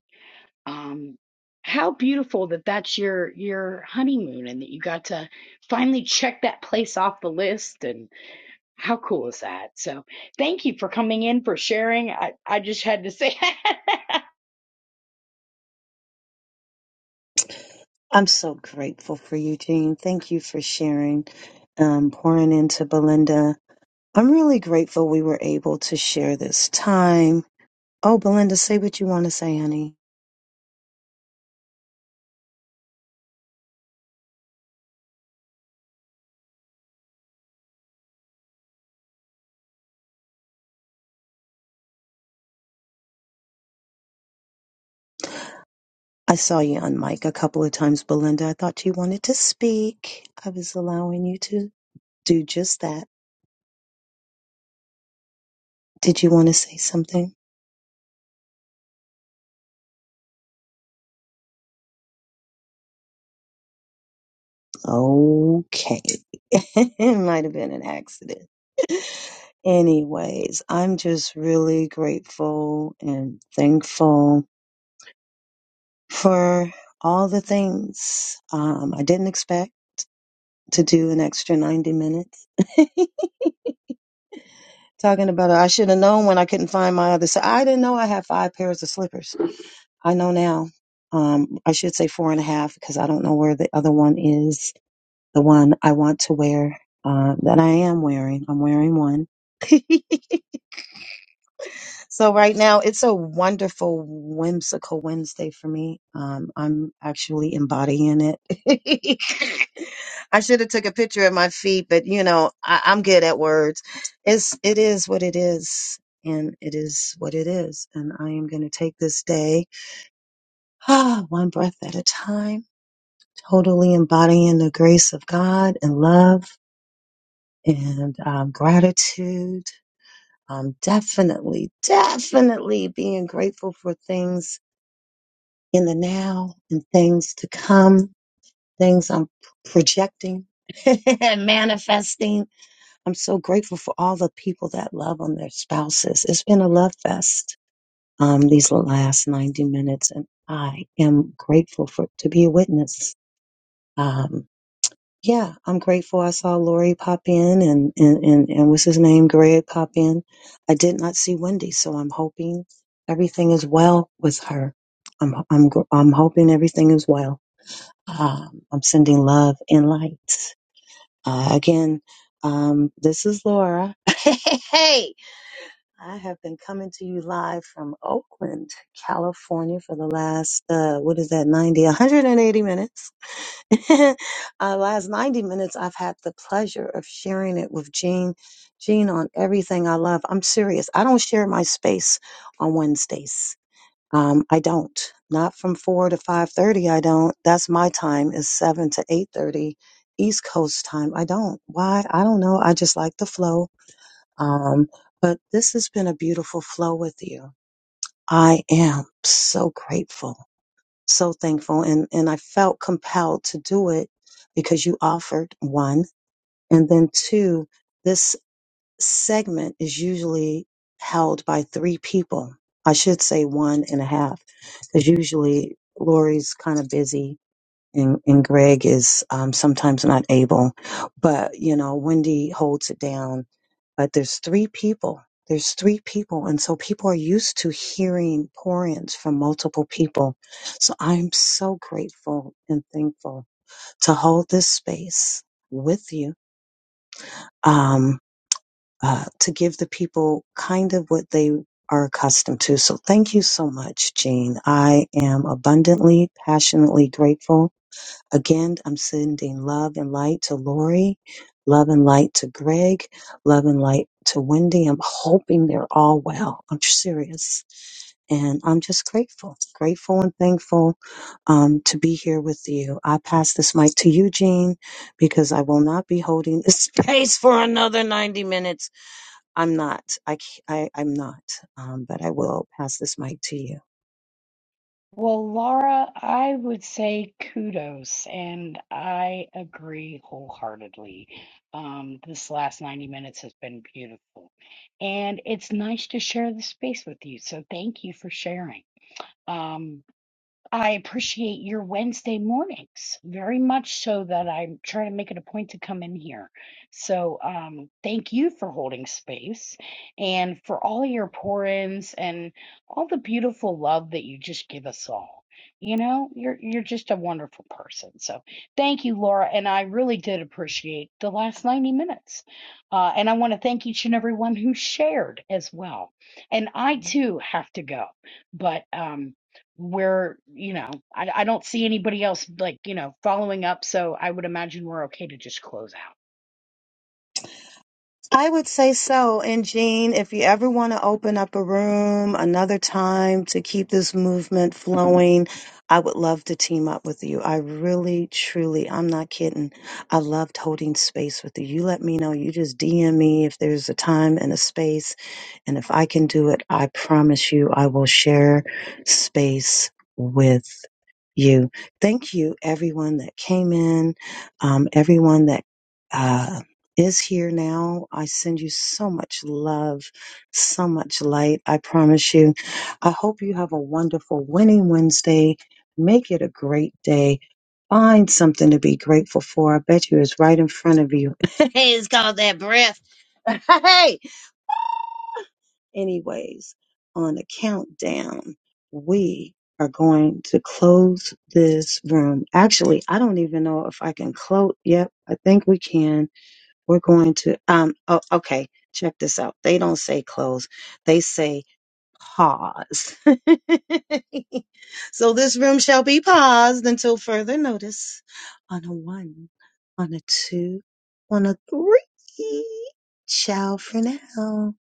Speaker 18: um, how beautiful that that's your your honeymoon and that you got to finally check that place off the list and how cool is that so thank you for coming in for sharing i i just had to say
Speaker 10: I'm so grateful for you, Jean. Thank you for sharing, um, pouring into Belinda. I'm really grateful we were able to share this time. Oh, Belinda, say what you want to say, honey. I saw you on mic a couple of times, Belinda. I thought you wanted to speak. I was allowing you to do just that. Did you want to say something? Okay. it might have been an accident. Anyways, I'm just really grateful and thankful for all the things um, I didn't expect to do an extra 90 minutes. Talking about it, I should have known when I couldn't find my other. So I didn't know I had five pairs of slippers. I know now. Um, I should say four and a half because I don't know where the other one is. The one I want to wear uh, that I am wearing. I'm wearing one so right now it's a wonderful whimsical wednesday for me um i'm actually embodying it i should have took a picture of my feet but you know I, i'm good at words it's it is what it is and it is what it is and i am going to take this day ah, one breath at a time totally embodying the grace of god and love and um, gratitude um, definitely, definitely being grateful for things in the now and things to come, things I'm projecting and manifesting. I'm so grateful for all the people that love on their spouses. It's been a love fest um, these last 90 minutes, and I am grateful for to be a witness. Um, Yeah, I'm grateful. I saw Lori pop in and, and, and, and what's his name? Greg pop in. I did not see Wendy, so I'm hoping everything is well with her. I'm, I'm, gr- I'm hoping everything is well. Um, I'm sending love and light. Uh, again, um, this is Laura. Hey, hey, hey. I have been coming to you live from Oakland, California for the last, uh, what is that, 90, 180 minutes Our last 90 minutes, I've had the pleasure of sharing it with Jean. Jean on everything I love. I'm serious. I don't share my space on Wednesdays. Um, I don't. Not from four to five thirty. I don't. That's my time. Is seven to eight thirty, East Coast time. I don't. Why? I don't know. I just like the flow. Um, but this has been a beautiful flow with you. I am so grateful so thankful and and I felt compelled to do it because you offered one and then two this segment is usually held by three people I should say one and a half because usually Lori's kind of busy and, and Greg is um, sometimes not able, but you know, Wendy holds it down. But there's three people. There's three people, and so people are used to hearing pour-ins from multiple people. So I'm so grateful and thankful to hold this space with you, um, uh, to give the people kind of what they are accustomed to. So thank you so much, Jean. I am abundantly, passionately grateful Again, I'm sending love and light to Lori, love and light to Greg, love and light to Wendy. I'm hoping they're all well. I'm serious. And I'm just grateful, grateful and thankful um, to be here with you. I pass this mic to Eugene because I will not be holding this space for another 90 minutes. I'm not. I, c- I, am not. Um, but I will pass this mic to you.
Speaker 18: well laura i would say kudos and i agree wholeheartedly um this last 90 minutes has been beautiful and it's nice to share the space with you so thank you for sharing um I appreciate your Wednesday mornings very much so that I try to make it a point to come in here. So, um, thank you for holding space and for all of your pour ins and all the beautiful love that you just give us all. You know, you're you're just a wonderful person. So thank you, Laura, and I really did appreciate the last 90 minutes. Uh, and I want to thank each and everyone who shared as well. And I too have to go, but um, we're you know I, I don't see anybody else like you know following up so i would imagine we're okay to just close out
Speaker 10: I would say so. And Jean, if you ever want to open up a room another time to keep this movement flowing, I would love to team up with you. I really, truly, I'm not kidding. I loved holding space with you. You let me know. You just DM me if there's a time and a space and if I can do it, I promise you I will share space with you. Thank you, everyone that came in, um, everyone that uh, is here now. I send you so much love, so much light. I promise you. I hope you have a wonderful winning Wednesday. Make it a great day. Find something to be grateful for. I bet you it's right in front of you. hey, it's called that breath. Hey. Anyways, on the countdown, we are going to close this room. Actually, I don't even know if I can close. Yep, I think we can. We're going to, um, oh, okay, check this out. They don't say close, they say pause. so this room shall be paused until further notice on a one, on a two, on a three. Ciao for now.